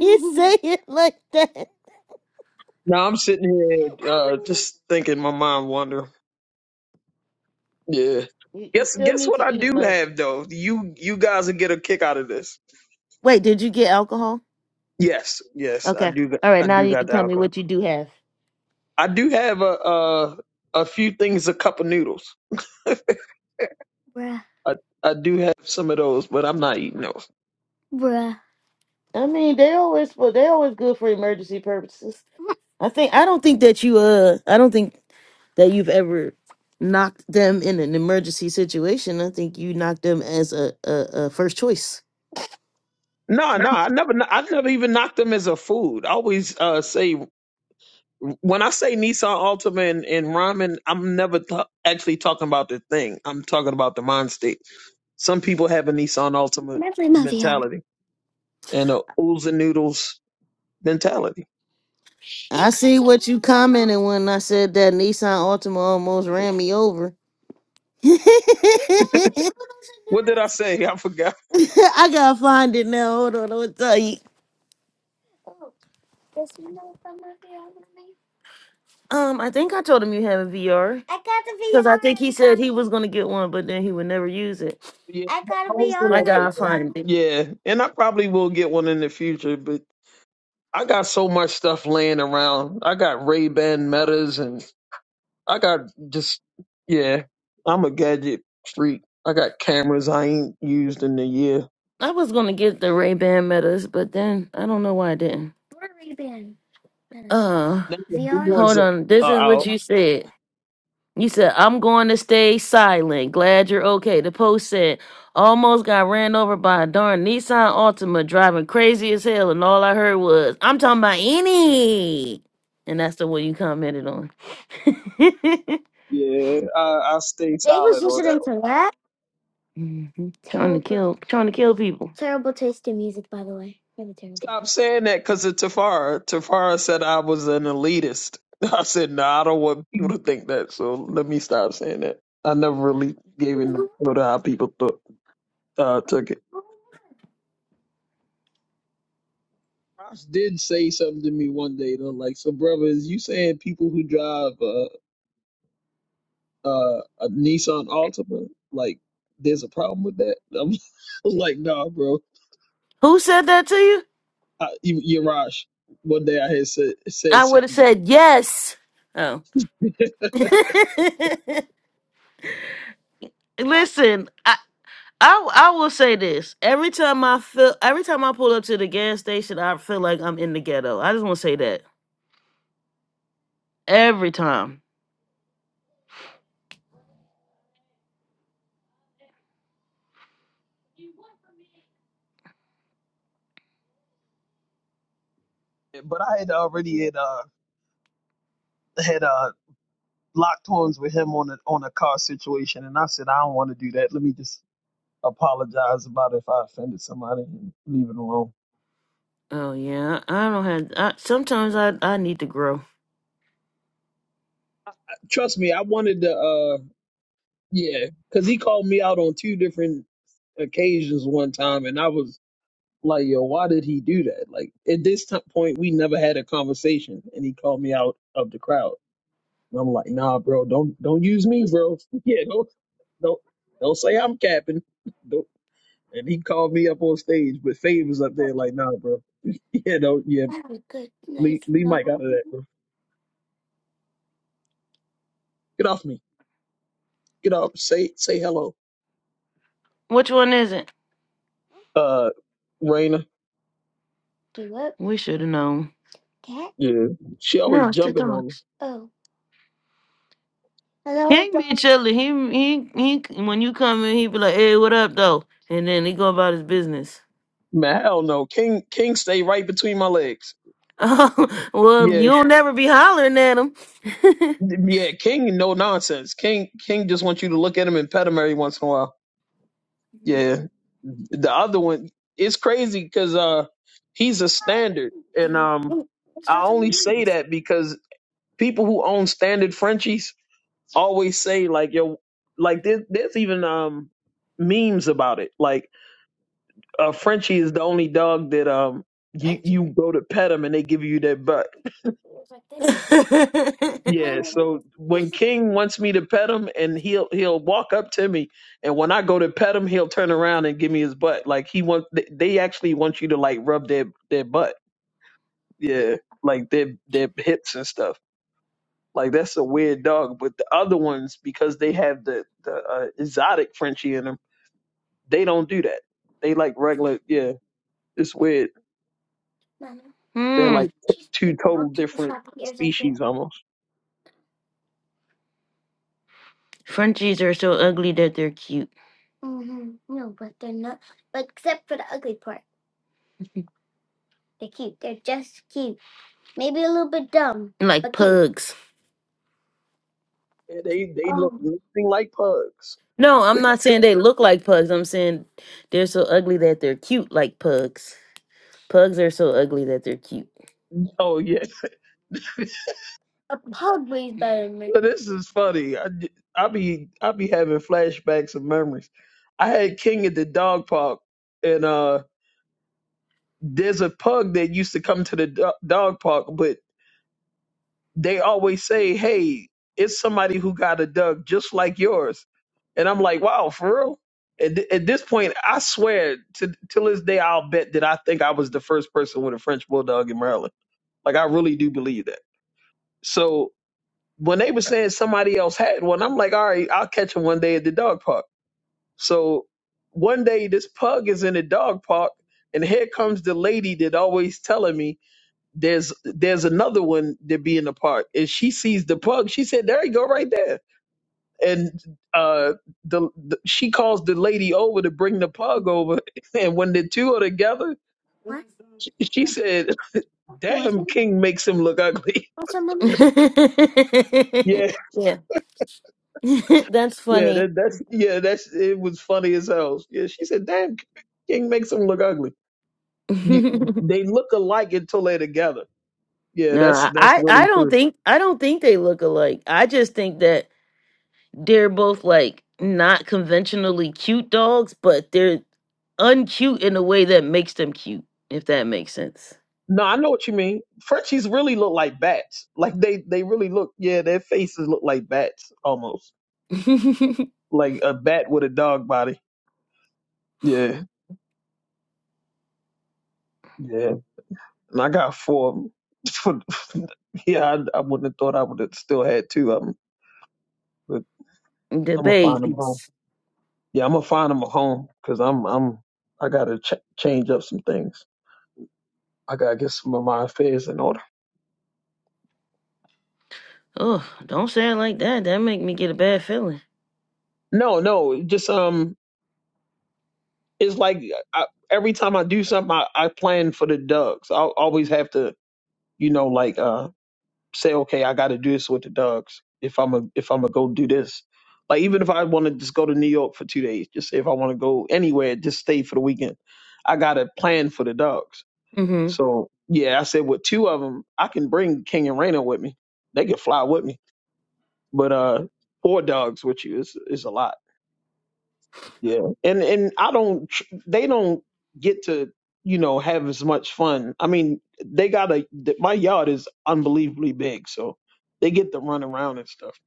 you say it like that?
No, I'm sitting here uh, just thinking. My mind wander. Yeah.
You, you
Guess
still
guess
need
what
to
I
eat,
do
Mike.
have though. You you guys will get a kick out of this.
Wait, did you get alcohol?
Yes, yes, I
Okay,
do. got-
all right.
I
Now
do
you can
got the
tell me
alcohol.
what you do have.
I do have a uh, a few things, a cup of noodles. I, I do have some of those, but I'm not eating those.
I mean, they always well, they always good for emergency purposes. I think I don't think that you uh I don't think that you've ever knocked them in an emergency situation. I think you knocked them as a a, a first choice.
No, no, I never, no, I never even knocked them as a food. I always uh, say when I say Nissan Altima and, and ramen, I'm never ta actually talking about the thing. I'm talking about the mind state. Some people have a Nissan Altima mentality and a oohs and noodles mentality.
I see what you commented when I said that Nissan Altima almost ran me over. [laughs]
What did I
I
say? I forgot.
gotta find it now. Hold on, I'm tell you. Um, I think I told him you have a VR. Because I think he said he was gonna get one, but then he would never use it.
Yeah,
I
I was gonna get
gotta
one.
find it.
Yeah, and I probably will get one in the future, but I got so much stuff laying around. I got Ray Ban metas and I got just yeah. I'm a gadget freak. I got cameras I ain't used in a year.
I was gonna get the Ray Ban Metas, but then I don't know why I didn't. Uh,
They- the new ones
hold
are
on. This
are
is what
out.
you said. You said, I'm going to stay silent. Glad you're okay. The post said, almost got ran over by a darn Nissan Altima driving crazy as hell. And all I heard was, I'm talking about any. And that's the one you commented on. [laughs]
Yeah, I, I stay solid on that. one.
hmm Trying to kill, trying to kill people.
Stop saying that because of Tafara. Tafara said I was an elitist. [laughs] I said no, I don't want people to think that. So let me stop saying that. I never really gave in to how people thought uh, took it. Ross did say something to me one day though, like, "So, brother, is you saying people who drive?" uh, a Nissan Altima, like there's a problem with that. [laughs] I'm like, nah, bro.
Who said that to you?
I, even Yarash, one day I had said said
I would have
something,
said yes. Oh. [laughs]
[laughs]
Listen, I, I I will say this. Every time I feel every time I pull up to the gas station, I feel like I'm in the ghetto. I just want to say that. Every time.
but I had already had uh had uh locked horns with him on a on a car situation, and I said I don't want to do that. Let me just apologize about if I offended somebody and leave it alone.
Oh yeah, I don't have I, sometimes I I need to grow.
Trust me, I wanted to. uh Yeah, because he called me out on two different occasions one time, and I was Like, yo, why did he do that? Like, at this t- point, we never had a conversation, and he called me out of the crowd. And I'm like, nah, bro, don't don't use me, bro. [laughs] Yeah, don't don't don't say I'm capping. [laughs] Don't. And he called me up on stage, but Fave was up there like, nah, bro. [laughs] Yeah, don't yeah, leave, leave Mike out of that, bro. Get off me. Get off. Say say hello.
Which one is it?
Uh, Raina.
We should have known.
Yeah, she always jumping on me.
He ain't be chilling. He, he he when you come in, he be like, "Hey, what up though?" And then he go about his business. [laughs]
Man, hell no. King King stay right between my legs.
Oh, well,
Yeah,
you'll never be hollering at him. [laughs]
Yeah, King, no nonsense. King, King just wants you to look at him and pet him every once in a while. Yeah, the other one, it's crazy because uh, he's a standard, and um, I only say that because people who own standard Frenchies always say like yo, like there, there's even um memes about it. Like a Frenchie is the only dog that um you you go to pet him and they give you their butt. Yeah, so when King wants me to pet him and he'll he'll walk up to me and when I go to pet him he'll turn around and give me his butt. Like he wants they actually want you to like rub their their butt. Yeah, like their their hips and stuff. Like that's a weird dog, but the other ones because they have the the uh, exotic Frenchie in them, they don't do that. They like regular, yeah. It's weird. They're
Hmm.
like t- two total different species almost.
Frenchies are so ugly that they're cute. like A pugs.
Yeah, they they look nothing like pugs.
No, I'm not saying they look like pugs. I'm saying they're so ugly that they're cute like pugs. Pugs are so ugly that they're cute.
Oh yeah. [laughs] Well, this is funny. I, d- I be I be having flashbacks of memories. I had King at the dog park, and uh, there's a pug that used to come to the do- dog park, but they always say, "Hey, it's somebody who got a dog just like yours," and I'm like, "Wow, for real." At, th- at this point, I swear to till this day, I'll bet that I think I was the first person with a French bulldog in Maryland. Like I really do believe that. So when they were saying somebody else had one, I'm like, all right, I'll catch him one day at the dog park. So one day this pug is in the dog park, and here comes the lady that always telling me there's there's another one that be in the park, and she sees the pug. She said, "There you go, right there." And uh, the, the she calls the lady over to bring the pug over, [laughs] and when the two are together, she, she said, "Damn, King makes him look ugly."
[laughs]
[laughs]
That's
Yeah,
funny.
that, that's yeah, that's it was funny as hell. Yeah, she said, "Damn, King makes them look ugly.
[laughs]
You,
no,
they look alike until they're together." Yeah, that's
I
that's
I I
really
don't
true.
think I don't think they look alike. I just think that they're both like not conventionally cute dogs, but they're uncute in a way that makes them cute, if that makes sense.
No, I know what you mean. Frenchies really look like bats. Like they they really look. Yeah, their faces look like bats almost,
[laughs] the
like a bat with a dog body. Yeah, yeah. And I got four. of them. [laughs] yeah, I, I wouldn't have thought I would have still had two of them, but I'm gonna find them home.
babies.
Yeah, I'm gonna find him a home because I'm I'm I gotta ch- change up some things. I gotta get some of my affairs in order.
Oh, don't say it like that. That make me get a bad feeling.
No, no, it just um, it's like I, every time I do something, I, I plan for the dogs. I always have to, you know, like uh, say okay, I gotta do this with the dogs if I'm a if I'm gonna go do this. Like even if I want to just go to New York for two days, just say if I want to go anywhere, just stay for the weekend, I gotta plan for the dogs.
Mm-hmm.
So yeah, I said with two of them, I can bring King and Raina with me. They can fly with me, but uh, four dogs with you is is a lot. Yeah, and and I don't. tr- They don't get to you know have as much fun. I mean, they got a th- my yard is unbelievably big, so they get to run around and stuff.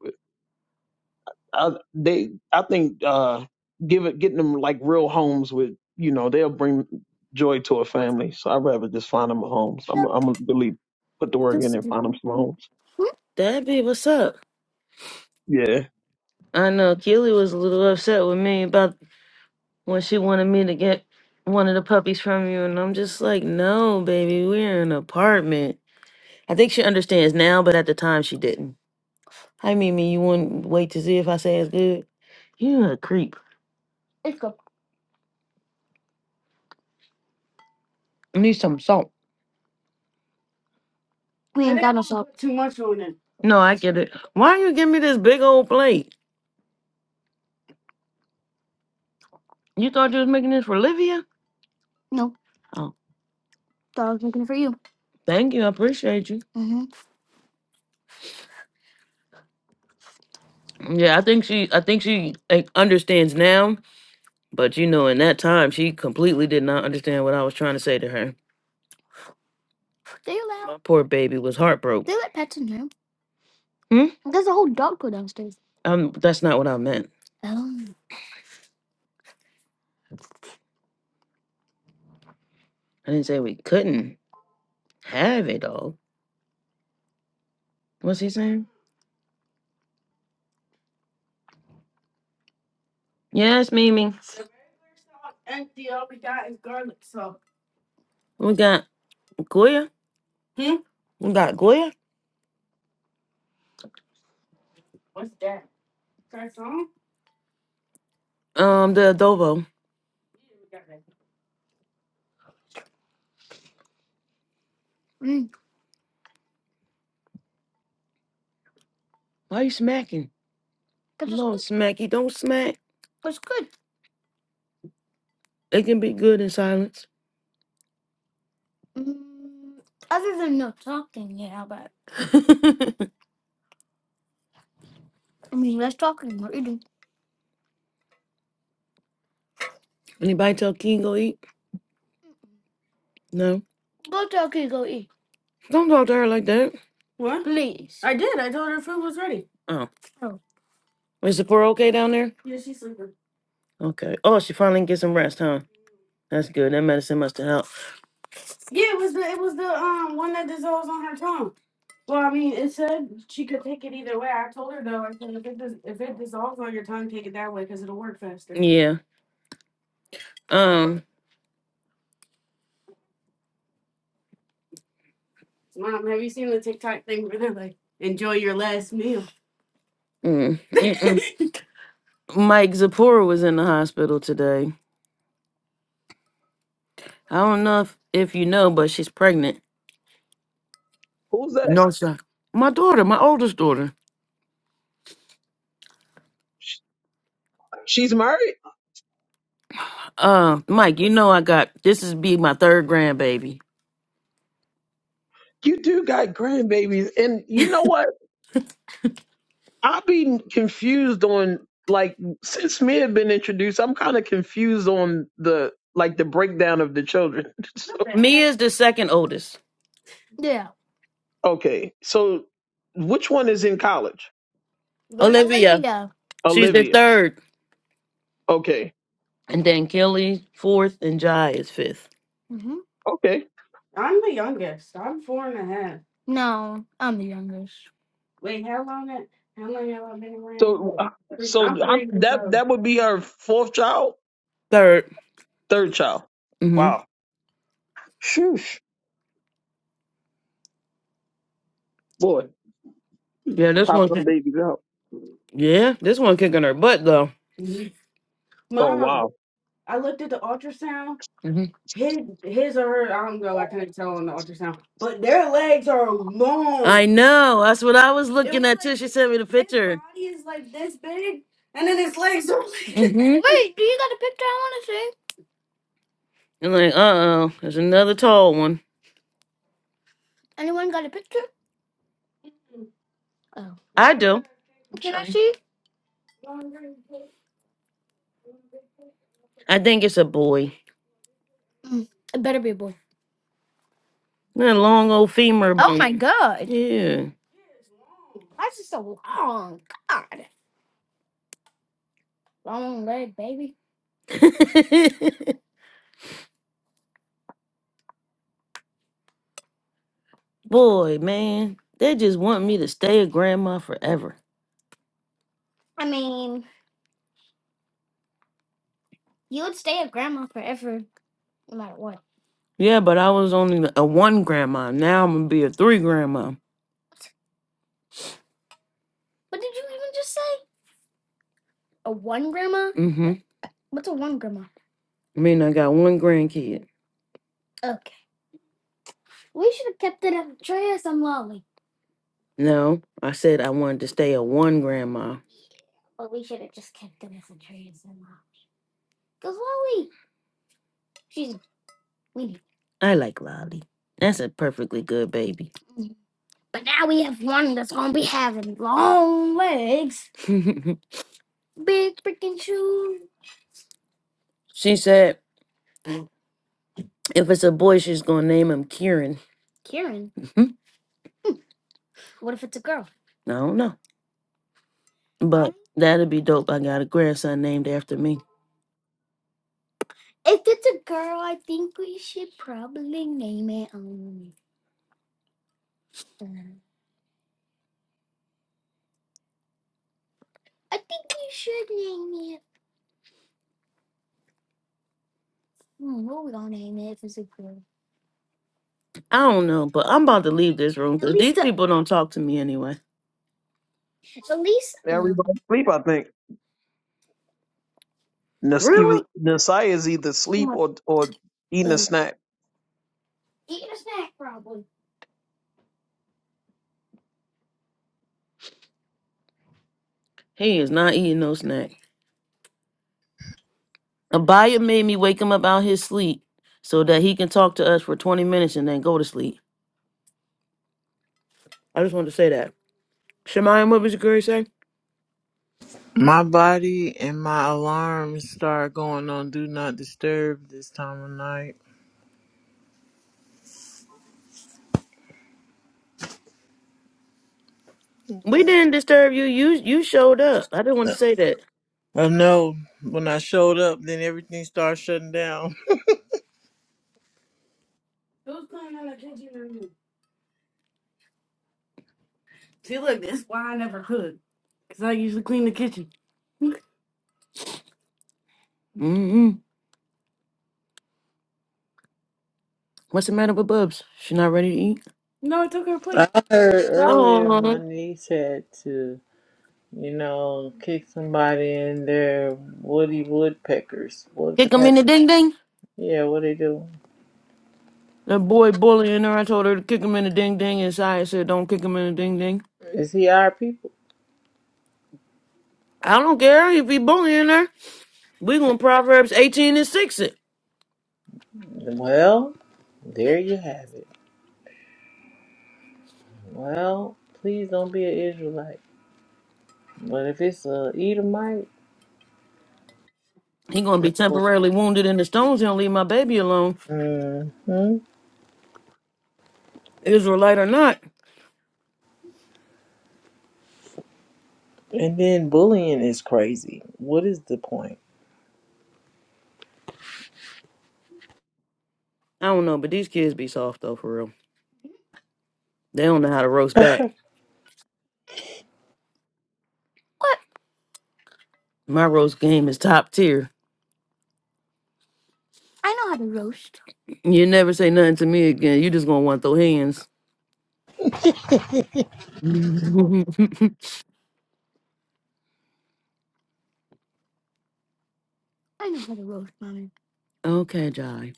I, they, I think, uh, give it, getting them like real homes with, you know, they'll bring joy to a family. So I'd rather just find them a home. So I'm, I'm gonna really put the work in and find them some homes.
That be what's up.
Yeah.
I know Keely was a little upset with me about when she wanted me to get one of the puppies from you, and I'm just like, no, baby, we're in an apartment. I think she understands now, but at the time she didn't. Hi, Mimi. You wouldn't wait to see if I say it's good? You a creep. Me- No, I get it. Why you give me this big old plate? You thought you was making this for Livia? Oh, thank you. I appreciate you. Yeah, I think she I think she like, understands now, but you know, in that time she completely did not understand what I was trying to say to her. My poor baby was heartbroken. Hmm? Um that's not what I meant. I didn't say we couldn't have it all. What's he saying? Yes, Mimi. We got Goya. Hmm. We got Goya. Um the adobo. Why you smacking? Lord smacky, don't smack. It can be good in silence. [laughs] Anybody tell King go eat? No. Don't talk to her like that. what? I did. I told her food was ready. Oh. Is the poor okay down there? Yeah, she's sleeping. Okay. Oh, she finally get some rest, huh? That's good. That medicine must have helped. Yeah, it was the it was the um one that dissolves on her tongue. Well, I mean, it said she could take it either way. I told her though. I said if it dis- if it dissolves on your tongue, take it that way because it'll work faster. Yeah. Um. Mom, have you seen the TikTok thing where they're like, "Enjoy your last meal"? Mm. Mm-mm. [laughs] Mike Zipporah was in the hospital today. I don't know if, if you know, but she's pregnant.
Who's that?
No, sir. My daughter, my oldest daughter.
Sh- She's married.
Uh, Mike, you know I got this is be my third grandbaby.
You do got grandbabies, and you know what? I've been confused on like since me had been introduced. I'm kind of confused on the like the breakdown of the children. [laughs] so,
Mia is the second oldest.
okay, so which one is in college?
But Olivia, Olivia. she's the
Olivia.
third,
Okay
and then Kelly fourth, and Jai is fifth.
Okay.
I'm the youngest. I'm four and a half. Wait, how long? it- How long have I been around?
So,
What?
uh,
three-
so
I'm
I'm,
three years
that
old.
that would be her fourth child,
Third.
third child.
Mm-hmm.
Wow. Shoosh. Boy,
Yeah, this
popping
one.
them babies out.
Yeah, this one kicking her butt though. Mhm.
Oh
Mom,
wow.
I looked at the ultrasound. hmm His, his or her, I don't know. I couldn't tell on the ultrasound, but their legs are long. I long. know. That's what I was It looking was at like too. like She sent me the his picture. body is like this big, and then his legs are [laughs] like this. hmm And like, uh oh, there's another tall one. I do. I think it's a boy. That long old femur Oh my bone. god. Yeah. [laughs] Boy, man, they just want me to stay a grandma forever. Yeah, but I was only a one grandma. Now I'm gonna be a three grandma. Mm-hmm. I mean, I got one grandkid. No, I said I wanted to stay a one grandma. I like Lolly. That's a perfectly good baby. [laughs] she said if it's a boy, she's gonna name him Kieran. [laughs] I don't know, but that'd be dope. I got a grandson named after me. I don't know, but I'm about to leave this room because these people don't talk to me anyway.
Everybody sleep. I think Nas-
Re-
either Nasai is either sleep or or eating a snack.
He is not eating no snack. Abaya made me wake him up out his sleep so that he can talk to us for 20 minutes and then go to sleep. I just wanted to say that. Shemayam, what was your girl say?
My body and my alarms start going on do not disturb this time of night.
We didn't disturb you. You you showed up. I didn't want to say that.
I know when I showed up, then everything started shutting down.
Who's cleaning out the kitchen or you? See, look, that's why I never cook. Because I usually clean the kitchen. Mm-hmm. What's the matter with Bubs? She not ready to eat? No, I took her
I
plate.
heard
That
earlier
was-
my
Oh,
niece had to, you know, kick somebody in their woody woodpeckers. What? the
Kick
heck-
him in the ding ding.
Yeah, what they do?
That boy bullying her. I told her to kick him in the ding ding. And Saya said, don't kick him in the ding ding.
Is he our people?
I don't care if he bullying her. We gonna Proverbs 18 and 6 it.
Well, there you have it. Well, please don't be an Israelite. But if it's a Edomite,
He gonna be temporarily wounded in the stones. He don't leave my baby alone.
hmm
Israelite or not.
And then bullying is crazy. What is the point?
I don't know, but these kids be soft though, for real. They don't know how to roast back. My roast game is top tier. You never say nothing to me again. You just gonna want those hands. [laughs] okay, Jai.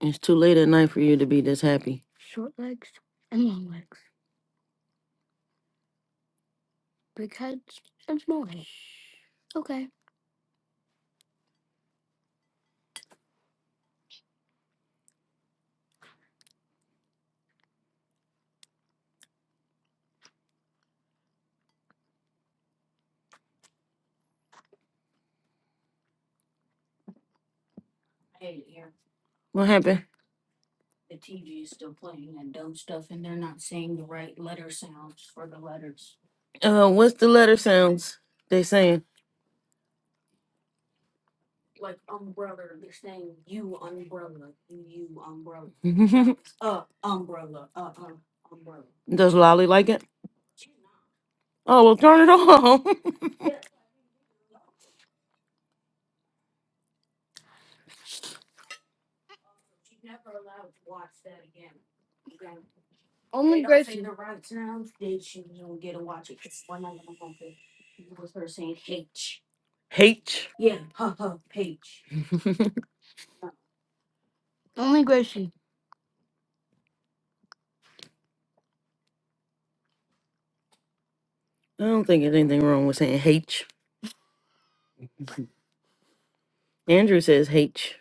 It's too late at night for you to be this happy. What happened? Uh, what's the letter sounds they saying? [laughs] Does Lolly like it? Oh, well, turn it on. [laughs] Only, H. [laughs] only Gracie. I don't think there's anything wrong with saying H. Andrew says H.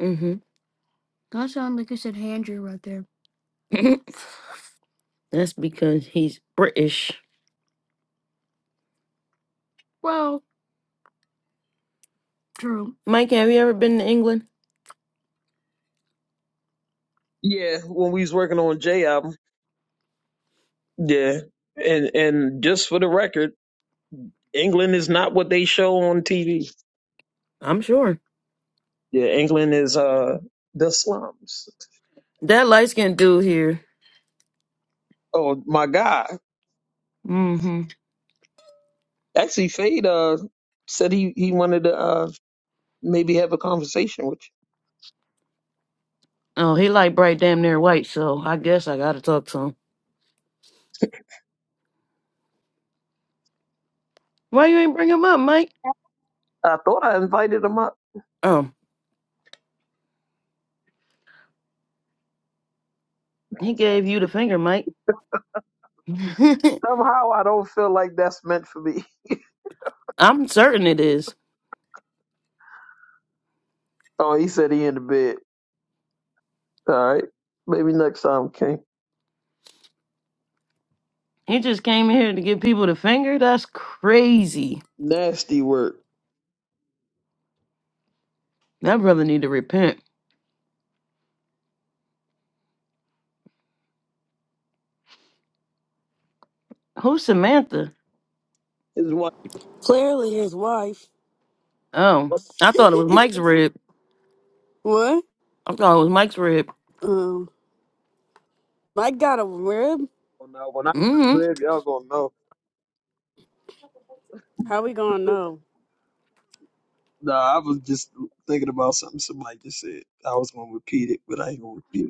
mm hmm [laughs] [clears throat] That's because he's British. Mike, have you ever been to England?
Yeah. When we was working on J album. Yeah. And and just for the record, England is not what they show on TV.
I'm sure.
Yeah. England is uh the slums.
That light skinned dude here.
Oh my God.
mm hmm
Actually, Fade uh said he he wanted to. Uh, maybe have a conversation with
Oh, he like bright damn near white, so I guess I gotta talk to him. Why you ain't bring him up, Mike?
you. I thought I invited him up.
Um, he gave you the finger, Mike. [laughs]
Somehow I don't feel like that's meant for me. [laughs]
I'm certain it is.
Oh, he said he in the bed. All right. Maybe next time, King.
He just came here to give people the finger. That's crazy.
Nasty work.
That brother need to repent. Who's Samantha?
His wife
Clearly his wife.
Oh, I
[laughs]
thought it was Mike's rib.
What?
I thought it was Mike's rib.
Um, I got a rib.
don't know. When I
Mm-hmm.
read, y'all gonna know.
How we gonna know?
Nah, I was just thinking about something somebody just said. I was gonna repeat it, but I ain't gonna repeat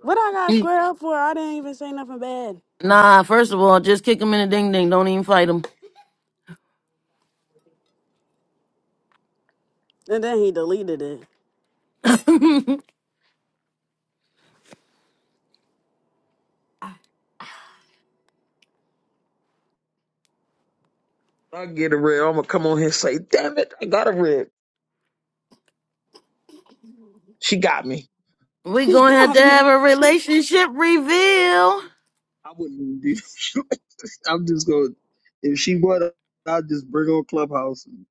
What I got squared up for? I didn't even say nothing bad.
Nah, first of all, just kick him in the ding ding. Don't even fight him.
And then he deleted it. [laughs]
[laughs]
it. I get a red. I'm gonna come on here and say, damn it, I got a red. She got me.
we
She
gonna have
got
to have
me.
a relationship reveal.
I wouldn't even do. [laughs] I'm just going. If she brought up, I'll just bring on Clubhouse. And,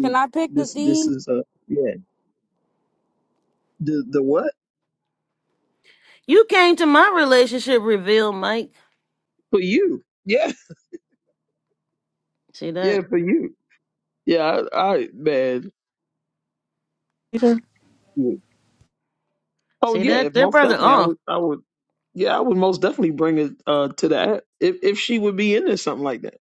Can I pick the
this this
theme?
is a yeah. The the what
You came to my relationship reveal, Mike.
for you? Yeah,
See
yeah
that?
for you. Yeah, I, I man.
You know?
Yeah. Oh
See
yeah,
that?
if
That
most
brother.
definitely I
oh,
would. I would. Yeah, I would most definitely bring it uh to the app if if she would be into something like that.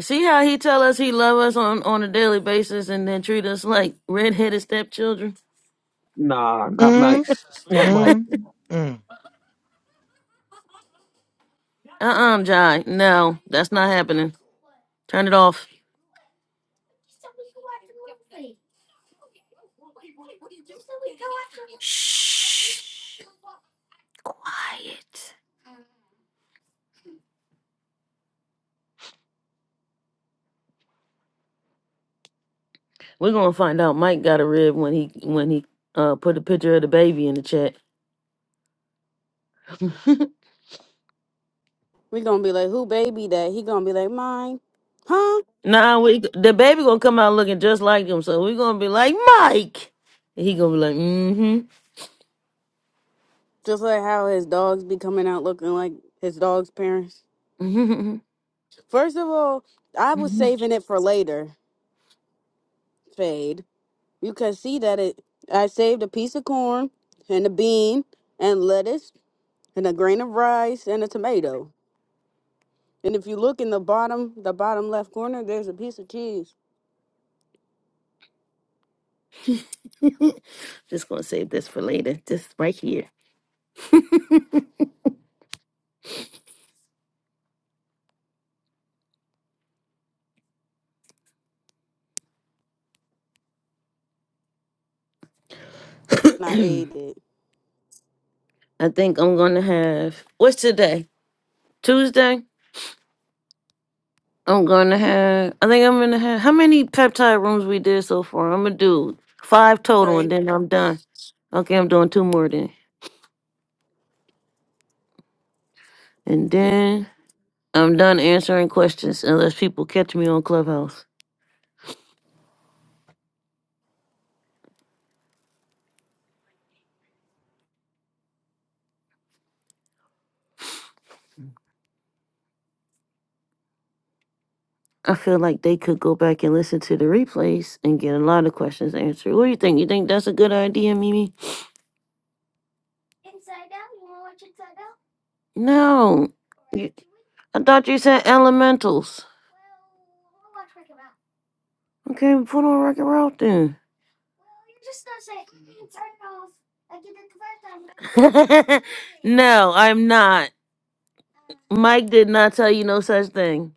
See how he tell us he love us on on a daily basis and then treat us like redheaded stepchildren?
Nah, not Mike.
Mm,
Not Mike.
mm, mm.
Uh-uh, Jai. No, that's not happening. Turn it off. Quiet. We're gonna find out Mike got a rib when he when he uh put a picture of the baby in the chat. [laughs]
We gonna be like, who baby that? He gonna be like, mine, huh?
nah, we the baby gonna come out looking just like him, so we're gonna be like Mike. And he gonna be like, mm-hmm.
Just like how his dogs be coming out looking like his dog's parents.
Mm-hmm.
First of all, I was
mm-hmm."
saving it for later, Fade. You can see that it. I saved a piece of corn and a bean and lettuce and a grain of rice and a tomato. And if you look in the bottom, the bottom left corner, there's a piece of cheese.
[laughs] Just gonna save this for later. Just right here.
And I
[clears throat] [coughs]
ate it.
I think I'm gonna have what's today? Tuesday? I'm gonna have I think I'm gonna have how many peptide rooms we did so far? I'm gonna do five total and
Sorry.
then I'm done. Okay, I'm doing two more then. And then I'm done answering questions unless people catch me on Clubhouse. I feel like they could go back and listen to the replays and get a lot of questions answered. What do you think? You think that's a good idea, Mimi? No. You- I thought you said elementals. Okay, put on record route then. [laughs] no, I'm not. Mike did not tell you no such thing.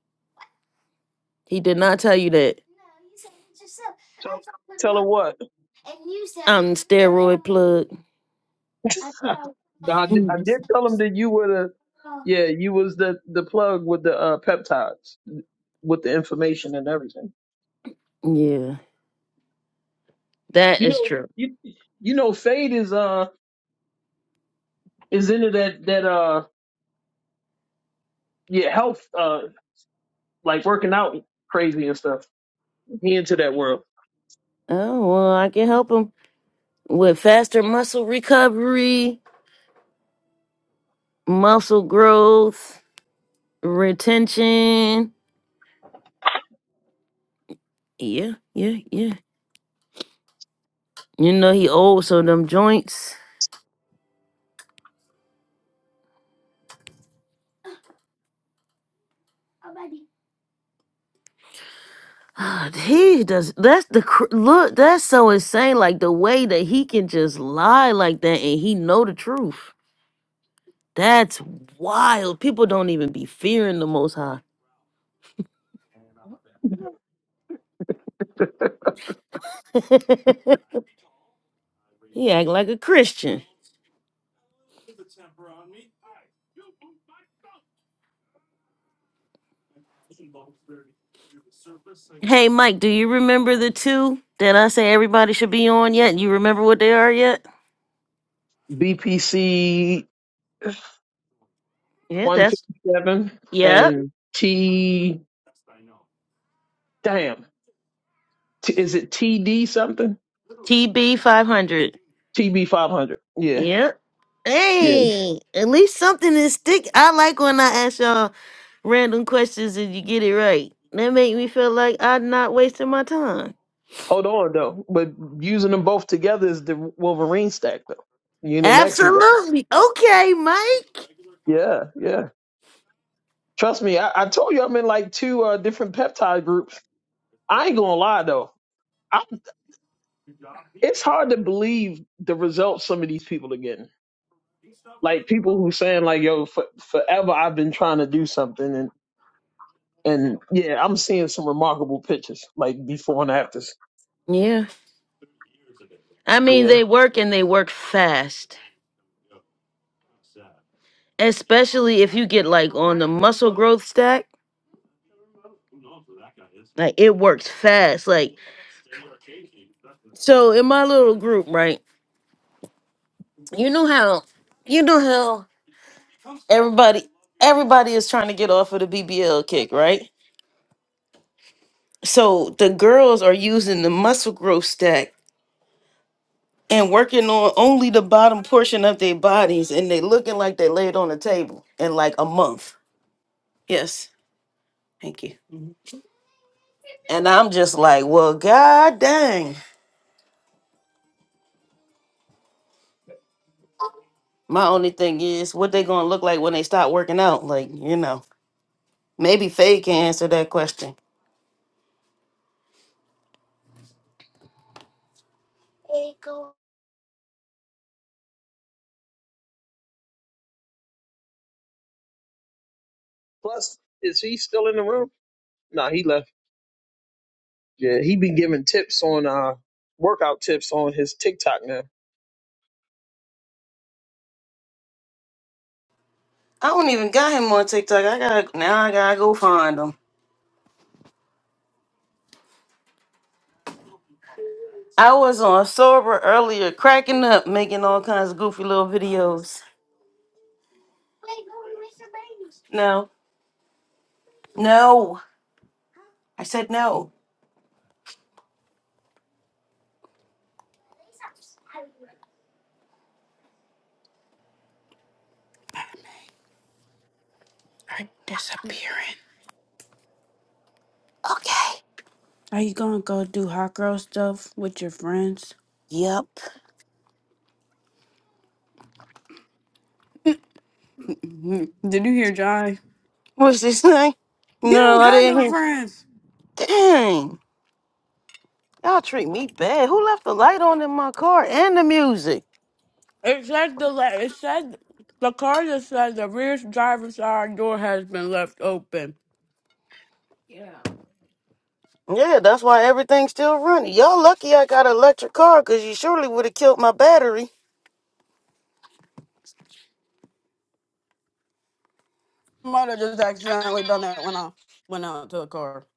He did not tell you that.
Tell tell her what.
I'm steroid plug.
No, I, did, I did tell him that you were the yeah, you was the the plug with the uh, peptides with the information and everything.
Yeah, that
You
is
know,
true.
you you know, Fade is uh is into that that uh yeah health uh like working out crazy and stuff. He into that world.
Oh well, I can help him with faster muscle recovery, muscle growth, retention. Yeah, yeah, yeah. You know he old, so them joints. Ah, he does. That's the cr- look. That's so insane. Like the way that he can just lie like that, and he know the truth. That's wild. People don't even be fearing the Most High. [laughs] he act like a Christian. Hey, Mike, do you remember the two that I say everybody should be on yet? You remember what they are yet?
BPC
Yeah,
one
that's
fifty seven
yep.
and T damn T, is it TD something?
TB five hundred.
TB five hundred. Yeah,
Yep.
yeah.
Hey, at least something is stick. I like when I ask y'all random questions and you get it right. That make me feel like I'm not wasting my time.
Hold on though, but using them both together is the Wolverine stack though. You didn't ask me that.
Absolutely. Okay, Mike.
Yeah, yeah. Trust me, I, I told you I'm in like two uh, different peptide groups. I ain't gonna lie though, I, it's hard to believe the results some of these people are getting. Like people who saying like, "Yo, for, forever I've been trying to do something," and and yeah, I'm seeing some remarkable pictures like before and afters.
Yeah. I mean,
Yeah.
they work and they work fast. Especially if you get like on the muscle growth stack, like it works fast. Like so in my little group, right? You know how you know how everybody everybody is trying to get off of the BBL kick, right? So the girls are using the muscle growth stack and working on only the bottom portion of their bodies and they looking like they laid on the table in like a month. Yes. Thank you. And I'm just like, well, god dang. My only thing is what they gonna look like when they stop working out. Like, you know. Maybe Faye can answer that question.
Plus, is he still in the room? No, he left. Yeah, he be giving tips on uh workout tips on his TikTok now.
I don't even got him on TikTok. I gotta now I gotta go find him. I was on sober earlier, cracking up, making all kinds of goofy little videos. No. No. I said no.
Are disappearing. Are you gonna go do hot girl stuff with your friends?
Yep.
Mm, Did you hear Johnny?
What's this thing?
You don't
No, I
got
didn't
no
hear.
friends.
Dang. Y'all treat me bad. Who left the light on in my car and the music?
It says the le- it said the car that says the rear driver's side door has been left open.
Yeah, that's why everything's still running. Y'all lucky I got an electric car because you surely would have killed my battery.
Might have just accidentally done that when I went out to the car.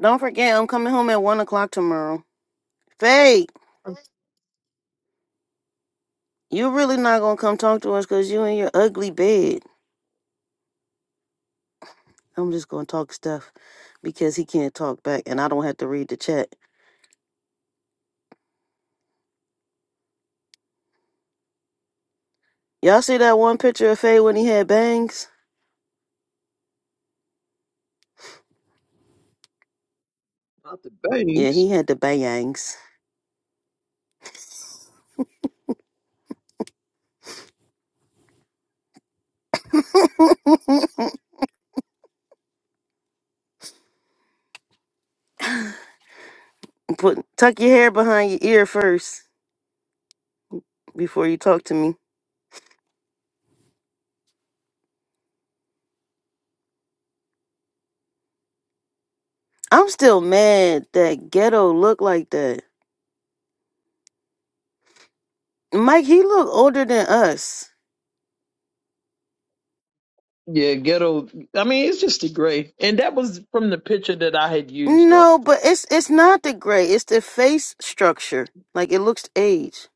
Don't forget, I'm coming home at 1 o'clock tomorrow. Faye, you really not going to come talk to us because you in your ugly bed. I'm just going to talk stuff because he can't talk back and I don't have to read the chat. Y'all see that one picture of Faye when he had bangs?
Not the
Yeah,
bangs.
he had the bangs. [laughs] Put Tuck your hair behind your ear first before you talk to me. I'm still mad that ghetto looked like that. Mike, he look older than us.
Yeah, ghetto. I mean, it's just the gray, and that was from the picture that I had used though.
No, but it's it's not the gray. It's the face structure. Like it looks age.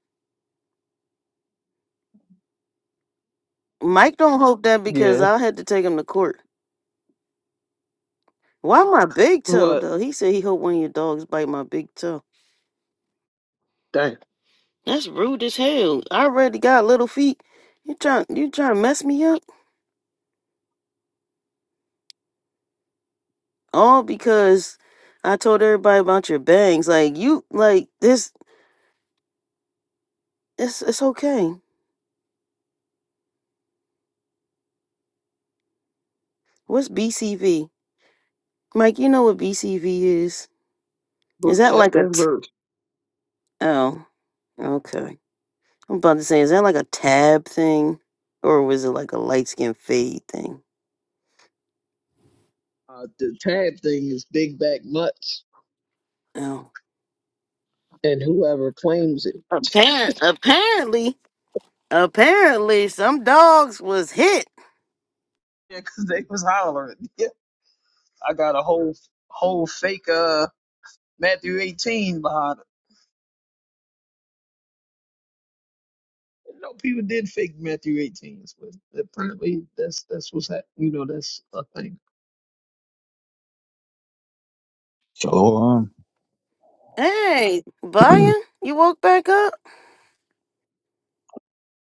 Mike don't hope that because
Yeah.
I had to take him to court. Why my big toe
What?
though? He said he hope one of your dogs bite my big toe.
Dang.
That's rude as hell. I already got little feet. You trying you trying to mess me up? All because I told everybody about your bangs. Like you like this. It's it's okay. What's BCV? Mike, you know what BCV is? Is
Book
that like
chapter
a
and verse.
Oh, okay. I'm about to say, is that like a tab thing, or was it like a light skin fade thing?
Uh, the tab thing is big back nuts,
Oh,
and whoever claims it.
apparent,
[laughs]
apparently, apparently, some dogs was hit.
Yeah, 'cause they was hollering. [laughs] Yeah, I got a whole whole fake uh Matthew 18 behind. You know, people did fake Matthew 18s, but apparently that's that's what's happening. You know, that's a thing.
So um
Hey, Baya,
[clears throat]
you woke back up?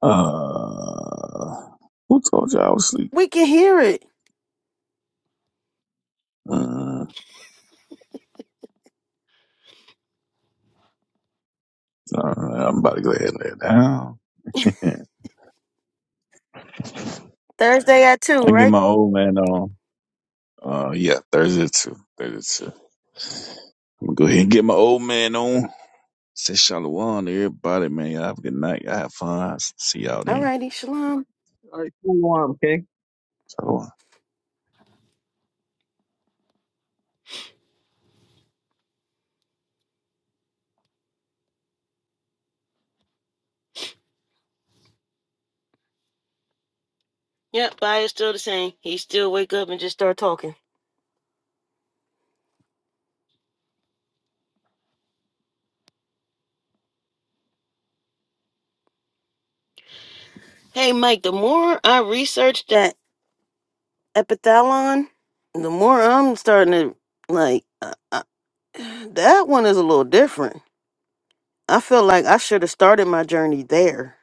uh who told you I was asleep?
We can hear it.
Uh, all right, I'm about to go ahead and lay it down. [laughs] I
Thursday at two,
can get
right?
my old man on. Uh, yeah, Thursday at two. Thursday at two. I'm gonna go ahead and get my old man on. Say shalom to everybody, man. Y'all have a good night. Y'all have fun. See y'all
Alrighty,
then.
shalom.
All right, cool on, okay.
Shalom.
Yep, I is still the same. He still wake up and just start talking. Hey, Mike, the more I research that epithalon, the more I'm starting to like. Uh, uh, [sighs] that one is a little different. I feel like I should have started my journey there.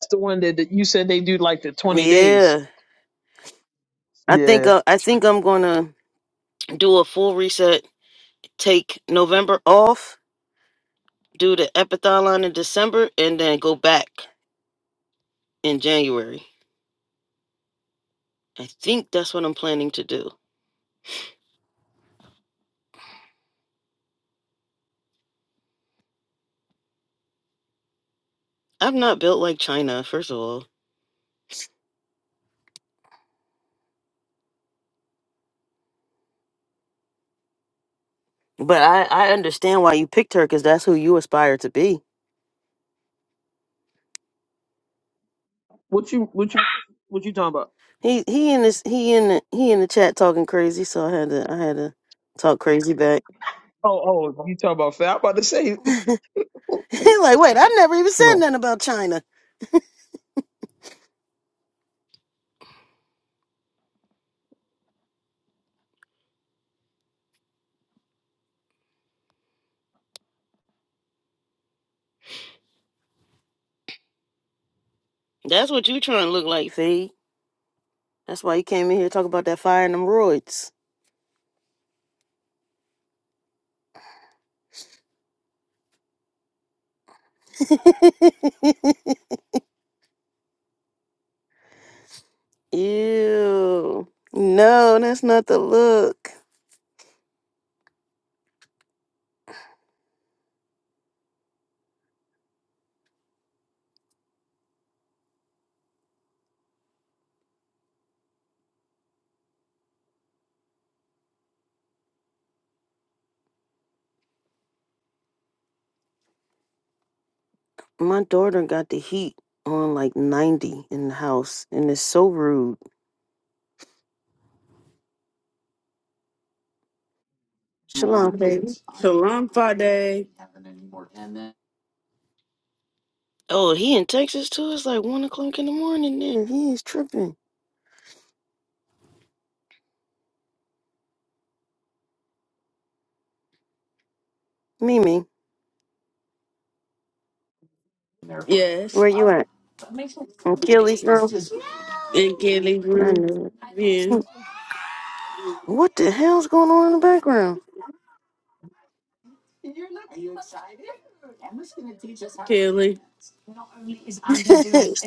It's the one that, that you said they do like the 20 days.
Yeah, I think
Yeah.
uh, I think I'm gonna do a full reset. Take November off, do the epithalon in December, and then go back in January. I think that's what I'm planning to do. I'm not built like China, first of all. But I, I understand why you picked her because that's who you aspire to be.
What you what you what you talking about?
He he in this he in the, he in the chat talking crazy, so I had to I had to talk crazy back.
Oh, oh, you talking about fat. I'm about to say, [laughs]
[laughs] He like, wait, I never even
you
said
know,
nothing about China. That's what you trying to look like, Fee. That's why you came in here talking about that fire and them roids. [laughs] Ew. No, that's not the look. My daughter got the heat on like 90 in the house, and it's so rude. Shalom, baby.
Salam Friday.
Oh, he in Texas too? It's like one o'clock in the morning there. He is tripping. Mimi,
Yes.
where you at? In Kelly's room?
In Kelly's
I
room.
knew
Yeah.
it. [laughs] What the hell's going on in the background?
Kelly.
[laughs]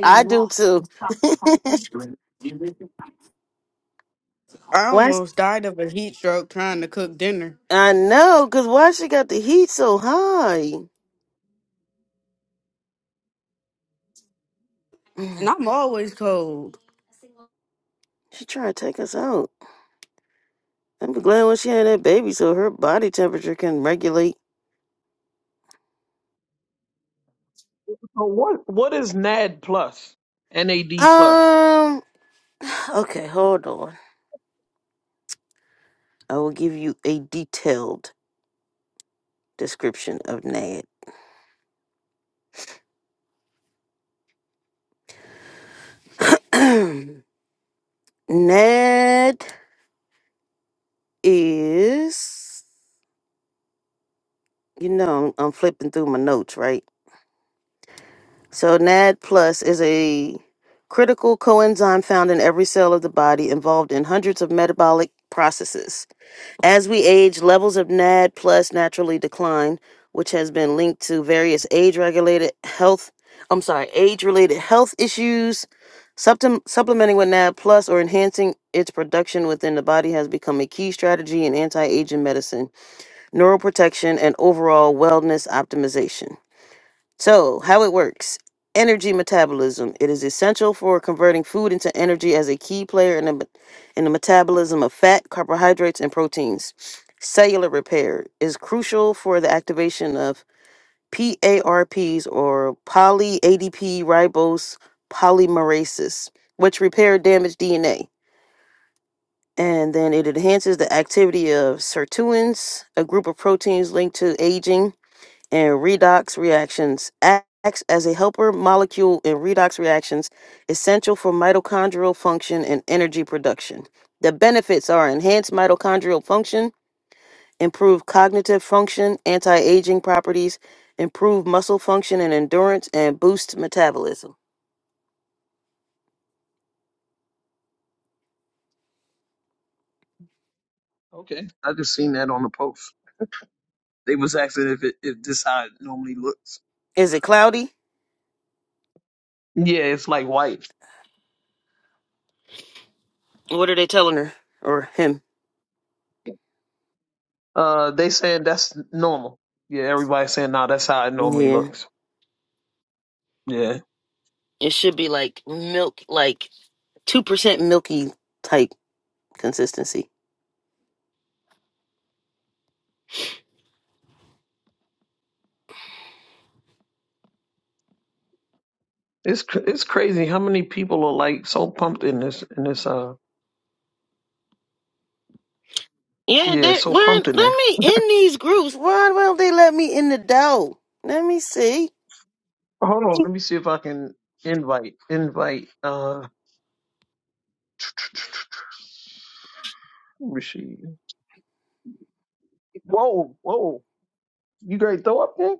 I do too. [laughs]
I
Why? sh-
almost died of a heat stroke trying to cook dinner.
I know, because why she got the heat so high? [clears throat]
And
Mm,
I'm always cold.
She trying to take us out. I'm glad when she had that baby so her body temperature can regulate.
so what what is NAD plus? NAD plus.
Um, okay, hold on. I will give you a detailed description of Nad. [clears throat] Ned is, you know, I'm flipping through my notes, right? So NAD plus is a critical coenzyme found in every cell of the body involved in hundreds of metabolic processes. As we age, levels of NAD plus naturally decline, which has been linked to various age-regulated health, I'm sorry, age-related health issues. Supplem- supplementing with NAD plus or enhancing its production within the body has become a key strategy in anti-aging medicine, neuroprotection, and overall wellness optimization. So, how it works energy metabolism. It is essential for converting food into energy as a key player in the, me- in the metabolism of fat, carbohydrates, and proteins. Cellular repair is crucial for the activation of PARPs or poly ADP ribose polymerases, which repair damaged DNA. And then it enhances the activity of sirtuins, a group of proteins linked to aging and redox reactions acts as a helper molecule in redox reactions essential for mitochondrial function and energy production. The benefits are enhanced mitochondrial function, improved cognitive function, anti-aging properties, improved muscle function and endurance, and boost metabolism.
Okay. I just seen that on the post. They was asking if it if this how it normally looks.
Is it cloudy?
Yeah, it's like white.
What are they telling her or him?
Uh, they saying that's normal. Yeah, everybody's saying, nah, that's how it normally
Yeah,
looks. Yeah,
it should be like milk, like two percent milky type consistency.
it's cr- it's crazy how many people are like so pumped in this in this uh
Yeah,
yeah
they
so
where
pumped in here.
let me in these groups. Why won't they let me in the door? Let me see.
Hold on, let me see if I can invite invite uh who's she? Whoa, whoa, you great throw up there?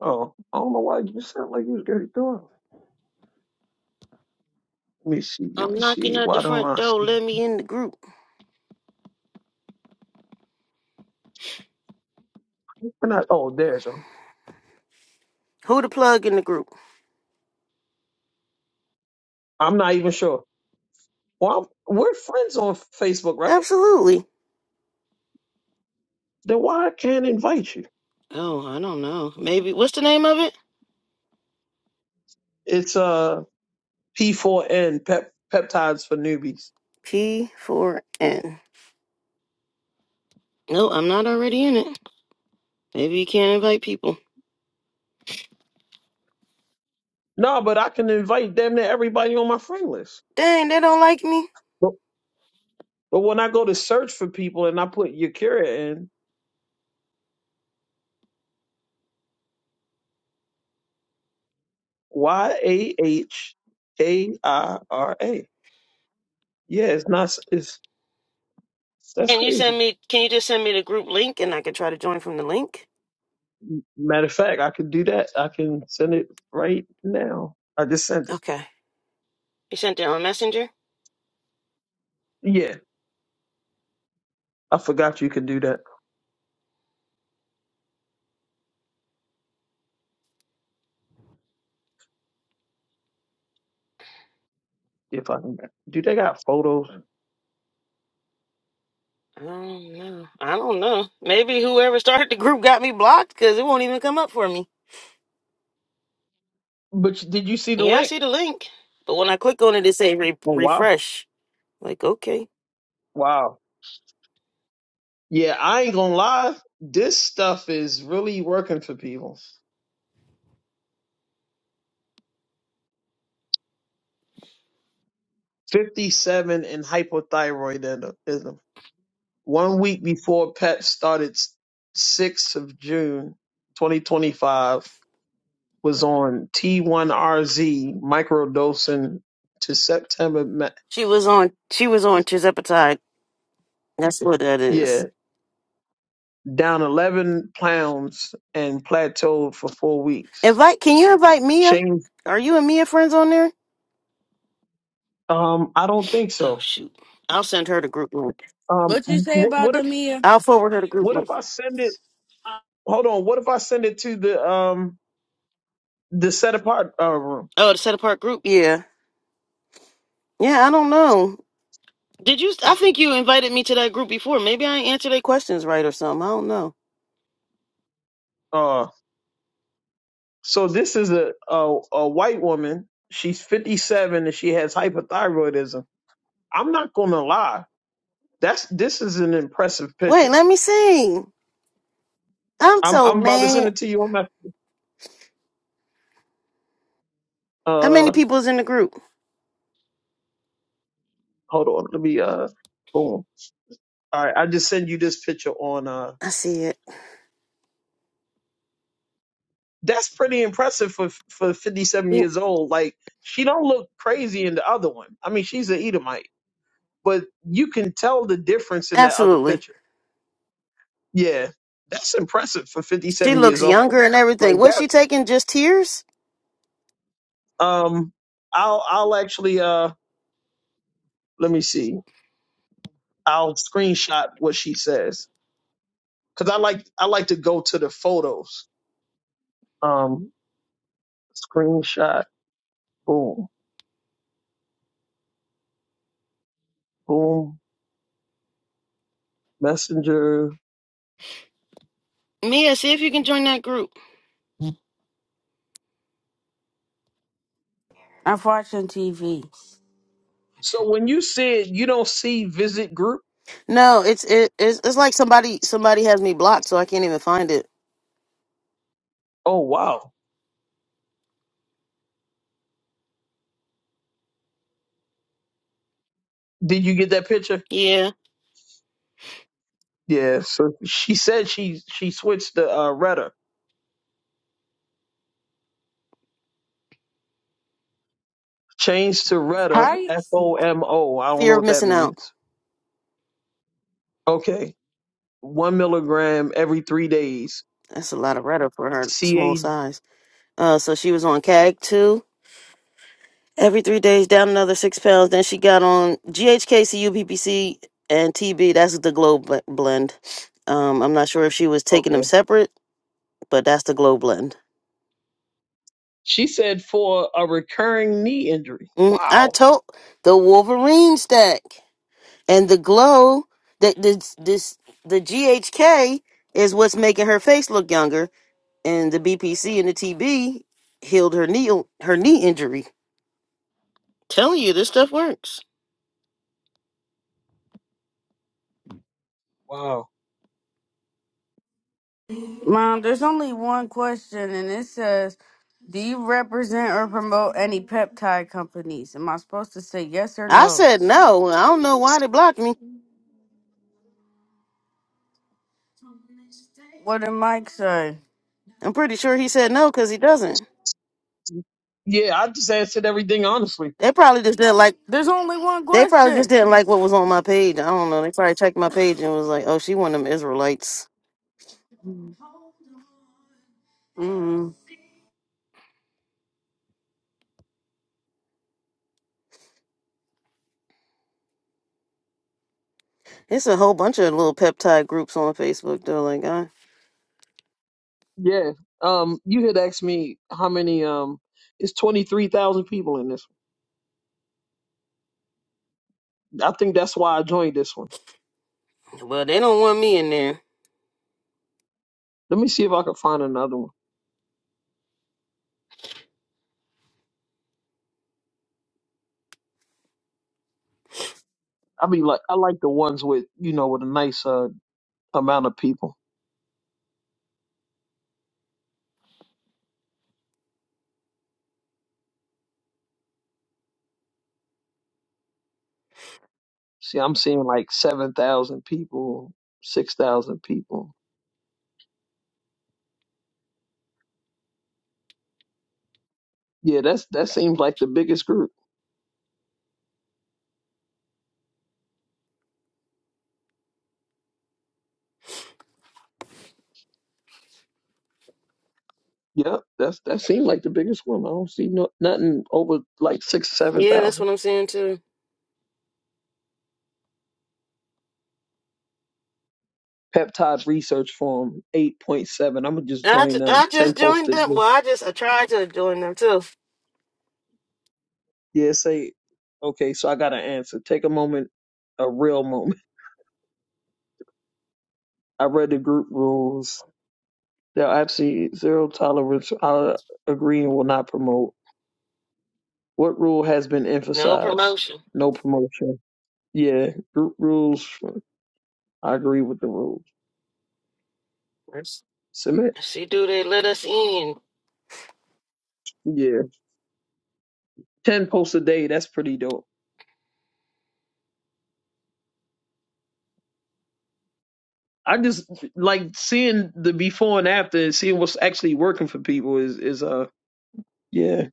Oh, I don't know why you sound like you was great throw up. Let me see, let
I'm
me
knocking
see.
at the
Why don't
front
I
door.
see?
Let me in the group.
We're not, oh, there's him.
Who to plug in the group?
I'm not even sure. Well, I'm, we're friends on Facebook, right?
Absolutely.
Then why I can't invite you?
Oh, I don't know. Maybe what's the name of it?
It's uh P4N pep, peptides for newbies.
P4N. No, I'm not already in it. Maybe you can't invite people.
No, but I can invite damn near everybody on my friend list.
Dang, they don't like me.
But, but when I go to search for people and I put Yakira in Y A H A I R A, yeah, it's not. It's that's
Can you send
crazy.
me? Can you just send me the group link and I can try to join from the link?
Matter of fact, I could do that. I can send it right now. I just sent it.
Okay. You sent it on Messenger.
Yeah, I forgot you could do that. If I can, do they got photos?
I don't know. I don't know. Maybe whoever started the group got me blocked because it won't even come up for me.
But you- did you see the
Yeah, I
link?
see the link, but when I click on it, it say re-
Oh wow,
refresh. Like, okay,
wow. Yeah, I ain't gonna lie. This stuff is really working for people. 57 in hypothyroidism. One week before PEP started, 6th of June, 2025, was on T1RZ microdosing to September. ma-
she was on. She was on Chizepatide. That's what that is.
Yeah, down 11 pounds and plateaued for four weeks.
Invite. Can you invite Mia?
Change?
Are you and Mia friends on there?
Um, I don't think
Oh
so.
shoot! I'll send her the group link.
Um,
What you say
wh-
about
what
the
if
Mia?
I'll forward her the group
what if
link.
I send it? hold on. What if I send it to the um the set apart uh, room?
Oh, the set apart group. Yeah. Yeah. I don't know. Did you? I think you invited me to that group before. Maybe I ain't answered their questions right or something. I don't know.
Uh, so this is a, a a white woman. She's 57 and she has hypothyroidism. I'm not gonna lie. That's this is an impressive
Wait,
picture.
let me see. I'm
I'm
so
I'm about to send
mad.
it to you. on my
How many
uh
people is in the group?
hold on. Let me uh boom. All right, I just send you this picture on uh.
I see it.
That's pretty impressive for for 57 years old. Like she don't look crazy in the other one. I mean, she's an Edomite. but you can tell the difference in that other
Absolutely.
picture. Yeah, that's impressive for
She
57
looks
years old. [laughs]
younger and everything.
Like
What's she
that.
taking? Just tears?
Um, I'll I'll actually uh let me see. I'll screenshot what she says because I like I like to go to the photos. Um, screenshot. Boom, boom. Messenger.
Mia, see if you can join that group.
I'm watching TV.
So when you said you don't see visit group,
No, it's it, it's it's like somebody somebody has me blocked, so I can't even find it.
oh wow, did you get that picture?
Yeah.
Yeah. So she said she she switched the uh, rhetoric. Change to Retta,
How?
F O M O. I don't know
Fear of
what that
missing out.
means. Okay. One milligram every three days.
That's a lot of rhetoric for her
C
small
A.
size. Uh, so she was on CAG too. every three days, down another six pounds. Then she got on GHKCU, PPC, and TB. That's the Globe bl- blend. Um, I'm not sure if she was taking them
Okay.
separate but that's the glow blend.
She said for a recurring knee injury.
Mm, I
Wow.
told the Wolverine stack and the glow that this this the GHK is what's making her face look younger, and the BPC and the TB healed her knee her knee injury. Telling you this stuff works.
Wow.
Mom, there's only one question, and it says, "Do you represent or promote any peptide companies?" Am I supposed to say yes or
I
no?
said no. I don't know why they blocked me.
What did Mike say?
I'm pretty sure he said no because he doesn't.
Yeah, I just answered everything honestly.
They probably just didn't like.
There's only one
They probably just
question.
didn't like what was on my page. I don't know. They probably checked my page and was like, "Oh, she one of them Israelites."
Mm,
It's a whole bunch of little peptide groups on Facebook though. Like, I,
Yeah. Um, you had asked me how many. Um, it's twenty three thousand people in this. one. I think that's why I joined this one.
well, they don't want me in there.
Let me see if I can find another one. I mean, like I like the ones with you know with a nice uh amount of people. See, I'm seeing like seven thousand people, six thousand people. Yeah, that's that seems like the biggest group. Yep, that's that seems like the biggest one. I don't see no, nothing over like six, seven
Yeah, that's
thousand.
what I'm saying too.
Peptide Research Forum, eight point seven. I'm gonna just
I,
join
ju-
them.
I
Ten
just joined
posted.
them. Well, I just I tried to join them too.
Yeah, say okay. So I got an answer. Take a moment, a real moment. [laughs] I read the group rules. There are absolutely zero tolerance. I agree and will not promote. What rule has been
No
emphasized?
promotion.
No promotion. Yeah, group rules. I agree with the rules.
That's-
Submit.
See, do they let us in?
Yeah, ten posts a day. That's pretty dope. I just like seeing the before and after, and seeing what's actually working for people. Is is uh yeah.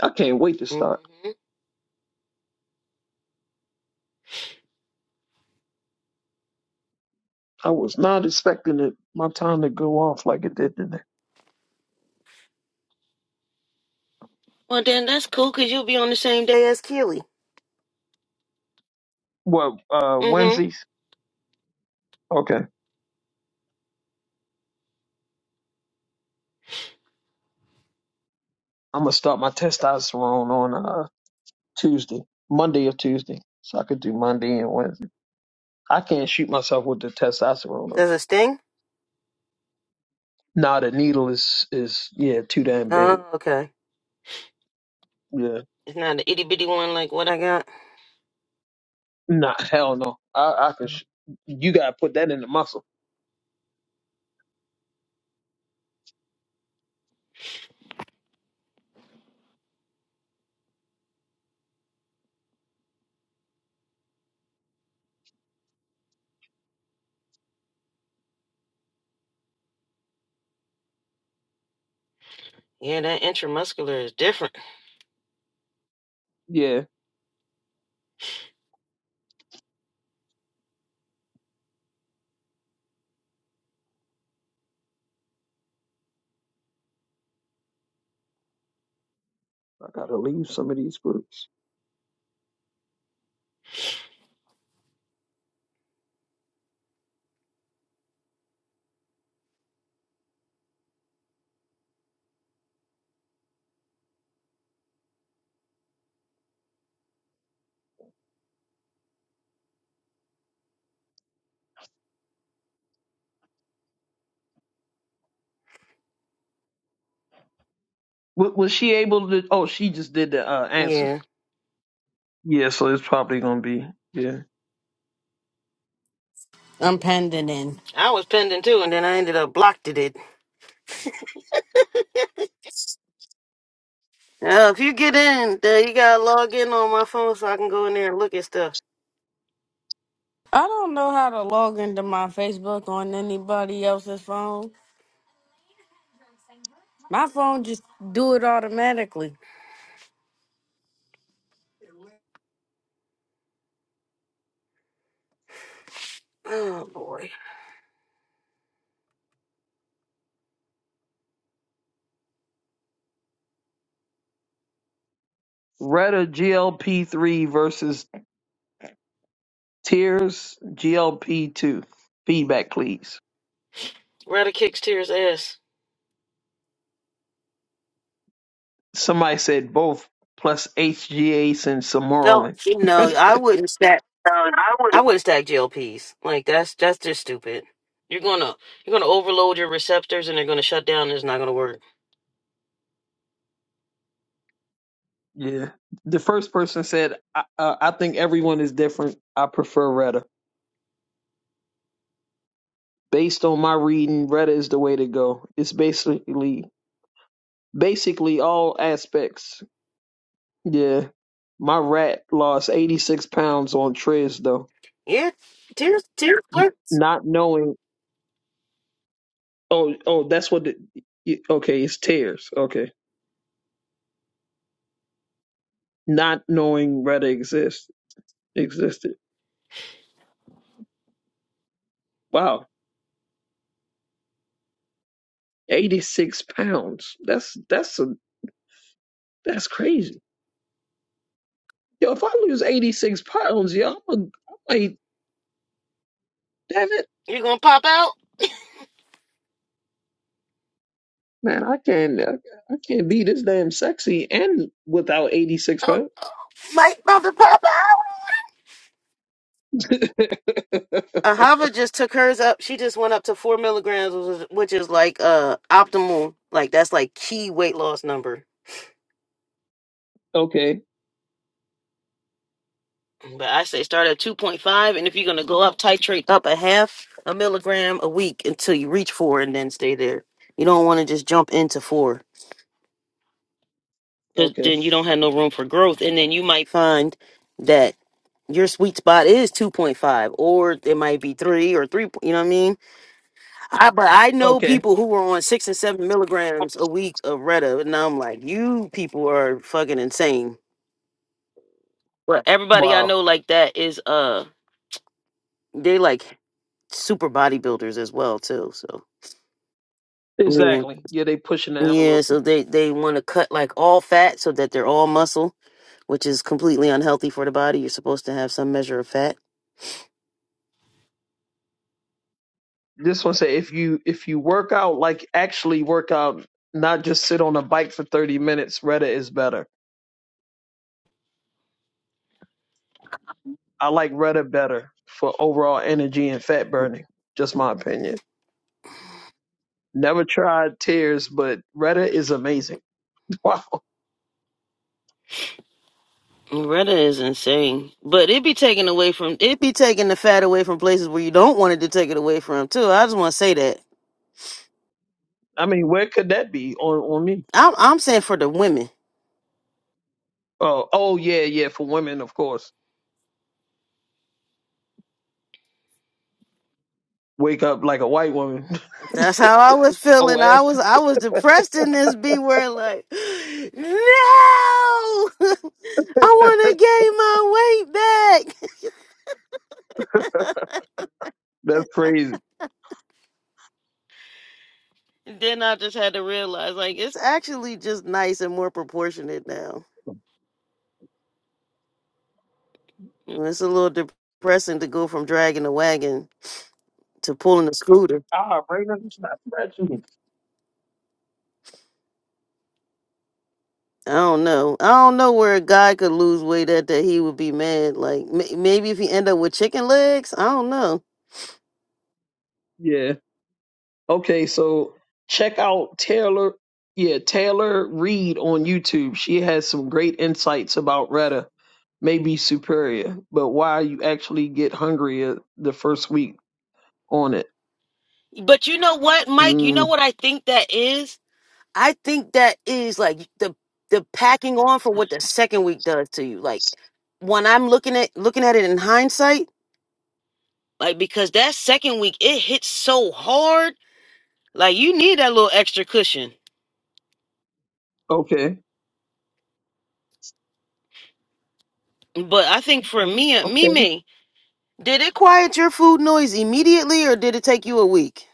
I can't wait to start.
hmm
I was not expecting it, my time to go off like it did today.
Well, then that's cool because you'll be on the same day as Keely.
What uh
Mm-hmm.
Wednesdays? Okay, I'm gonna start my testosterone on uh Tuesday, Monday or Tuesday, so I could do Monday and Wednesday. I can't shoot myself with the testosterone. though.
There's a sting.
Nah, the needle is is yeah too damn big.
Oh, okay.
Yeah,
It's not an itty bitty one like what I got.
nah, hell no. I I can. Sh- you gotta put that in the muscle.
Yeah, that intramuscular is different.
Yeah, I gotta leave some of these groups. W- was she able to? Oh, she just did the uh, answers.
Yeah,
Yeah, so it's probably gonna be yeah.
I'm pending in.
I was pending too, and then I ended up blocked it. Uh, if you get in, uh, you gotta log in on my phone so I can go in there and look at stuff.
I don't know how to log into my Facebook on anybody else's phone. My phone just do it automatically.
Oh boy,
Retta GLP three versus Tears GLP two. Feedback, please.
Ryder kicks Tira's ass.
Somebody said both plus HGH and
Don't
Samoralin.
you know? I wouldn't stack.
[laughs]
I wouldn't stack GLPs. Like that's that's just stupid. You're gonna you're gonna overload your receptors and they're gonna shut down. and It's not gonna work.
Yeah. The first person said, I, uh, I think everyone is different. I prefer Retta. Based on my reading, Retta is the way to go. It's basically basically all aspects. Yeah. My rat lost 86 pounds on Triz, though.
Yeah, Tira's Tira's clerk.
Not knowing. Oh, oh, that's what. The, y- okay, it's tears. Okay. Not knowing Retta exists existed. Wow. 86 pounds. That's that's a that's crazy. Yo, if I lose 86 pounds, yo, I'm, a, I'm like, damn it,
You're gonna pop out.
man, I can't, I, I can't be this damn sexy and without 86
Oh,
pounds.
Mike about to pop out.
[laughs]
Ahava just took hers up. She just went up to four milligrams, which is which is like uh optimal, like that's like key weight loss number.
okay,
But I say start at two point five, and if you're gonna go up, titrate up a half a milligram a week until you reach four, and then stay there. You don't want to just jump into four, because
okay,
then you don't have no room for growth, and then you might find that your sweet spot is two point five, or it might be three or three. You know what I mean? I but I know
okay.
people who were on six and seven milligrams a week of Retta, and I'm like, you people are fucking insane. But everybody I
Wow.
know like that is uh, they like super bodybuilders as well too. So yeah,
Exactly. Yeah, they pushing the
yeah.
envelope.
So they they want to cut like all fat so that they're all muscle, which is completely unhealthy for the body. You're supposed to have some measure of fat.
This one say if you if you work out like actually work out, not just sit on a bike for 30 minutes, Reddit is better. I like Reddit better for overall energy and fat burning. Just my opinion. Never tried tears, but Reddit is amazing. [laughs] Wow.
Retta is insane, but it be taken away from it be taking the fat away from places where you don't want it to take it away from too. I just want to say that.
I mean, where could that be on on me?
I'm I'm saying for the women.
Oh, oh yeah, yeah. For women, of course. Wake up like a white woman.
That's how I was
[laughs] oh,
feeling.
that-
I was I was depressed in this B word like [gasps] no [laughs] I wanna gain my weight back. [laughs]
that's crazy.
And then I just had to realize like it's actually just nice and more proportionate now. You know, It's a little depressing to go from dragging a wagon to pulling a scooter.
Ah, Raina, stop scratching. me.
I don't know. I don't know where a guy could lose weight at that he would be mad. Like m- maybe if he end up with chicken legs, I don't know.
Yeah. Okay. So check out Taylor. Yeah, Taylor Reed on YouTube. She has some great insights about Retta. Maybe superior, but why you actually get hungrier the first week on it?
But you know what, Mike? You know
Mm,
what I think that is? I think that is like the the packing on for what the second week does to you. Like when I'm looking at looking at it in hindsight, like because that second week it hits so hard, like you need that little extra cushion.
okay.
But I think for me, uh, me,
Okay.
me, did it quiet your food noise immediately, or did it take you a week?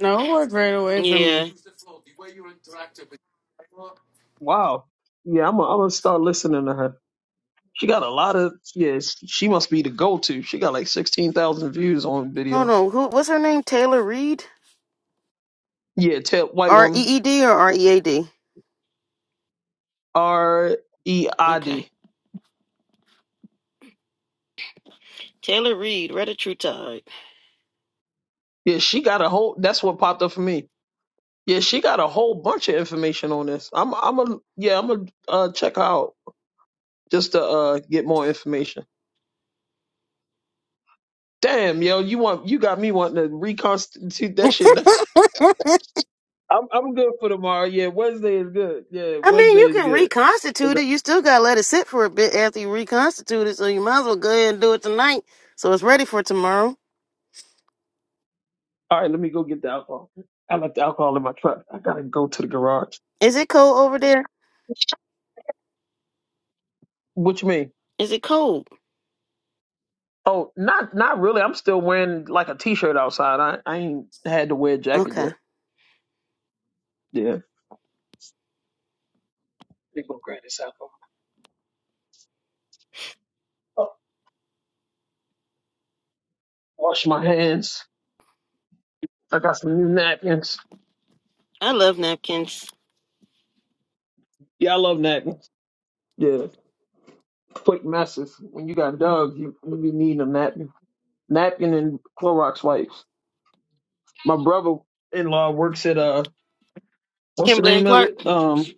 No, it worked right away for me.
Yeah.
Wow. Yeah, I'm gonna I'm gonna start listening to her. She got a lot of yeah. sh- She must be the go to. She got like sixteen thousand views on
Hold
video.
on. Who? What's her name? Taylor Reed.
Yeah, tell white
R
woman
E E D or R E A D.
R E I
Okay.
D.
Taylor Reed. Read a true tide.
Yeah, she got a whole. That's what popped up for me. Yeah, she got a whole bunch of information on this. I'm I'm a yeah. I'm going uh, check her out just to uh get more information. Damn, yo, you want you got me wanting to reconstitute that shit. [laughs] I'm I'm good for tomorrow. Yeah, Wednesday is good. Yeah,
I mean, you
Wednesday is
can
good.
reconstitute it. You still gotta let it sit for a bit after you reconstitute it. So you might as well go ahead and do it tonight, so it's ready for tomorrow.
All right, let me go get the alcohol. I left the alcohol in my truck. I gotta go to the garage.
Is it cold over there?
What you mean?
Is it cold?
Oh, not not really. I'm still wearing like a t-shirt outside. I, I ain't had to wear a jacket yet.
Okay.
Yeah. They go grab this alcohol. Oh, wash my hands. I got some new napkins.
I love napkins.
Yeah, I love napkins. Yeah, quick massive. When you got dogs, you you need a napkin, napkin and Clorox wipes. My brother-in-law works at uh, what's the
Kimberly and
name of
Clark.
it? Um,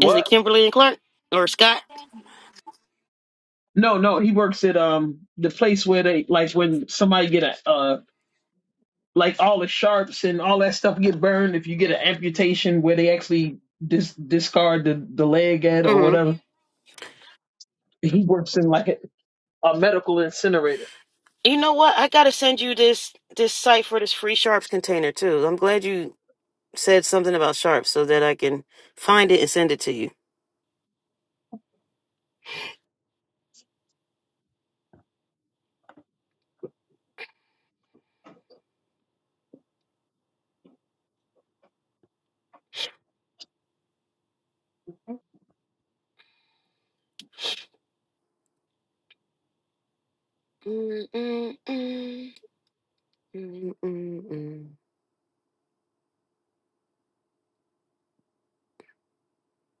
Is it Kimberly and Clark or Scott?
No, no, he works at um the place where they like when somebody get a uh like all the sharps and all that stuff get burned if you get an amputation where they actually dis- discard the the leg at or
hmm
whatever. He works in like a, a medical incinerator.
You know what? I gotta send you this this site for this free sharps container too. I'm glad you said something about sharps so that I can find it and send it to you.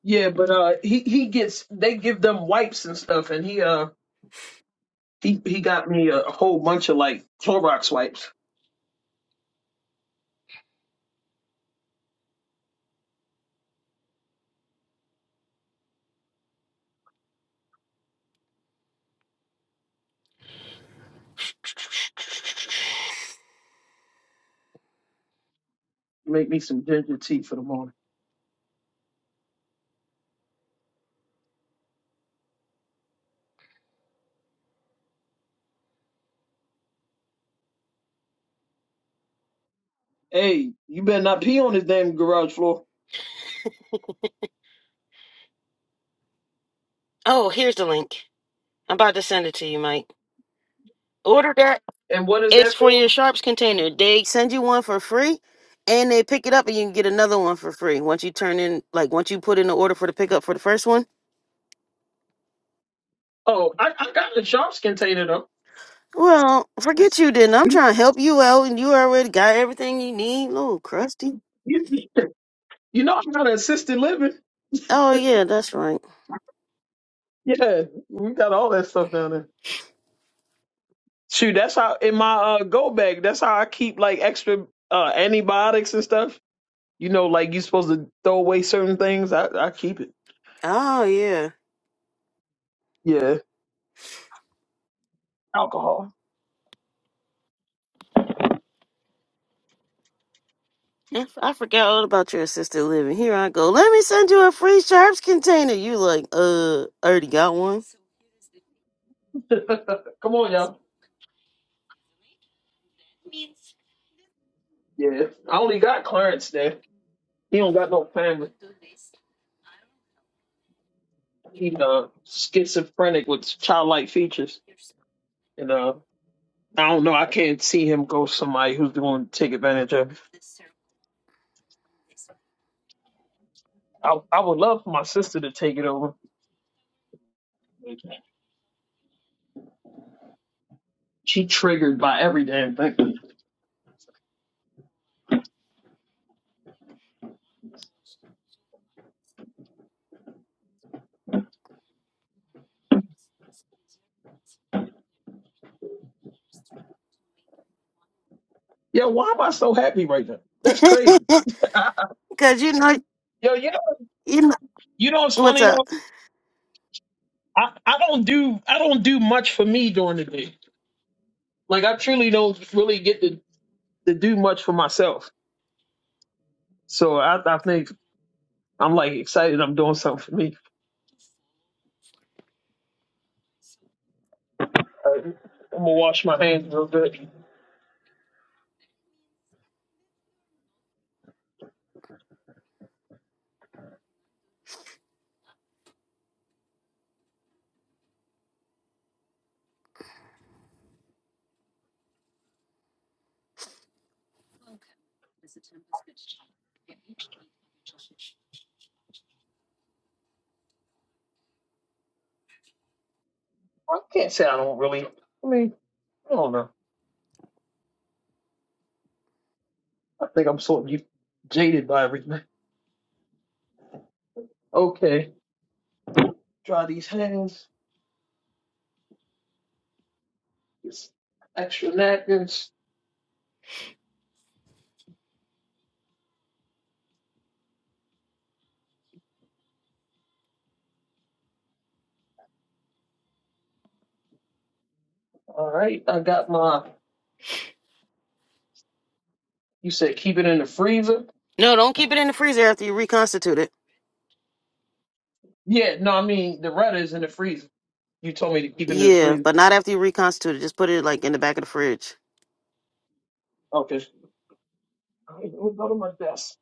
Yeah, but uh he he gets they give them wipes and stuff and he uh he he got me a, a whole bunch of like Clorox wipes. Make me some ginger tea for the morning. Hey, you better not pee on this damn garage floor.
Oh, here's the link. I'm about to send it to you, Mike. Order that
And what is that
It's for
for?
your sharps container. They send you one for free and they pick it up and you can get another one for free. Once you turn in like once you put in the order for the pickup for the first one.
Oh, I, I got a Sharps container though.
Well, forget you then. I'm
[laughs]
trying to help you out and you already got everything you need. Little crusty.
You, you, you know, I got an assisted living.
Oh yeah, that's right.
Yeah, we got all that stuff down there. Shoot, that's how in my uh, go bag. That's how I keep like extra uh, antibiotics and stuff. You know, like you're supposed to throw away certain things. I, I keep it.
Oh yeah.
Yeah, alcohol.
I f- I forgot all about your assisted living. Here I go. Let me send you a free sharps container. You like, uh, I already got one.
[laughs] Come on, y'all. Yeah, I only got Clarence there. He don't got no family. He uh, schizophrenic with childlike features, and uh, I don't know. I can't see him go somebody who's going to take advantage of. I I would love for my sister to take it over. She triggered by every damn thing. Yo, why am I so happy right now? That's crazy.
[laughs]
I,
Cause you know
yo, you know,
you know
you know what's
what's
funny
up.
though? I, I don't do I don't do much for me during the day. Like I truly don't really get to, to do much for myself. So I I think I'm like excited. I'm doing something for me. Uh, I'm gonna wash my hands real good. I can't say I don't really. I mean, I don't know. I think I'm sort of jaded by everything. [laughs] Okay, dry these hands. It's extra napkins. All right, I got my. You said keep it in the freezer.
No, don't keep it in the freezer after you reconstitute it.
Yeah, no, I mean the Retta is in the freezer. You told me to keep it in the
Yeah,
freezer.
but not after you reconstitute it. Just put it like in the back of the fridge.
Okay. All right, let me go to my desk.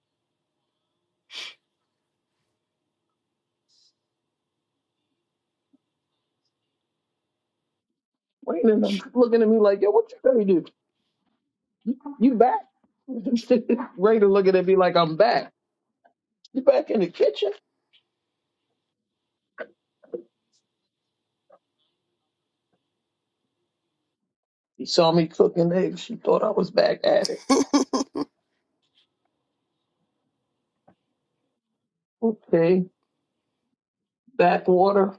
Wait a minute, I'm looking at me like, yo, what you gonna do? You back? [laughs] Raider looking at me like I'm back. You back in the kitchen? He saw me cooking eggs. She thought I was back at it. Okay, back water,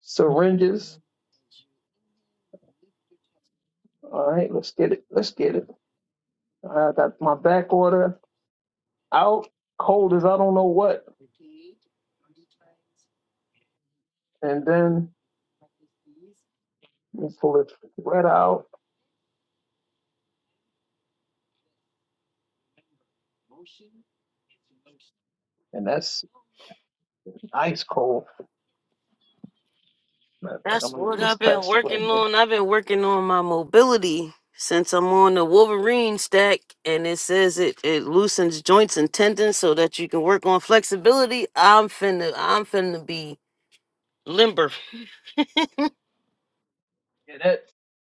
syringes All right, let's get it. Let's get it. I got my back order out, cold as I don't know what, and then we pull it right out, and that's ice cold. Matter of fact,
That's
I'm gonna
what I've
just
been
pass it
working
right now.
on. I've been working on my mobility since I'm on the Wolverine stack, and it says it it loosens joints and tendons so that you can work on flexibility. I'm finna I'm finna be limber.
Yeah, that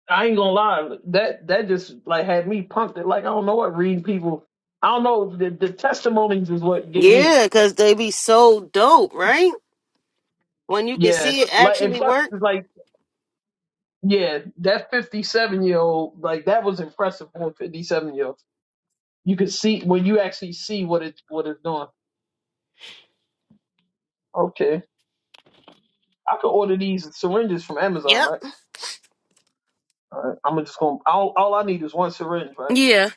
I ain't gonna lie, that that just like had me pumped. It like I don't know what reading people. I don't know the the testimonies is what get me.
Yeah, cause they be so dope, right? When you can
Yeah,
see it
like and
actually
plus
work.
it's like yeah, that 57 year old like that was impressive for a 57 year old. You could see when you actually see what it what it's doing. Okay, I could order these syringes from Amazon,
Yep.
right? All right. I'm just gonna all, all I need is one syringe, right?
Yeah.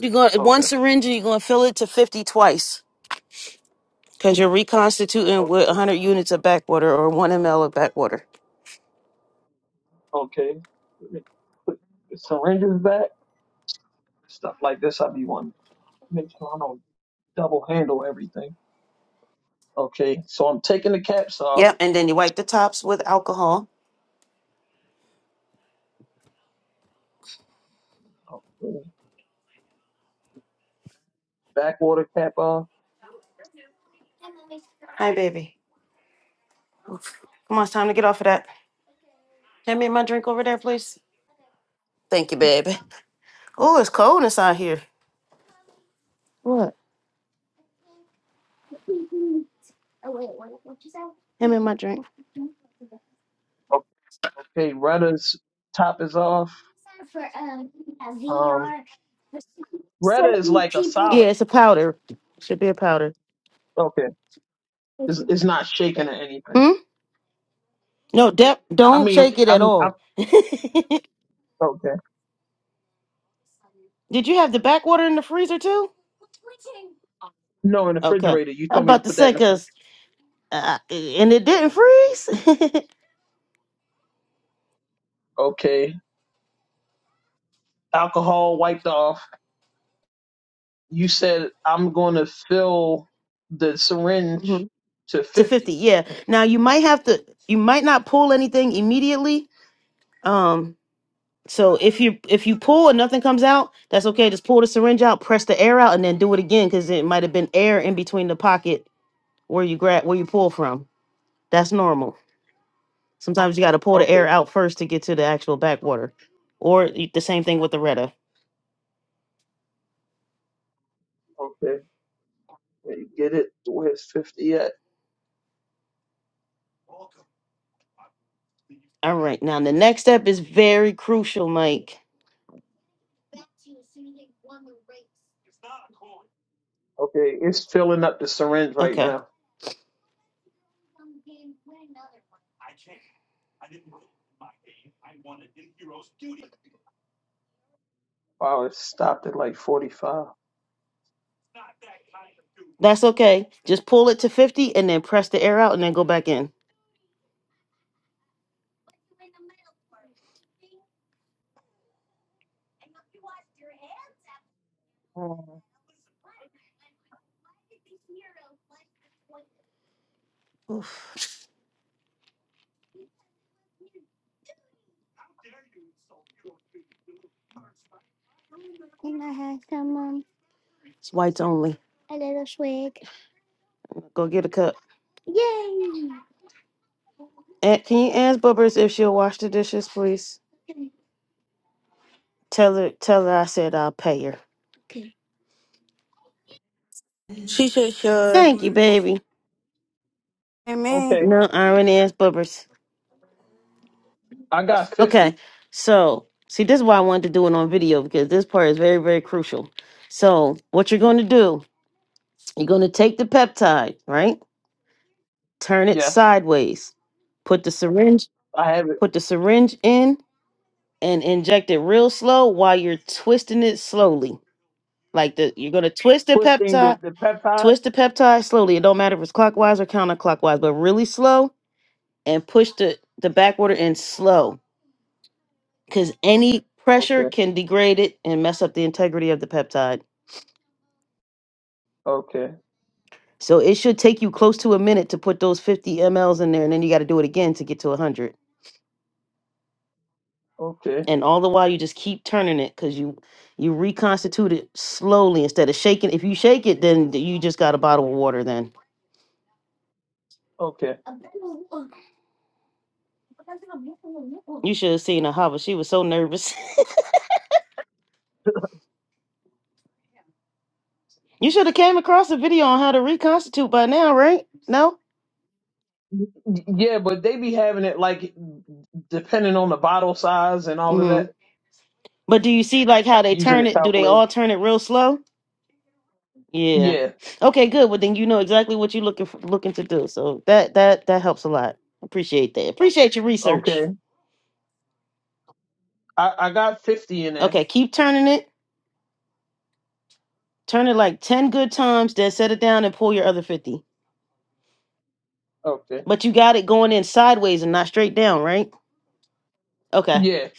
You go one
Okay,
syringe, and you're gonna fill it to fifty twice. Because you're reconstituting with
okay,
100 units of backwater or 1 ml of backwater.
okay. Let me Put the syringes back, stuff like this. I be wanting make sure I don't double handle everything. Okay, so I'm taking the caps off.
Yep, and then you wipe the tops with alcohol.
Okay, backwater cap off.
Hey, miss. Thank you, baby. Oh, it's cold inside here. What? Him and my drink.
Okay, rudder's top is off. Um, rudder is
Certain
like a
people. Yeah,
solid.
it's a powder. Should be a powder.
Okay, it's, it's not shaking or anything.
Hmm? No, Dep,
I
don't
mean,
shake it at
I'm, I'm
all. Did
okay.
you have the backwater in the freezer too?
No, in the
Okay.
refrigerator. You
I'm
told me to
about to
put that
say,
in the fridge.
because, uh, and it didn't freeze?
Okay. Alcohol wiped off. You said I'm going to fill the
[laughs] hmm
syringe to
To 50,
50.
yeah. Now, you might have to, you might not pull anything immediately. Um, So if you if you pull and nothing comes out, that's okay. Just pull the syringe out, press the air out, and then do it again because it might have been air in between the pocket where you grab where you pull from. That's normal. Sometimes you got to pull the
Okay.
air out first to get to the actual backwater, or you- the same thing with the Retta.
Okay. Wait, Get it? Where's 50 at?
All right, now the next step is very crucial, Mike.
Okay. It's filling up the syringe right
Okay,
now. Wow, it stopped at like 45.
that's okay. Just pull it to fifty and then press the air out and then go back in.
Mm,
Oof, it's whites only. Go get a cup. Aunt, can you ask Bubbers if she'll wash the dishes, please? Tell her, tell her I said I'll pay her.
She said, "Sure."
Thank you, baby.
Hey, me.
Okay.
No iron ass bubbers.
I got
Okay,
50.
so see, this is why I wanted to do it on video because this part is very, very crucial. So, what you're going to do, you're going to take the peptide, right? Turn it
Yes.
sideways. Put the syringe,
I have it.
put the syringe in, and inject it real slow while you're twisting it slowly. Like the, you're going to twist the
Twisting the,
peptide,
the peptide.
twist the peptide slowly. It don't matter if it's clockwise or counterclockwise, but really slow and push the, the backwater water in slow because any pressure
Okay.
can degrade it and mess up the integrity of the peptide.
Okay.
So it should take you close to a minute to put those 50 mLs in there and then you got to do it again to get to 100.
Okay.
And all the while you just keep turning it cuz you you reconstitute it slowly instead of shaking. If you shake it then you just got a bottle of water then.
Okay.
You should have seen Ahava. She was so nervous. [laughs] you should have came across a video on how to reconstitute by now, right? No?
Y- Yeah, but they be having it like depending on the bottle size and all of
Mhm.
that
But do you see like how they
using
turn
the
it? Do they
calculator.
all turn it real slow? Yeah.
Yeah.
Okay, good. Well, then you know exactly what you're looking for, looking to do. So that that that helps a lot. Appreciate that. Appreciate your
Okay.
research.
I, I got 50 in there.
Okay, keep turning it. Turn it like 10 good times, then set it down and pull your other 50.
Okay.
But you got it going in sideways and not straight down, right? Okay.
Yeah.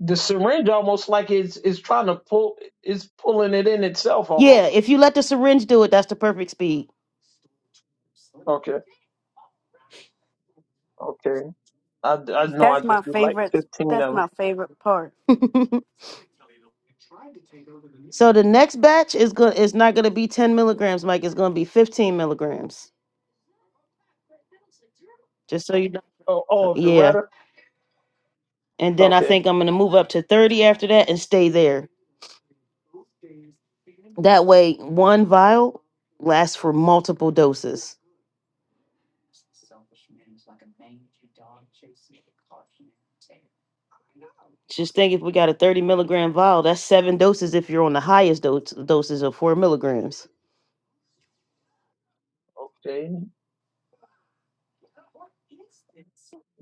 The syringe almost like it's it's trying to pull it's pulling it in itself
Yeah,
almost.
if you let the syringe do it, that's the perfect speed.
Okay. Okay. I, I know I
That's my
just did like
favorite.
15
That's
of them.
my favorite part.
[laughs] so the next batch is good. It's not going to be 10 milligrams, Mike. It's going to be 15 milligrams. Just so you know.
Oh, oh of the
Yeah.
rudder.
and then I
Okay.
think I'm gonna move up to 30 after that and stay there. That way, one vial lasts for multiple doses. Just think if we got a 30 milligram vial, that's seven doses if you're on the highest dose doses of four milligrams.
Okay.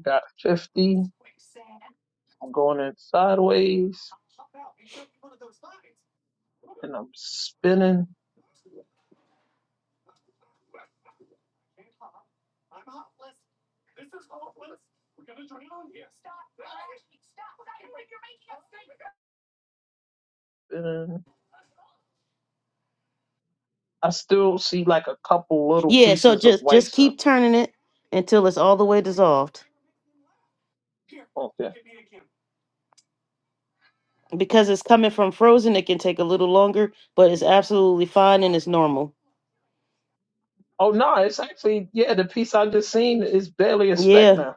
Got 50. I'm going in sideways and I'm spinning, spinning. I still see like a couple little
Yeah, so
pieces of
just
white
just
stuff.
keep turning it until it's all the way dissolved.
Okay.
Because it's coming from frozen, it can take a little longer, but it's absolutely fine and it's normal.
Oh no, it's actually yeah, the piece I just seen is barely a speck
Yeah.
now.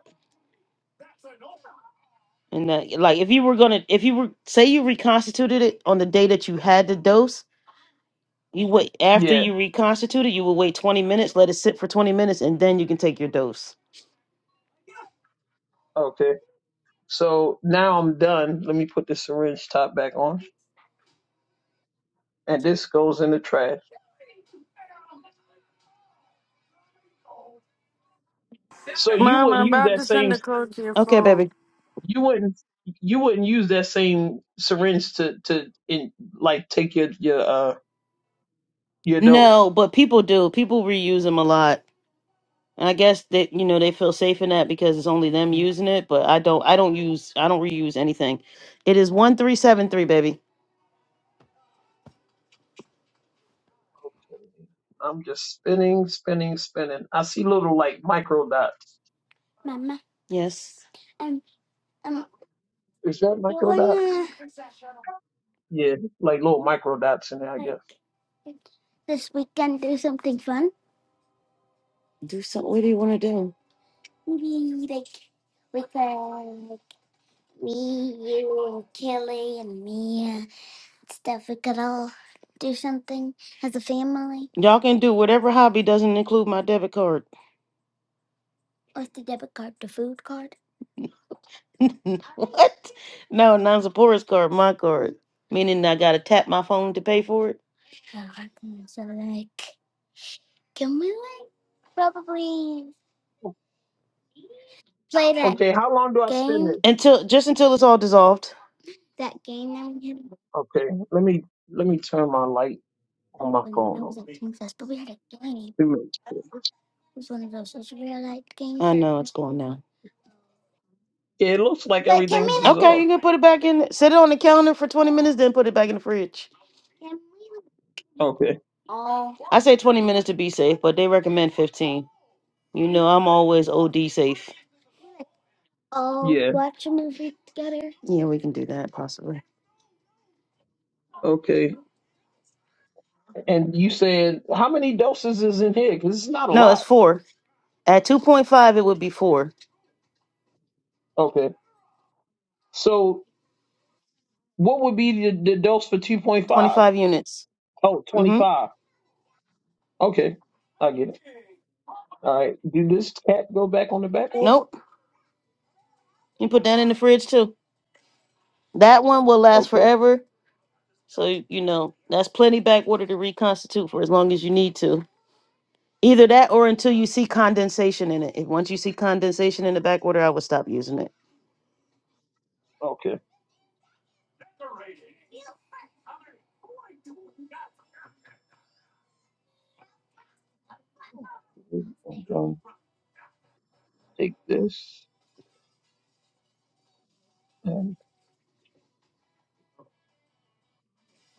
And that, like if you were gonna if you were say you reconstituted it on the day that you had the dose, You wait after
Yeah.
you reconstitute it. You will wait twenty minutes, let it sit for twenty minutes, and then you can take your dose.
Okay So now I'm done. Let me put the syringe top back on, and this goes in the trash. So you
Mom,
wouldn't
I'm
use
about
that
to send
same
a code to your
Okay,
phone.
baby.
you wouldn't you wouldn't use that same syringe to to in, like take your your uh your dose.
No, but people do. People reuse them a lot, and I guess that you know they feel safe in that because it's only them using it. But I don't. I don't use. I don't reuse anything. It is one three seven three, baby.
I'm just spinning, spinning, spinning. I see little like micro dots.
Yes.
Is that micro dots? Yeah, like little micro dots in there, I guess.
Do something. What do you want to do? Y'all can do whatever hobby doesn't include my debit card. [laughs] no, not Zipporah's card. My card. Meaning I gotta tap my phone to pay for it
Okay, how long do I spin this?
until just until it's all dissolved.
Okay, let me let me turn my light on my phone on. Two minutes.
I know it's going now.
Yeah, it looks like everything's
Okay, you
dissolved.
can put it back in. Set it on the counter for 20 minutes, then put it back in the fridge.
Okay.
I say 20 minutes to be safe, but they recommend 15. You know, I'm always OD safe.
Yeah.
Yeah, we can do that possibly.
Okay. And you said how many doses is in here? Because it's not a
No, it's
lot.
four. At 2.5, it would be four.
Okay. So what would be the, the dose for 2.5?
25 units.
Oh,
Mm
twenty
hmm.
five. Oh, twenty-five. Okay. I get it. All right. Do this cat go back on the back order?
Nope. You put that in the fridge too. That one will last
Okay.
forever. So, you know, that's plenty back order to reconstitute for as long as you need to. Either that or until you see condensation in it. If once you see condensation in the backwater, I would stop using it.
Okay. I'm done. Take this and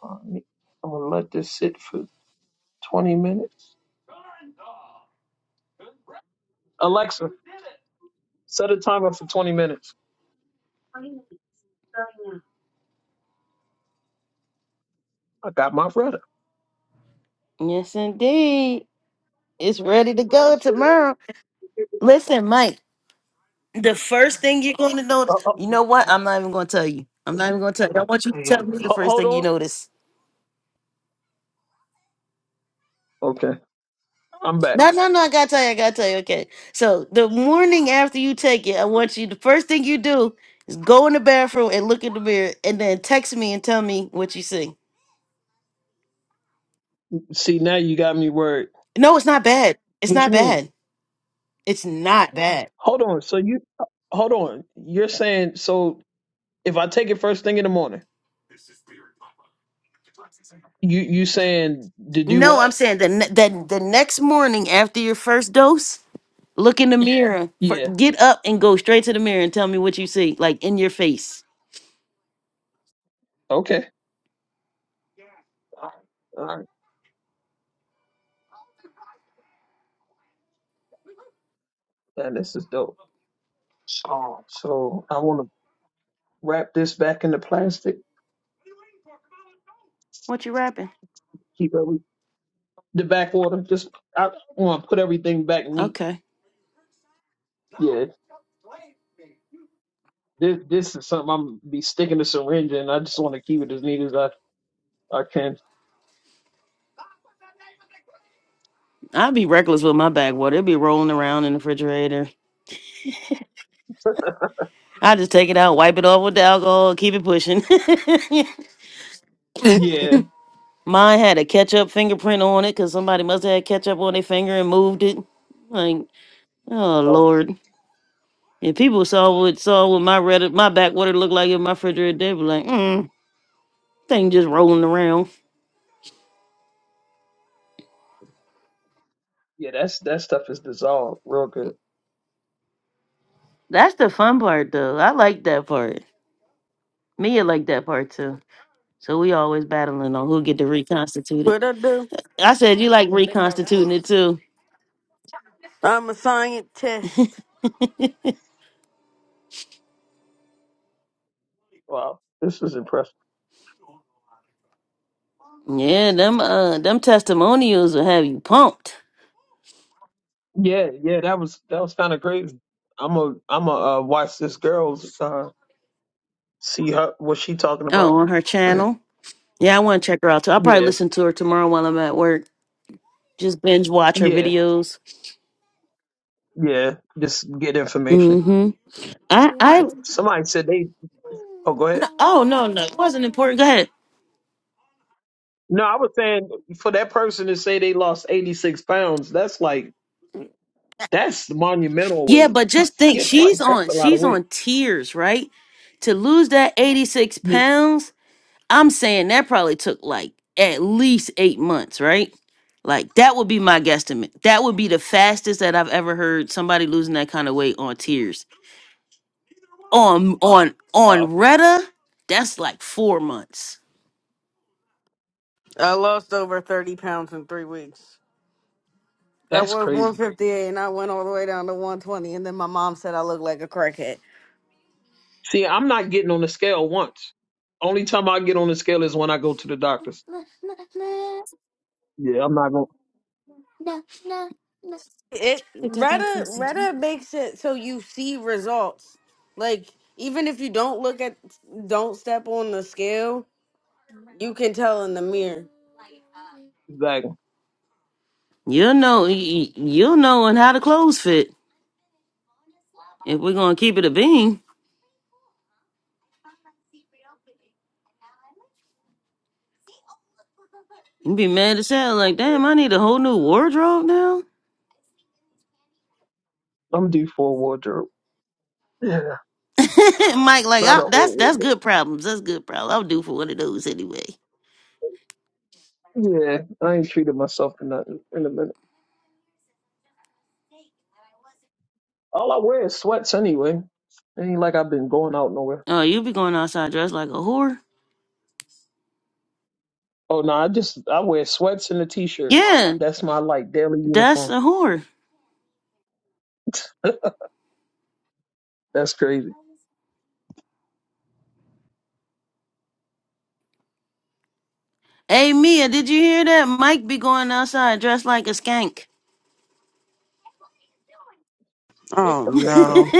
all right. I'm gonna let this sit for 20 minutes. Alexa, set a timer for 20 minutes. I got my brother.
Yes, indeed. It's ready to go tomorrow. Listen, Mike, the first thing you're going to
Uh,
notice,
uh,
you know what? I'm not even going to tell you. I'm not even going to tell you. I want you to tell me the
ho-
first
hold
thing you
on.
notice.
Okay, I'm back.
No, no, no. I got to tell you. I got to tell you. Okay. So the morning after you take it, I want you, the first thing you do is go in the bathroom and look in the mirror and then text me and tell me what you see.
See, now you got me worried.
No, it's not bad. It's
What you
not
mean?
bad. It's not bad.
Hold on. So you, hold on. You're saying so if I take it first thing in the morning, you you saying to do
No, I'm
what?
saying the ne- the the next morning after your first dose, look in the mirror. For,
Yeah.
get up and go straight to the mirror and tell me what you see, like in your face.
Okay. All right. Now this is dope. So I want to wrap this back into plastic.
What you rapping?
Keep every the back water. Just I want to put everything back neat.
Okay,
Yeah. This this is something I'm be sticking a syringe in. I just want to keep it as neat as I I can.
I'd be reckless with my bag water. It'd be rolling around in the refrigerator. I just take it out, wipe it off with the alcohol, keep it pushing.
Yeah.
[laughs] Mine had a ketchup fingerprint on it because somebody must have had ketchup on their finger and moved it. Like, oh
Oh,
Lord. If people saw what saw what my red my backwater looked like in my refrigerator, they'd be like, mm. Thing just rolling around.
yeah. That's that stuff is dissolved real good.
That's the fun part, though. I like that part. Mia like that part too. So we always battling on who get to reconstitute it.
What I do?
I said you like reconstituting it too.
I'm a scientist.
[laughs]
Wow, this is impressive.
Yeah, them uh them testimonials will have you pumped.
Yeah, yeah. That was that was kind of crazy. I'm a I'm a uh, watch this girl's uh, see her what she talking
Oh,
about.
on her channel. Yeah, I want to check her out too. I'll probably
Yeah,
listen to her tomorrow while I'm at work. Just binge watch her
yeah,
videos.
yeah. Just get information.
Mm-hmm. I I
Somebody said they. Oh, go ahead.
oh no no it wasn't important. Go ahead.
No, I was saying for that person to say they lost 86 pounds, that's like that's monumental
Yeah,
weight.
but just
[laughs]
think
Yeah, like
she's
that's
on
a lot of
she's
weight.
on tears, right? To lose that 86
Yeah.
pounds, I'm saying that probably took like at least eight months, right? Like that would be my guesstimate. That would be the fastest that I've ever heard somebody losing that kind of weight on tears. On on
Wow,
on Retta, that's like four months.
I lost over 30 pounds in three weeks. That
that's
was
crazy.
158, and I went all the way down to 120, and then my mom said I look like a crackhead.
See, I'm not getting on the scale once. Only time I get on the scale is when I go to the doctors. Yeah, I'm not going
It Retta Retta makes it so you see results. Like even if you don't look at, don't step on the scale, you can tell in the mirror.
to exactly.
You'll know y- y- you'll know and how the clothes fit. If we're gonna keep it a bean, you'd be mad as hell. Like,
Yeah.
damn, I need a whole new wardrobe now.
I'm due for a wardrobe. Yeah.
[laughs] Mike, like
Not
I,
an
that's
old
that's good problems. That's good problems. I'll do for one of those anyway.
wardrobe. Yeah. I ain't treated myself in nothing in a minute. All I wear is sweats anyway. ain't like I've been going out nowhere.
Oh, you be going outside dressed like a whore?
Oh no, I just I wear sweats and a t shirt.
Yeah,
That's my like daily
that's
uniform.
a whore.
[laughs] That's crazy.
Hey Mia, did you hear that? Mike be going outside dressed like a skank.
Oh no!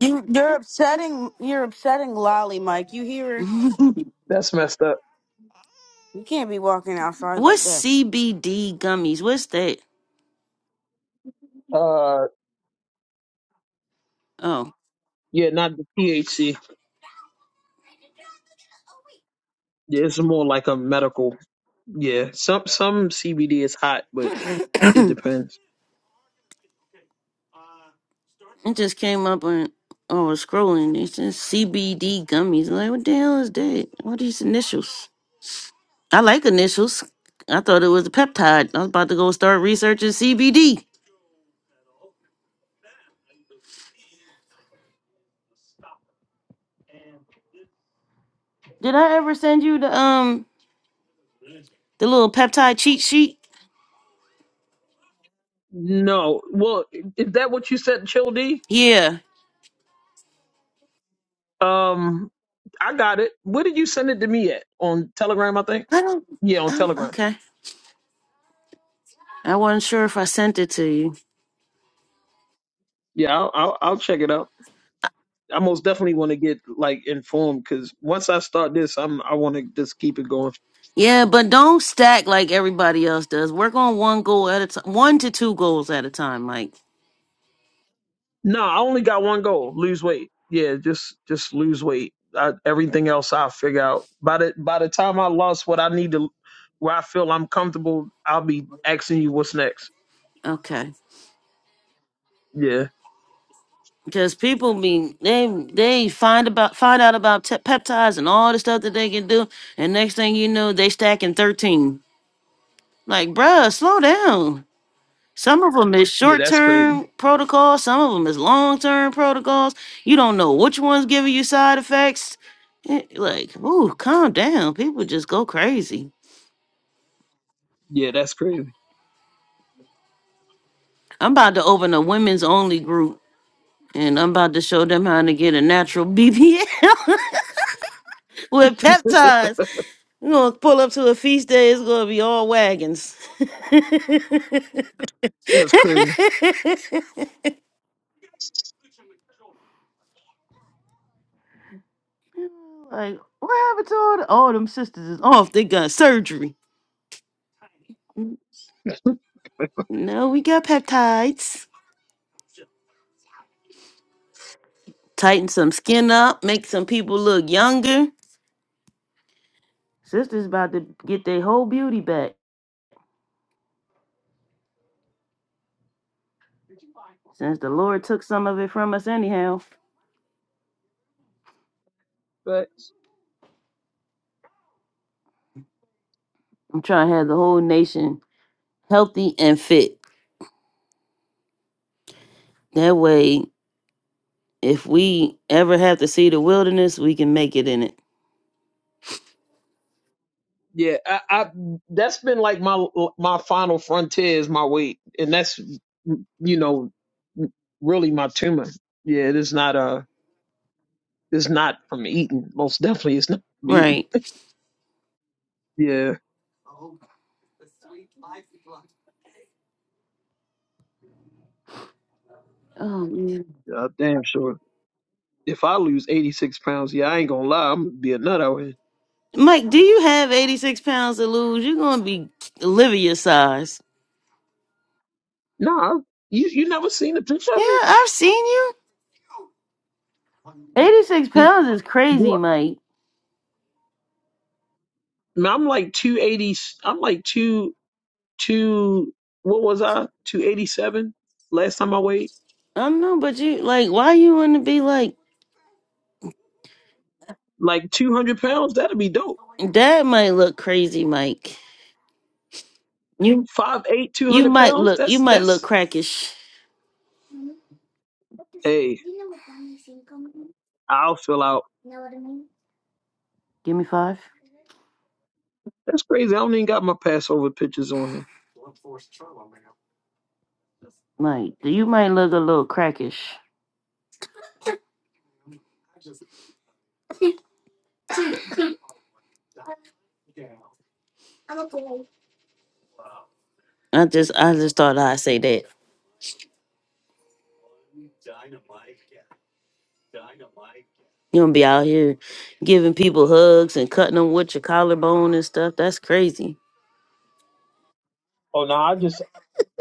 You you're upsetting you're upsetting Lolly, Mike. You hear her?
That's messed up.
You can't be walking
[laughs]
outside like
What's
that.
CBD gummies? What's that?
Uh
Oh,
yeah, not the PHC. Yeah, it's more like a medical Yeah, some some CBD is hot,
[clears throat] [coughs]
but it
it
depends.
just came up on. I was scrolling. It says CBD gummies. I'm like, what the hell is that? What are these initials? I like initials. I thought it was a peptide. I was about to go start researching CBD. Did I ever send you the um the little peptide cheat sheet?
No, well, is that what you said, Chill D?
Yeah.
Um, I got it. Where did you send it to me at? On Telegram, I think.
I don't.
Yeah, on
Oh,
Telegram.
okay. I wasn't sure if I sent it to you.
Yeah, I'll I'll, I'll check it out. I most definitely want to get like informed because once I start this, I'm I want to just keep it going.
Yeah, but don't stack like everybody else does. Work on one goal at a time, one to two goals at a time. Like,
No, I only got one goal: lose weight. Yeah, just just lose weight. I, everything else I'll figure out. By the by the time I lost what I need to, where I feel I'm comfortable, I'll be asking you what's next.
okay,
Yeah,
because people be they they find about find out about te- peptides and all the stuff that they can do, and next thing you know, they stacking thirteen. Like, bruh, slow down. Some of them is
yeah,
short
that's crazy.
term protocols, some of them is long term protocols. You don't know which one's giving you side effects. It- like, ooh, calm down. People just go crazy.
Yeah, that's crazy.
I'm about to open a women's only group and I'm about to show them how to get a natural BBL [laughs] with peptides. We're going to pull up to a feast day. It's going to be all wagons. [laughs] like,
That's crazy.
what happened to all, the, all them sisters is off? They got surgery. No, we got peptides. Tighten some skin up, make some people look younger. Sister's about to get their whole beauty back since the Lord took some of it from us, anyhow.
But
I'm trying to have the whole nation healthy and fit. That way, if we ever have to see the wilderness, we can make it in it.
yeah, I, I that's been like my my final frontier is my weight, and that's you know really my tumor. Yeah, it is not uh it's not from eating. Most definitely, it's not from eating.
Right.
Yeah,
Um,
yeah, damn sure. If I lose 86 pounds, yeah, I ain't gonna lie, I'm gonna be a nut out here.
Mike, do you have 86 pounds to lose? You're going to be Olivia size.
Nah, you you never seen a picture of
Yeah,
me?
I've seen you. 86
You,
pounds is crazy,
what?
Mike.
I'm like 280, I'm like two, two, what was I? 287 last time I weighed?
I don't know, but you like why you wanna be like
Like 200 pounds, that'd be dope.
that might look crazy, Mike. You
Five eight two
you
hundred
might
pounds,
look you
that's,
might look
that's,
crackish.
hey, I'll fill out.
Give me five.
That's crazy. I don't even got my Passover pictures on here.
Mike. you might look a little crackish. I just I just thought I'd say that. You don't be out here giving people hugs and cutting them with your collarbone and stuff. That's crazy.
Oh no, I just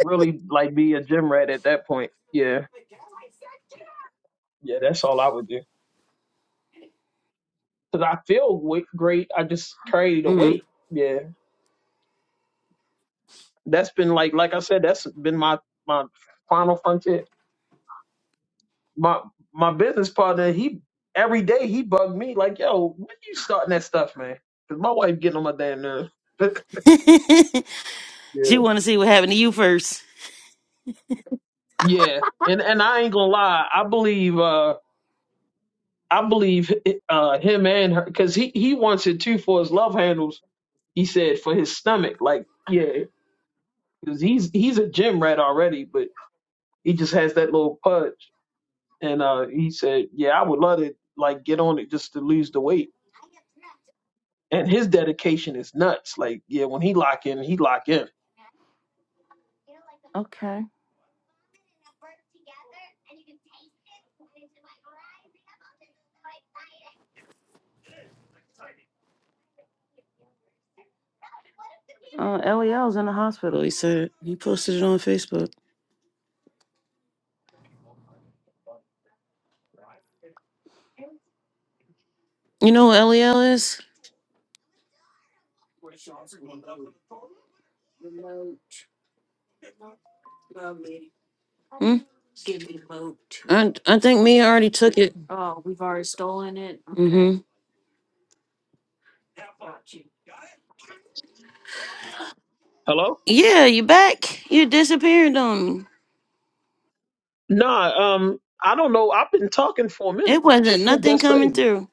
really like be a gym rat at that point. Yeah, yeah, that's all I would do. because I feel w- great. I just carry the
hmm
weight. Yeah, that's been like like I said, that's been my my final frontier. My my business partner, he every day he bugged me like, yo, when you starting that stuff, man? Because my wife getting on my damn nerves. [laughs]
[laughs] she
yeah,
wanna see what happened to you first.
yeah, and and I ain't gonna lie, I believe uh I believe uh him and her because he he wants it too for his love handles. He said for his stomach, like yeah, because he's he's a gym rat already, but he just has that little punch. And uh, he said, "Yeah, I would love to like get on it just to lose the weight." And his dedication is nuts. Like, yeah, when he lock in, he lock in.
Okay. Uh Leo's in the hospital, he said. He posted it on Facebook. You know who Lel is? I I think me already took it. hmm
Hello?
Yeah, you back. You disappeared on me.
Nah, um, I don't know. I've been talking for a minute.
It wasn't
[laughs]
nothing
That's
coming
crazy.
through.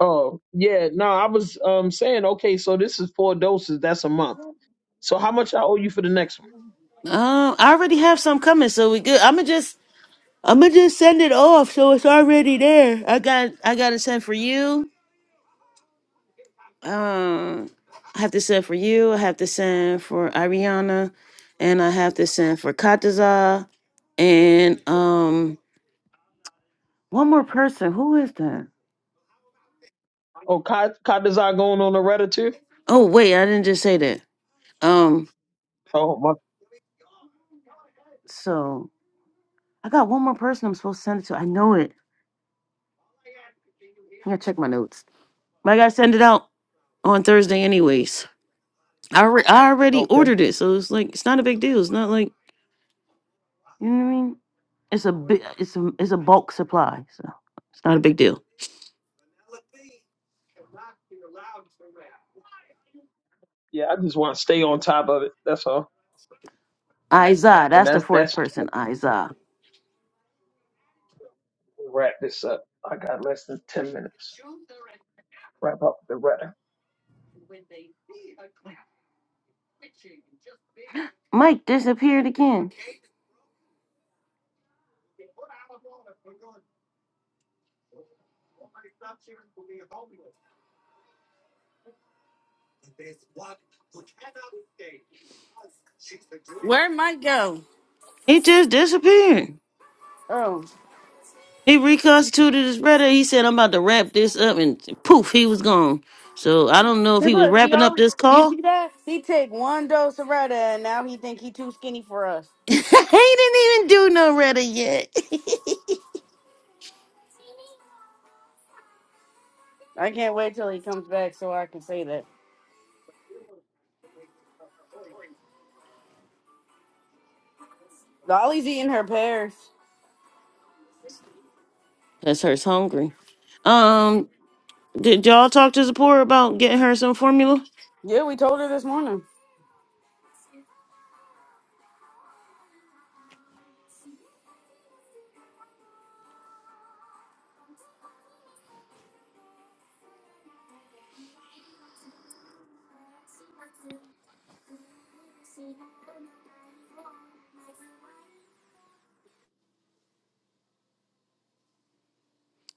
Oh yeah, no, I was um saying, okay, so this is four doses. That's a month. So how much I owe you for the next one?
Um, I already have some coming, so we good. I'ma just I'ma just send it off so it's already there. I got I gotta send for you. Um I have to send for you, I have to send for Ariana, and I have to send for Kataza and um one more person. Who is that?
Oh, Kai, Kai Desai going on a Reddit too?
Oh wait, I didn't just say that. Um
Oh my,
so I got one more person I'm supposed to send it to. I know it. I gotta check my notes. But I gotta send it out on Thursday, anyways. I, alre- I already
okay.
ordered it, so it's like it's not a big deal. It's not like you know what I mean. It's a big. It's a it's a bulk supply, so it's not a big deal.
Yeah, I just want to stay on top of it. That's all.
Isa,
And
that's the
that's
fourth
that's
person. Isa,
We'll wrap this up. I got less than 10 minutes. Wrap up the rhetoric.
Mike disappeared again.
Where might go?
He just disappeared.
Oh,
He reconstituted his rhetoric. He said, "I'm about to wrap this up," and poof, he was gone. So I don't know if
see,
he was
look, he
wrapping up
always
this
you
call
see that? He take one dose of Retta, and now he think he too skinny for us.
[laughs] he didn't even do no Reddit yet. [laughs]
I can't wait till he comes back so I can say that. Dolly's eating her pears.
Cause her's hungry. Um, did y'all talk to Zipporah about getting her some formula?
Yeah, we told her this morning.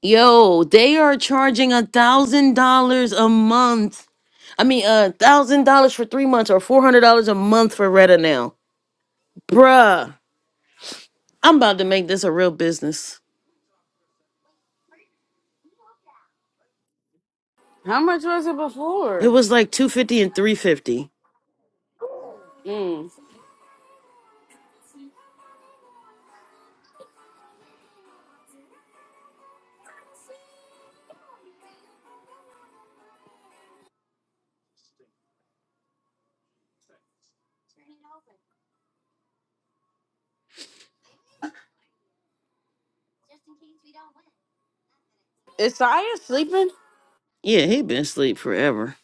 Yo, they are charging a thousand dollars a month. I mean, a thousand dollars for three months or four hundred dollars a month for Retta now, bruh. I'm about to make this a real business.
How much was it
It
before?
was like two fifty and three fifty.
Mm. Is Saya sleeping?
Yeah, he been asleep forever.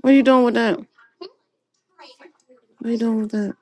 What are you doing with that? What are you doing with that?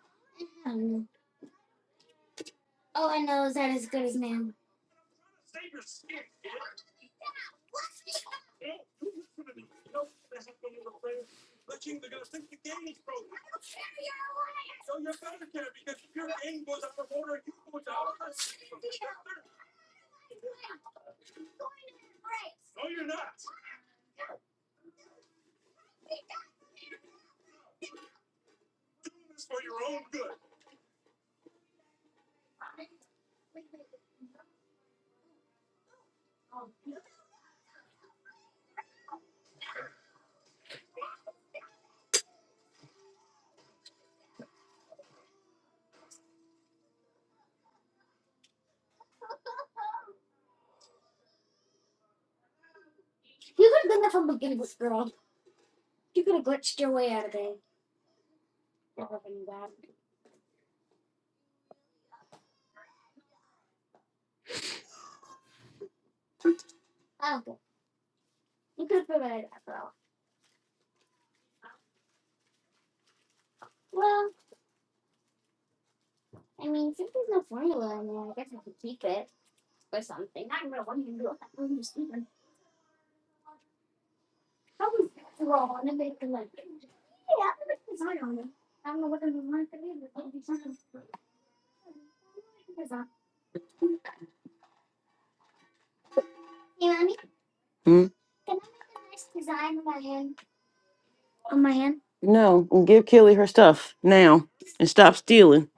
No, and give Kelly her stuff now and stop stealing.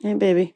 Hey, baby,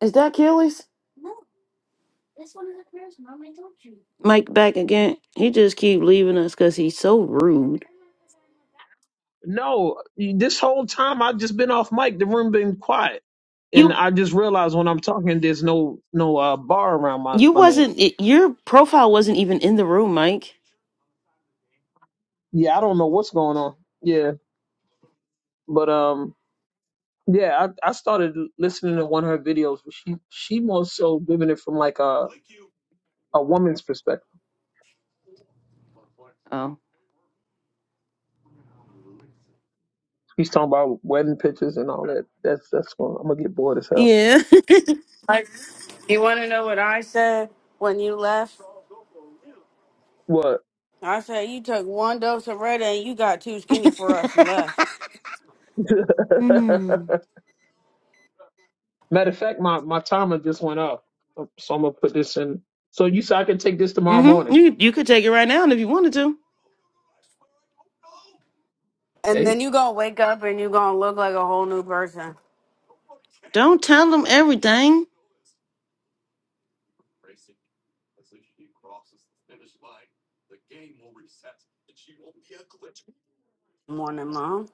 is that Kelly's? Mike back again. He just keep leaving us because he's so rude.
No, this whole time I've just been off mic. The room been quiet. And
You
I just realized when I'm talking, there's no no uh, bar around my,
you
my name.
wasn't i- your profile wasn't even in the room, Mike.
Yeah, I don't know what's going on. Yeah, but um, yeah, I, I started listening to one of her videos. But she she more so giving it from like a a woman's perspective.
Oh
She's talking about wedding pictures and all that. That's that's going. I'm gonna get bored as hell.
yeah.
Like, you want to know what I said when you left?
What?
I said you took one dose of Retta and you got too skinny
[laughs]
for us and left.
[laughs]
mm.
Matter of fact, my, my timer just went off. So so I'm gonna put this in. So you said I can take this tomorrow
Mm-hmm.
morning.
You you could take it right now if you wanted to.
And
Hey,
then you gonna wake up and you gonna look like a whole new person.
Don't tell them everything,
Morning, Mom.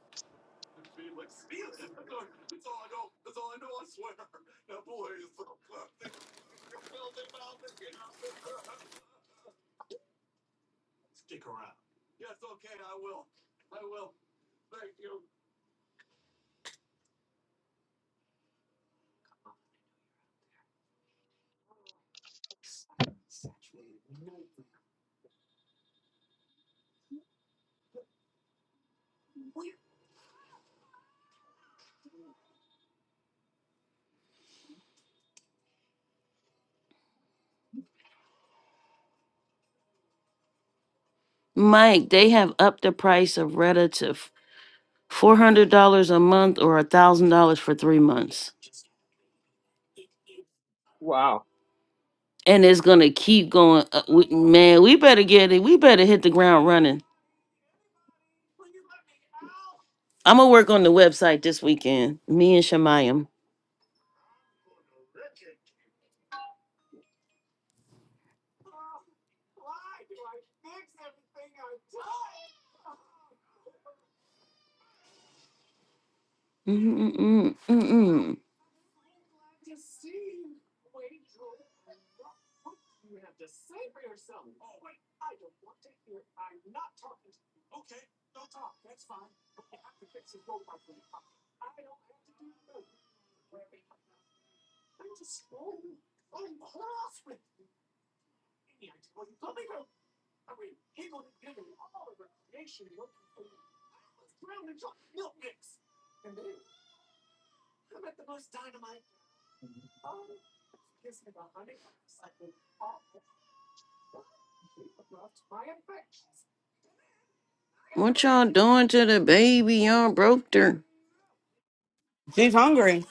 Mike. They have upped the price of Reddit to four hundred dollars a month or a thousand dollars for three months.
wow.
and it's gonna keep going. Uh, we, man, we better get it. We better hit the ground running. I'm gonna work on the website this weekend. Me and Shemayam. Mm, mm, mm, mm. What y'all doing to the baby? Y'all broke her.
She's hungry.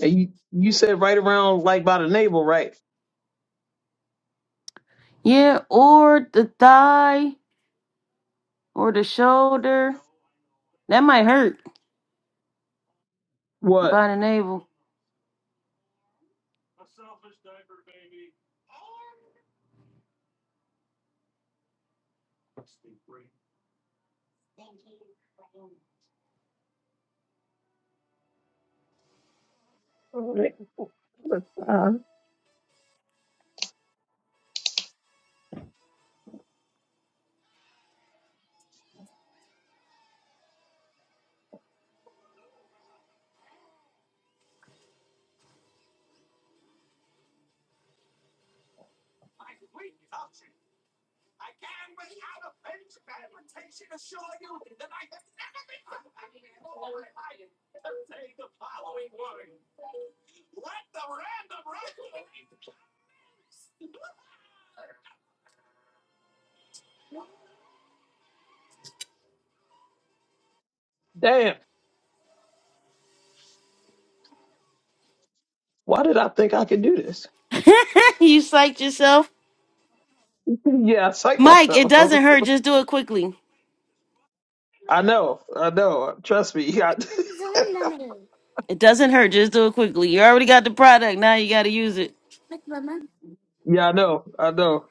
And you, you said right around like by the navel, right?
Yeah, or the thigh or the shoulder. That might hurt
What?
by the navel.
right. Uh, Damn. Why did I think I could do this?
[laughs] you psyched yourself,
[laughs] yeah, I psyched
Mike. It doesn't
myself.
hurt. Just do it quickly.
[laughs] I know. I know. Trust me. [laughs] I,
It doesn't hurt. Just do it quickly. You already got the product. Now you gotta use it.
yeah, I know. I know.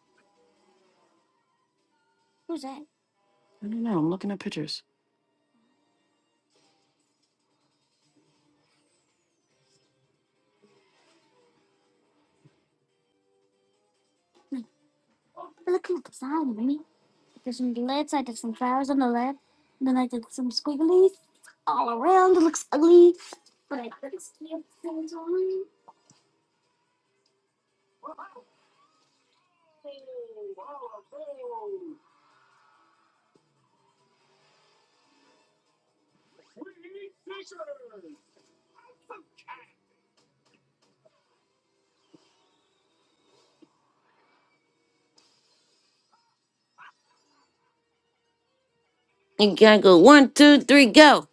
You gotta go one, two, three, go.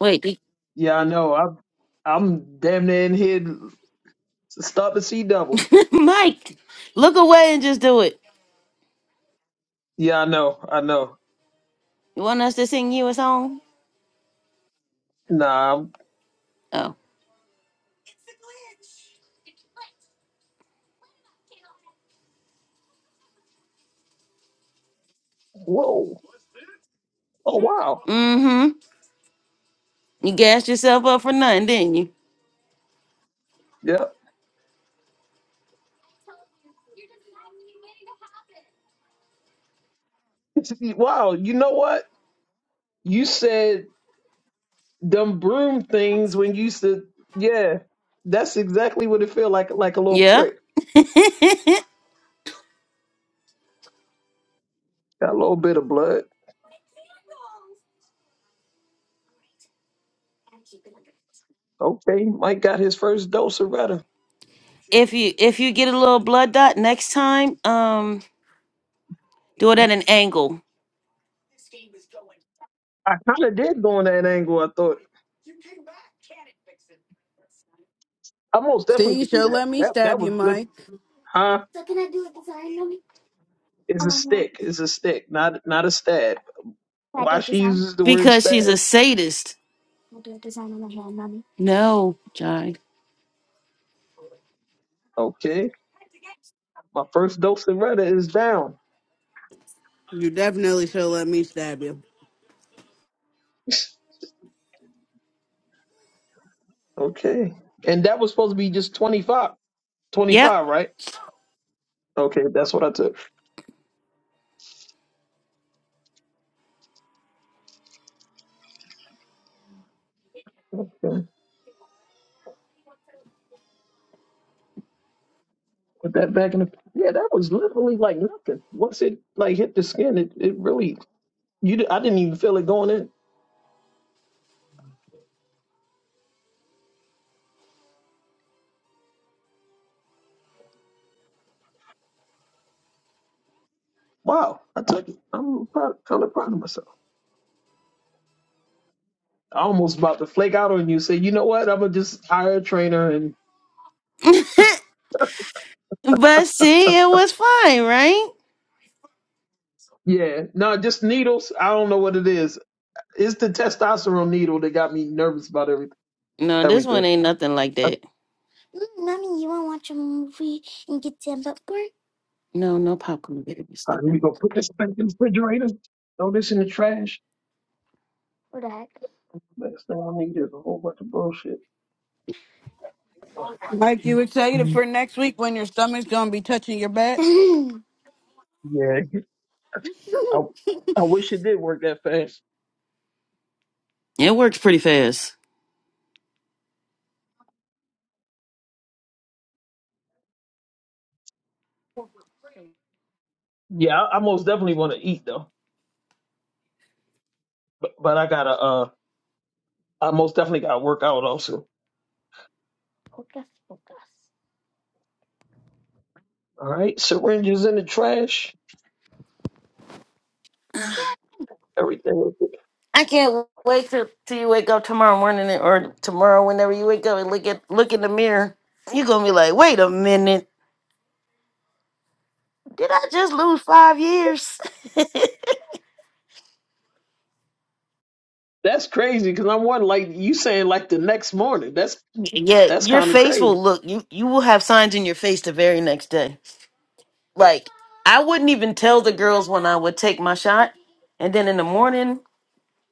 Wait.
Yeah, I know. I'm I'm damn near in here stop and see double.
Mike, look away and just do it.
Yeah, I know. I know.
You want us to sing you a song?
Nah. I'm-
Oh.
Whoa. Oh wow.
Mm-hmm. You gassed yourself up for nothing, didn't you?
Yeah. [laughs] Wow, you know what? You said them broom things when you said, yeah, that's exactly what it feel like, like a little
Yeah.
prick.
[laughs] if
Got a little bit of blood. Okay, Mike got his first dose of Retta.
you if you get a little blood dot next time, um, do it at an angle.
I kind of did go in that angle. I thought I most definitely
See,
could do
she'll
that.
let me
That that
stab you,
would flip,
Mike.
huh? It's a stick. It's a stick, not not a stab. Why she uses the word
Because she's a
stab?
sadist. No, Jai.
Okay, my first dose of Retta is down. [laughs]
You definitely she'll let me stab you.
Okay, and that was supposed to be just 25,
Yep.
25, right? Okay, that's what I took. Okay. Put that back in the. Yeah, that was literally like nothing. Once it like hit the skin, it, it really you. di- I didn't even feel it going in. Wow, I took it. I'm proud, kind of proud of myself. I almost about to flake out on you. Say, you know what? I'm gonna just hire a trainer and
But see, it was fine, right?
yeah, no, just needles. I don't know what it is. It's the testosterone needle that got me nervous about everything.
No, this one
Everything.
ain't nothing like that. No, no popcorn babies.
All
Look
right,
at
we
them.
gonna put this back in the refrigerator. Throw this in the trash. Last thing I need is a whole bunch of bullshit. All right.
Mike, you excited for next week when your stomach's gonna be touching your back?
Yeah, I, I wish it did work that fast.
It works pretty fast.
Yeah, I, I most definitely want to eat though, but, but I gotta uh, I most definitely gotta work out also. All right, syringes in the trash, everything.
I can't wait till, till you wake up tomorrow morning and- or tomorrow whenever you wake up and look at look in the mirror. You're gonna be like, wait a minute, did I just lose five years? [laughs]
That's crazy because I'm wondering, like you saying, like the next morning. That's
yeah,
that's
your
kind of
face will
crazy.
look you you will have signs in your face the very next day. Like I wouldn't even tell the girls when I would take my shot, and then in the morning.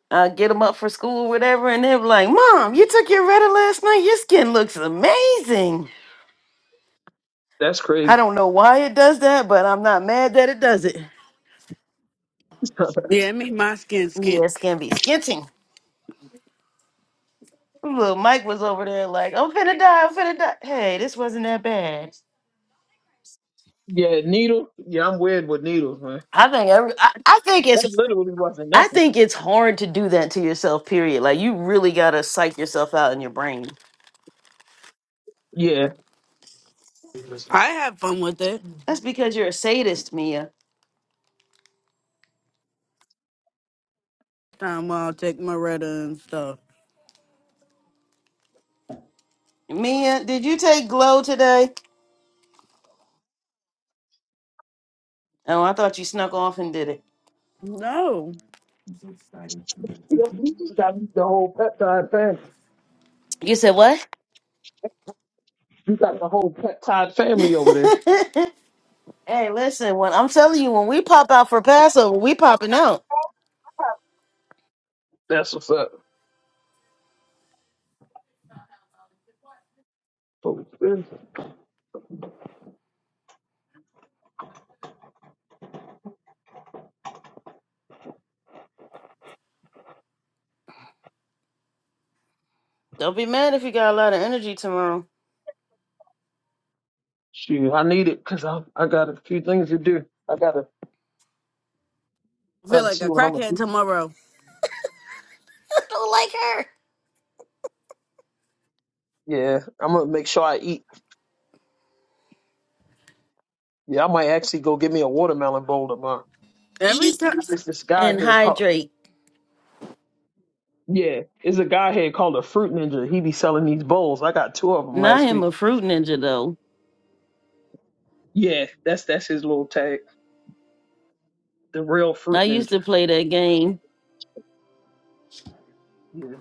Uh, get them up for school, whatever, and they're like, "Mom, you took your Retta last night. Your skin looks amazing."
That's
I
crazy.
don't know why it does that, but I'm not mad that it does it.
[laughs]
Yeah, it made my skin
Yeah,
skint.
it's gonna be sketching. Little Mike was over there like, I'm finna die, I'm finna die. Hey, this wasn't that bad.
yeah, needle. Yeah, I'm weird with needles, man.
I think every, I, I think
That
it's
literally wasn't
I
nothing.
think it's hard to do that to yourself, period. Like you really gotta psych yourself out in your brain.
Yeah.
I have fun with it.
That's because you're a sadist, Mia.
Time while I take my Retta and stuff.
Mia, did you take glow today? Oh, I thought you snuck off and did it.
No.
yeah you just got the whole peptide family.
You said what?
You got the whole peptide
[laughs] hey,
family over there.
listen, when I'm telling you, when we pop out for Passover, we popping out.
That's what's up.
Don't be mad if you got a lot of energy tomorrow.
Shoot, I need it because I I got a few things to do. I gotta
I
try
feel
to
like
see
a
what I'm gonna
crackhead
do.
tomorrow.
Yeah, I'm gonna make sure I eat. Yeah, I might actually go get me a watermelon bowl tomorrow.
Every time.
It's this guy
And
here called
hydrate.
yeah, it's a guy here called a fruit ninja. He be selling these bowls. I got two of them
Now I
last
am
week.
a fruit ninja though.
Yeah, that's that's his little tag, the real
I
fruit
used
ninja.
to play that game.
Yeah,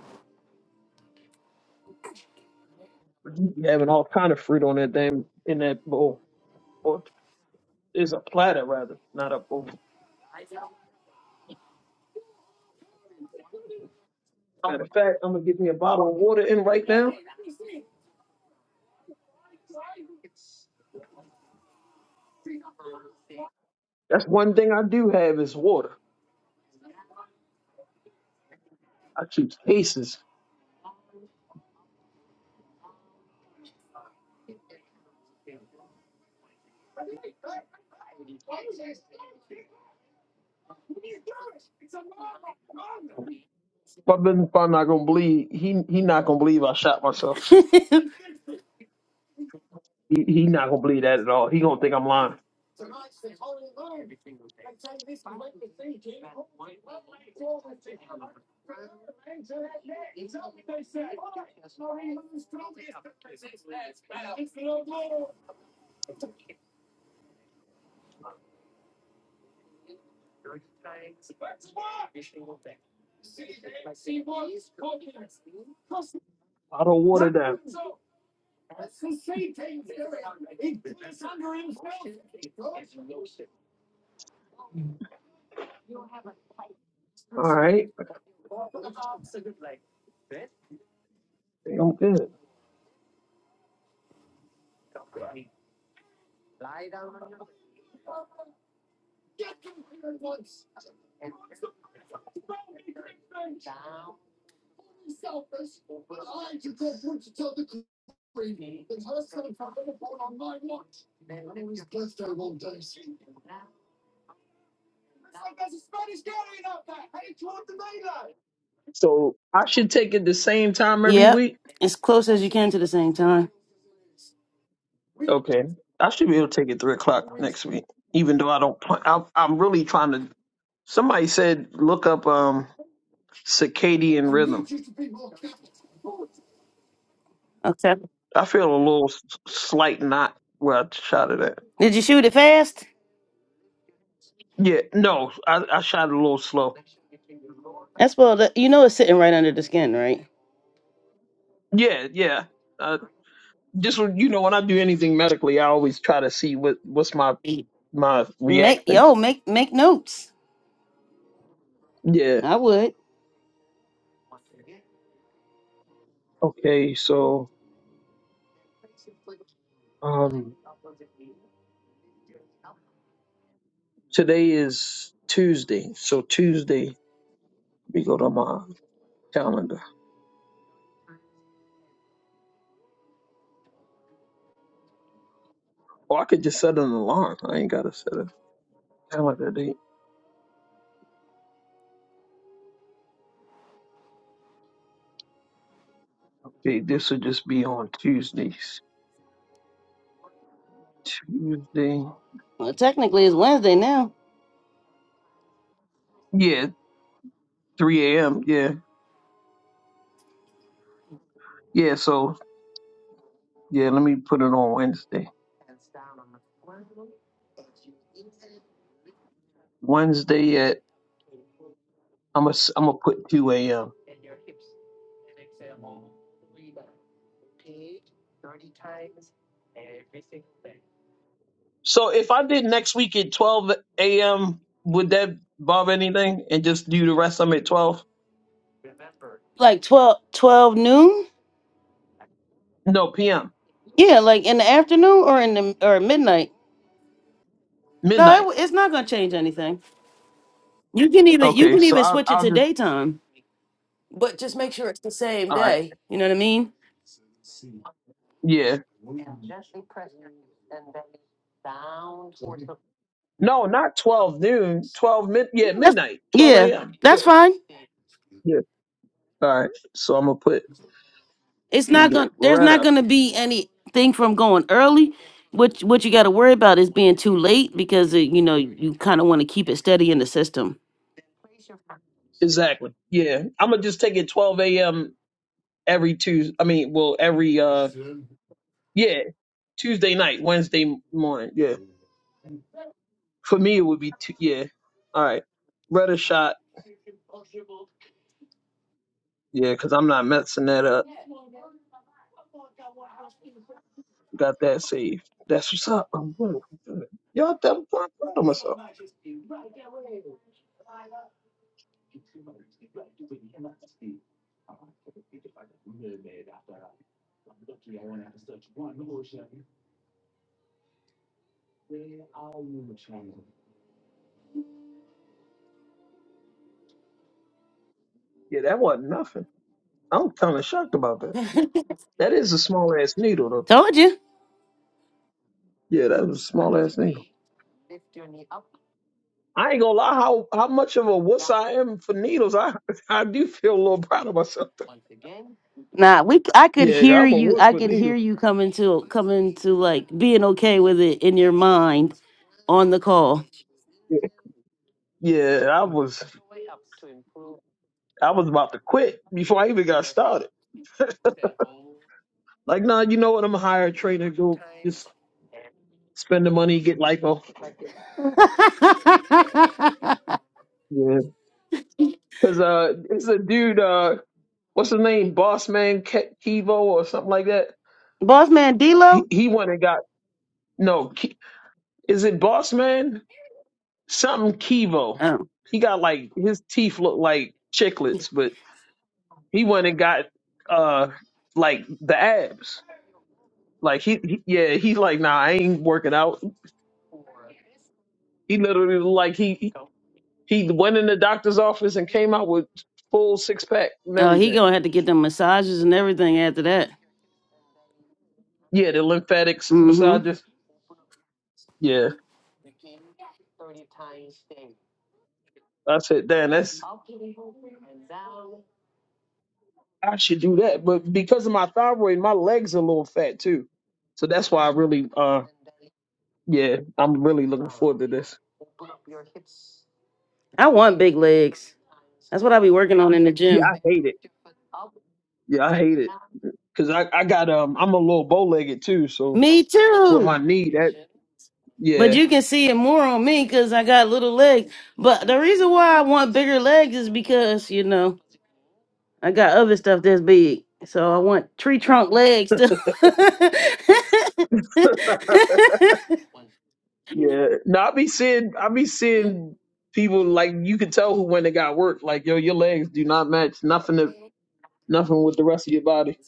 he be having all kind of fruit on that damn in that bowl, or is a platter rather, not a bowl. Matter of fact, I'm gonna get me a bottle of water in right now. That's one thing I do have is water. I shoot cases. My business partner not gonna believe he he not gonna believe I shot myself. He he not gonna believe that at all. He gonna think I'm lying. Bottle of water down. All right, I think I'm good. So I should take it the same
[laughs]
time every
yep.
week.
As close as you can to the same time.
Okay, I should be able to take it three o'clock next week. Even though I don't, plan, I, I'm really trying to. Somebody said look up um circadian rhythm.
Okay.
I feel a little s- slight knot where I shot it at.
Did you shoot it fast?
Yeah, no, I, I shot it a little slow
That's well that you know it's sitting right under the skin, right?
Yeah, yeah. Uh, just when- you know, when I do anything medically, I always try to see what what's my
Ye-
my
Make
reactions.
yo, make make notes.
Yeah.
I would.
Okay. So um, today is Tuesday. So Tuesday, let me go to my calendar. Or I could just set an alarm. I ain't gotta set a calendar date. Okay, this will just be on Tuesdays. Tuesday.
Well technically it's Wednesday now.
Yeah, 3 a.m. Yeah, yeah. So yeah, let me put it on Wednesday. Wednesday at I'm gonna I'm gonna put 2 a.m. So if I did next week at 12 a.m., would that bother anything? And just do the rest of them at 12?
Like twelve, twelve noon?
No, p.m.
Yeah, like in the afternoon or in the or midnight. No, it,
midnight.
w- it's not gonna change anything. You can even you
Okay,
can
so
even
I'll
switch it
I'll
to
just
daytime, but just make sure it's the same
all right.
day. You know what I mean?
Yeah. No, not 12 noon. 12 mid.
Yeah,
Yeah,
that's,
midnight. 12
yeah,
a.m. Yeah.
that's fine.
Yeah. All right. So I'm gonna put.
It's
Let
not
me get
going to there's
rid
not
of.
gonna be anything from going early. What what you got to worry about is being too late because uh you know you kind of want to keep it steady in the system.
Exactly. Yeah. I'm gonna just take it 12 a.m. every Tuesday. I mean, well, every uh, yeah, Tuesday night, Wednesday morning. Yeah. For me, it would be two. Yeah. All right. Rudder shot Yeah, because I'm not messing that up. Got that saved. That's what's up. I'm good. I'm good. Y'all tell before I'm proud of myself. Yeah, that wasn't nothing. I'm kind of shocked about that. That is a small ass needle, though.
Told you.
Yeah, that was a small ass needle. I ain't gonna lie, how how much of a wuss I am for needles. I [laughs] I do feel a little proud of myself.
Nah, we c- I could
Yeah, 'cause
hear
I'm a
you.
wuss
I
with
could hear
needles.
you coming to coming to like being okay with it in your mind on the call.
Yeah, yeah, I was I was about to quit before I even got started. Like, nah, you know what? I'm gonna hire a trainer. Go just spend the money, get lipo. Yeah, Cause uh, it's a dude. Uh, what's his name? Boss Man Ke- Kevo or something like that.
[laughs] Boss man
He
D'Lo.
he went and got no. Ke- Is it Boss Man? Something Kevo.
Oh,
He got like his teeth look like chiclets, but he went and got uh like the abs. Like he, he yeah, he's like, nah, I ain't working out. He literally like he he went in the doctor's office and came out with full six pack and
oh, he
everything.
gonna have to get them massages and everything after that.
Yeah, the lymphatics
Mm-hmm.
massages. Yeah. I said, damn, that's I should do that. But because of my thyroid, my legs are a little fat too. So that's why I really, uh, yeah, I'm really looking forward to this.
I want big legs. That's what I be working on in the
Yeah,
gym.
I hate it. Yeah, I hate it because I, I got um, I'm a little bow legged too. So
Me
with my
too.
knee, that
But
yeah,
you can see it more on me because I got little legs. But the reason why I want bigger legs is because, you know, I got other stuff that's big. So I want tree trunk legs too. [laughs] I
[laughs] yeah. No, I be seeing, I be seeing people like you can tell who when they got work. Like yo, your legs do not match nothing to nothing with the rest of your body.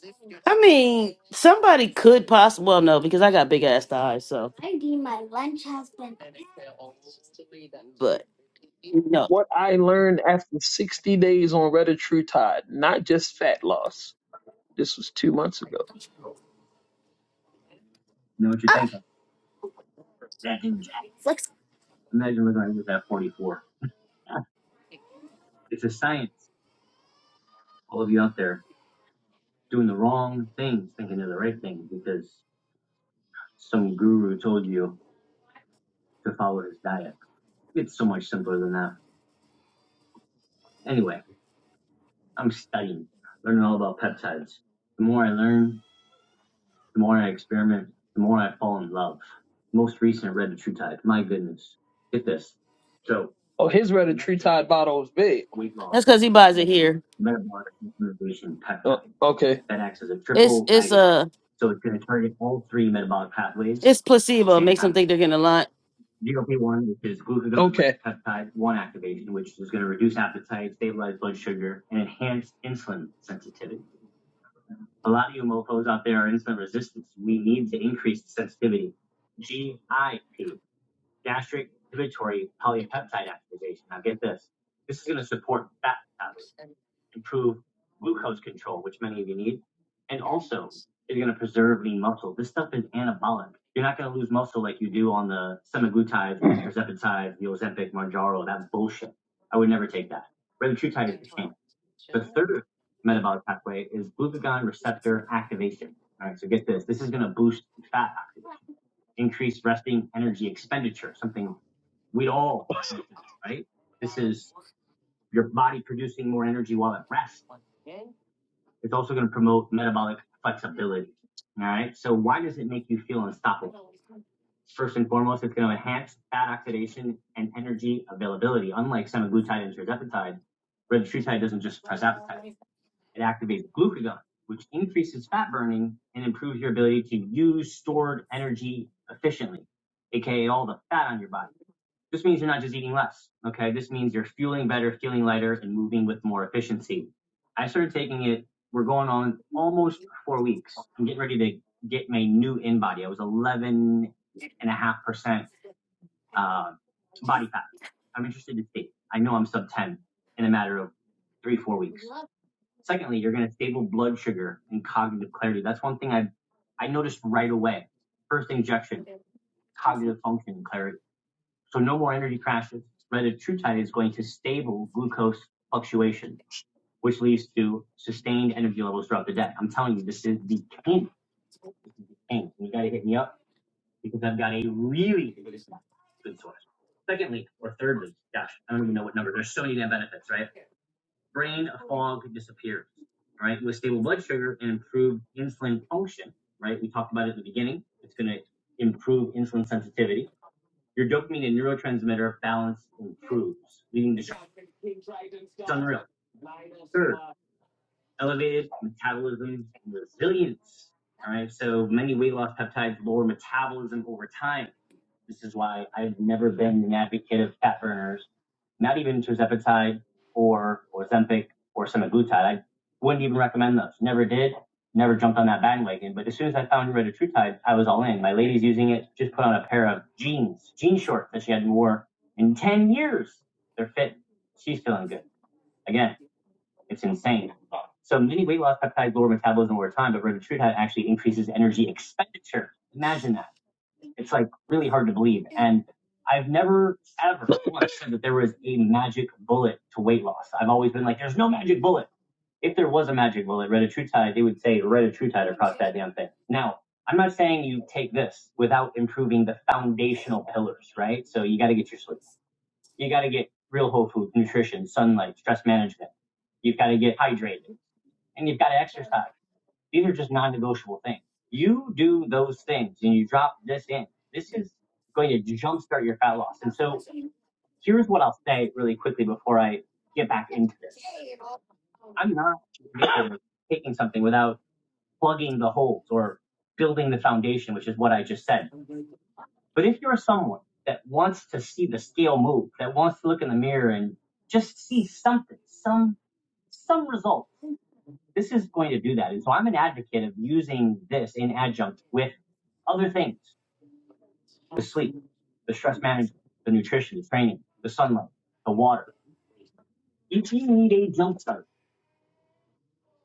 mean, somebody could possibly, well, no, because I got big ass thighs. So, but no,
What I learned after 60 days on Reddit Tide, not just fat loss This was two months ago. You Know what you're thinking? That didn't jack. Imagine what I did with that 44. Yeah, It's a science. All of you out there doing the wrong things, thinking they're the right things because some guru told you to follow his diet. It's so much simpler than that. Anyway, I'm studying, learning all about peptides. The more I learn, The more I experiment, the more I fall in love. Most recent read the True Tide. My goodness. Get this. So Oh, his red next tree tide bottle is big. weight loss
that's because he buys it
and
here.
metabolic regulation Uh, peptide Oh, okay. that acts as a
It's,
triple
it's,
agonist.
uh,
So it's going to target all three metabolic pathways
It's
at the
placebo.
same
makes
time.
them think they're getting a lot.
GLP-1, which is glucagon Okay. peptide 1 activation, which is going to reduce appetite, stabilize blood sugar, and enhance insulin sensitivity. A lot of you mofos out there are insulin resistant. We need to increase the sensitivity. GIP, gastric inhibitory polypeptide activation. Now get this. This is going to support fat metabolism improve glucose control, which many of you need, and also is going to preserve lean muscle. This stuff is anabolic. You're not going to lose muscle like you do on the semaglutide, tirzepatide, the Ozempic, Mounjaro, that bullshit. I would never take that. Retatrutide is the king. The third metabolic pathway is glucagon receptor activation. All right, so get this. This is going to boost fat oxidation, increase resting energy expenditure, something we'd all right? This is your body producing more energy while at rest it's also going to promote metabolic flexibility. All right. So why does it make you feel unstoppable? First and foremost, it's going to enhance fat oxidation and energy availability. Unlike semaglutide and tirzepatide, retatrutide doesn't just suppress appetite. It activates glucagon, which increases fat burning and improves your ability to use stored energy efficiently, aka all the fat on your body. This means you're not just eating less. Okay. This means you're fueling better, feeling lighter, and moving with more efficiency. I started taking it. We're going on almost four weeks. I'm getting ready to get my new in body. I was 11 and a half percent uh, body fat. I'm interested to see. I know I'm sub 10 in a matter of three, four weeks. Secondly, you're going to stable blood sugar and cognitive clarity. That's one thing I I noticed right away. First injection, cognitive function and clarity so no more energy crashes. Rather, TrueTide is going to stable glucose fluctuation, which leads to sustained energy levels throughout the day. I'm telling you, this is the king. This is the king. You got to hit me up because I've got a really good source. Secondly, or thirdly, gosh, I don't even know what number. There's so many damn benefits, right? Brain fog disappears, right? With stable blood sugar and improved insulin function, right? We talked about it at the beginning. It's going to improve insulin sensitivity your dopamine and neurotransmitter balance improves, leading to sharp. It's unreal. Third, elevated metabolism and resilience. All right, so many weight loss peptides lower metabolism over time. This is why I've never been an advocate of fat burners, not even tirzepatide or Ozempic or semaglutide. I wouldn't even recommend those. Never did, never jumped on that bandwagon. But as soon as I found retatrutide, I was all in. My lady's using it. Just put on a pair of jeans, jean shorts that she hadn't worn in 10 years. They're fit. She's feeling good. Again, it's insane. So many weight loss peptides lower metabolism over time, but retatrutide actually increases energy expenditure. Imagine that. It's like really hard to believe. And I've never ever [laughs] once said that there was a magic bullet to weight loss. I've always been like, there's no magic bullet. If there was a magic bullet, retatrutide, they would say retatrutide across that damn thing. Now, I'm not saying you take this without improving the foundational pillars, right? So you got to get your sleep. You got to get real whole food, nutrition, sunlight, stress management. You've got to get hydrated and you've got to exercise. These are just non-negotiable things. You do those things and you drop this in. This is going to jumpstart your fat loss. And so here's what I'll say really quickly before I get back into this. I'm not [clears throat] [coughs] taking something without plugging the holes or building the foundation, which is what I just said. But if you're someone that wants to see the scale move, that wants to look in the mirror and just see something, some some results. This is going to do that. And so I'm an advocate of using this in adjunct with other things, the sleep, the stress management, the nutrition, the training, the sunlight, the water. You need a jump start.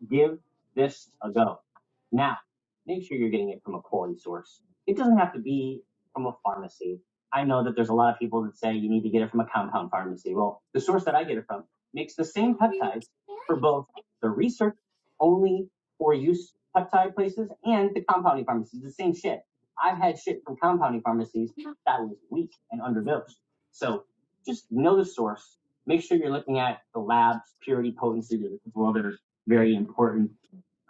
Give this a go. Now, make sure you're getting it from a quality source. It doesn't have to be from a pharmacy. I know that there's a lot of people that say you need to get it from a compound pharmacy. Well, the source that I get it from makes the same peptides for both the research only for use peptide places and the compounding pharmacies. The same shit. I've had shit from compounding pharmacies that was weak and underdosed. So just know the source. Make sure you're looking at the labs, purity, potency, very important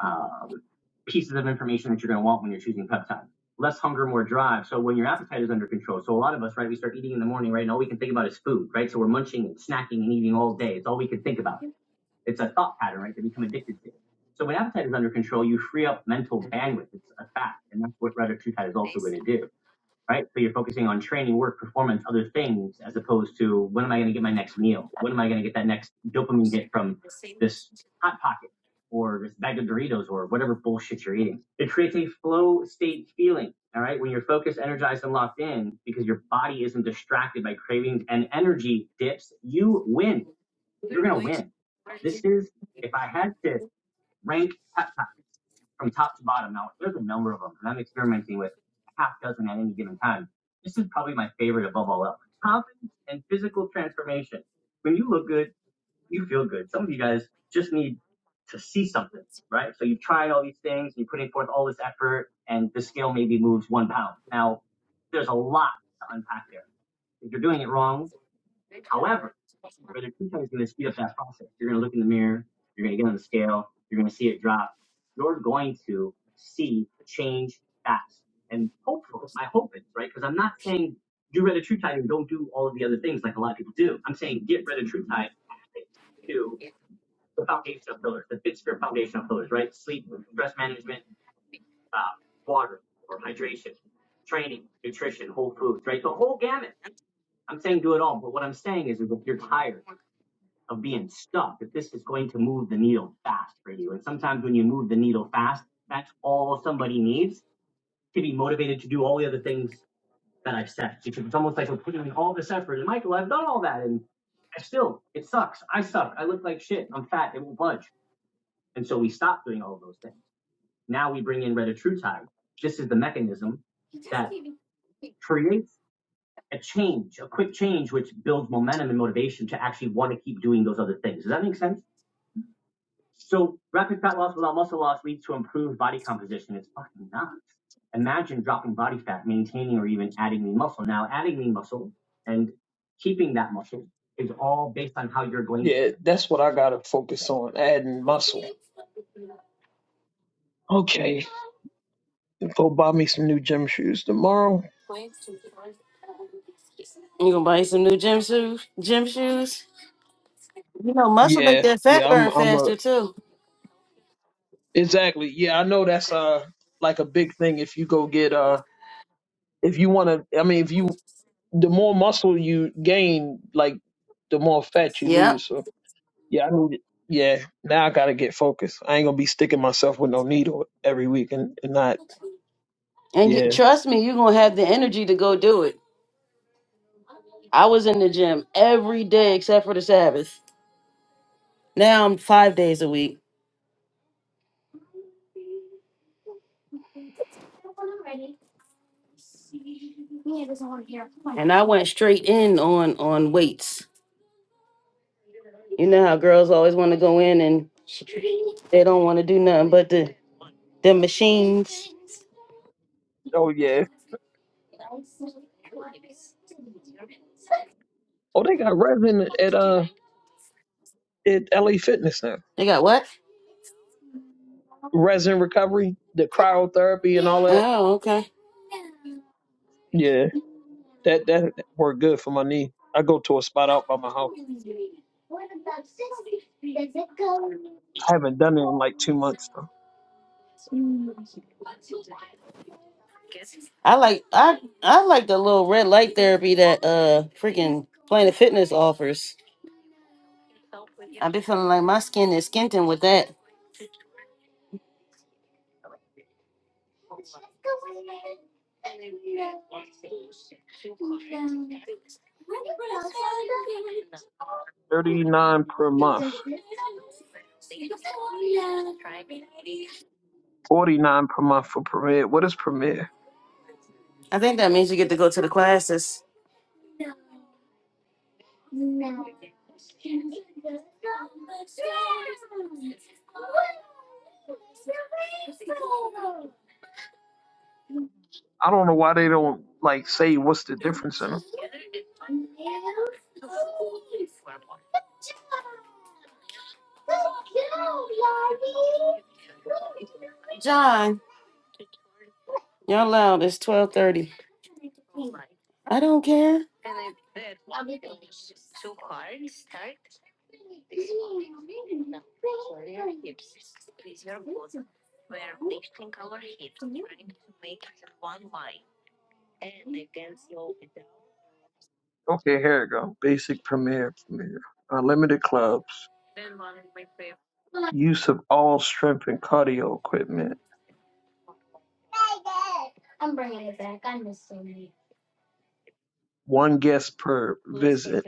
um, pieces of information that you're going to want when you're choosing peptides. Less hunger, more drive. So when your appetite is under control. So a lot of us, right, we start eating in the morning, right, and all we can think about is food, right? So we're munching and snacking and eating all day. It's all we can think about. It's a thought pattern, right, that we become addicted to. So when appetite is under control, you free up mental bandwidth. It's a fact, and that's what retatrutide is also going to do right? So you're focusing on training, work, performance, other things, as opposed to when am I going to get my next meal? When am I going to get that next dopamine hit from this hot pocket or this bag of Doritos or whatever bullshit you're eating? It creates a flow state feeling, all right? When you're focused, energized, and locked in because your body isn't distracted by cravings and energy dips, you win. You're going to win. This is, if I had to rank top from top to bottom. Now, there's a number of them, and I'm experimenting with a half dozen at any given time. This is probably my favorite above all else. Confidence and physical transformation. When you look good, you feel good. Some of you guys just need to see something, right? So you've tried all these things, you're putting forth all this effort, and the scale maybe moves one pound. Now, there's a lot to unpack there. If you're doing it wrong, however, but the is going to speed up that process. You're going to look in the mirror. You're going to get on the scale. You're going to see it drop. You're going to see change fast. And hopefully, my hope is, right? Because I'm not saying do red Retreatide and don't do all of the other things like a lot of people do. I'm saying get red Retreatide to the foundational pillars, the fits your foundational pillars, right? Sleep, stress management, uh, water or hydration, training, nutrition, whole foods, right? The whole gamut. I'm saying do it all. But what I'm saying is if you're tired, of being stuck that this is going to move the needle fast for you. And sometimes when you move the needle fast, that's all somebody needs to be motivated to do all the other things that I've said. Because it's almost like we're putting in all this effort. And Michael, I've done all that. And I still, it sucks. I suck. I look like shit. I'm fat. It won't budge. And so we stop doing all of those things. Now we bring in Retatrutide. This is the mechanism that creates a change, a quick change, which builds momentum and motivation to actually want to keep doing those other things. Does that make sense? So rapid fat loss without muscle loss leads to improved body composition. It's fucking nuts. Imagine dropping body fat, maintaining or even adding lean muscle. Now, adding lean muscle and keeping that muscle is all based on how you're going Yeah, that's what I gotta focus on, adding muscle. Okay. Go buy me some new gym shoes tomorrow.
You gonna buy you some new gym shoes? Gym shoes? You know, muscle make
Yeah,
that fat
yeah, I'm
burn
I'm a
faster too.
exactly. Yeah, I know that's uh like a big thing if you go get uh if you wanna I mean if you the more muscle you gain, like the more fat you
Yep.
lose. So yeah, I need it. Yeah, now I gotta get focused. I ain't gonna be sticking myself with no needle every week and, and not.
And you,
Yeah.
trust me, you're gonna have the energy to go do it. I was in the gym every day except for the Sabbath. Now I'm five days a week, and I went straight in on on weights. You know how girls always want to go in and they don't want to do nothing but the the machines.
Oh yeah. Oh, they got resin at uh at LA Fitness now.
They got what?
Resin recovery, the cryotherapy and all that.
Oh, okay.
Yeah, that that worked good for my knee. I go to a spot out by my house. I haven't done it in like two months though.
I like I I like the little red light therapy that uh freaking Planet Fitness offers. I've been feeling like my skin is skinting with that.
Thirty nine per month, forty nine per month for Premier. What is Premier?
I think that means you get to go to the classes.
I don't know why they don't like say what's the difference in them.
John, you're loud. It's twelve thirty. I don't care.
Okay, here it go. Basic Premier Premier. Unlimited clubs. Use of all strength and cardio equipment. One guest per visit.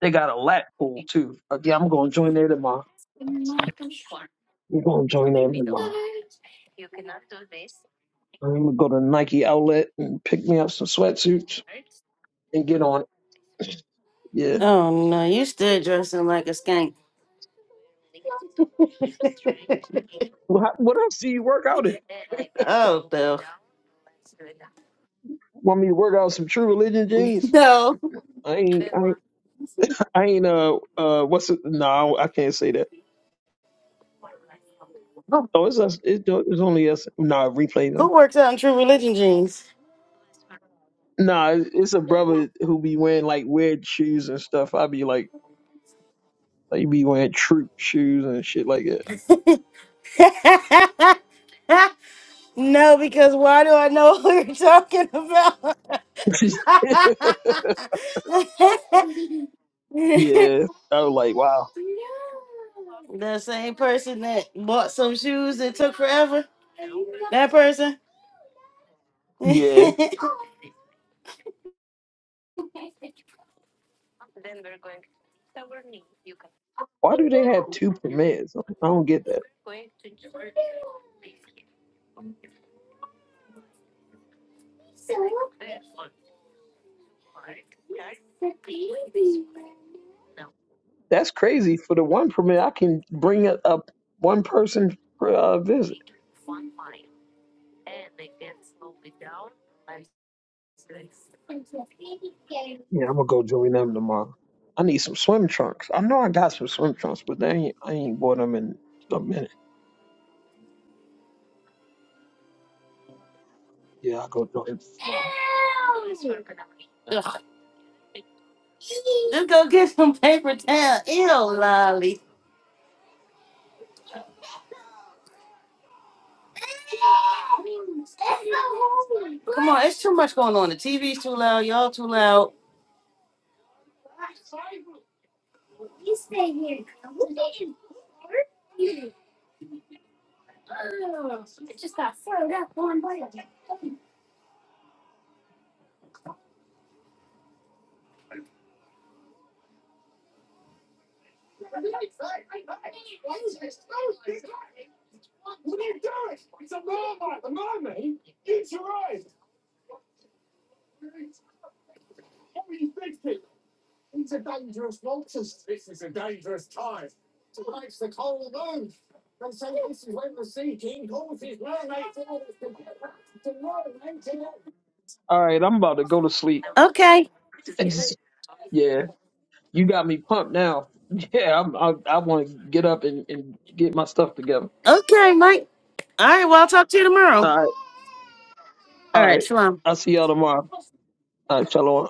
They got a lap pool too. Again, I'm gonna join there tomorrow. I'm gonna join there tomorrow. I'm gonna go to Nike outlet and pick me up some sweatsuits and get on it. Yeah.
Oh no, you still dressing like a skank.
What what else do you work out in?
Oh no,
Want me to work out some True Religion jeans?
no.
I ain't I ain't, I ain't uh uh what's it? No, I can't say that. Oh, it's us. It's, it's only us. Nah, replay
Who
though.
works out in True Religion jeans?
Nah, it's it's a brother who be wearing like weird shoes and stuff. I be like, like he be wearing troop shoes and shit like that.
[laughs] no, because why do I know [laughs] who you're talking about?
[laughs]
[laughs] [laughs] the
yeah, I was like, wow.
same person that bought some shoes that took forever. That person. [laughs]
Yeah,
Just
why do they have two permits? I don't get that. That's crazy. For the one permit, I can bring up up one person per uh, visit. Yeah, I'm gonna go join them tomorrow. I need some swim trunks. I know I got some swim trunks, but they ain't, I ain't bought them in a minute. Yeah, I go join him tomorrow.
go get some paper towel. Ew, Lolly. Come on, it's too much going on. The TV's too loud. Y'all too loud.
All right, I'm about to go to sleep.
Okay.
[laughs] It's- Yeah, you got me pumped now. [laughs] Yeah, I'm, I I want to get up and, and get my stuff together.
Okay, Mike. All right. Well, I'll talk to you tomorrow.
All right,
All
all
right.
right.
Shalom.
I'll see y'all tomorrow. All right, shalom.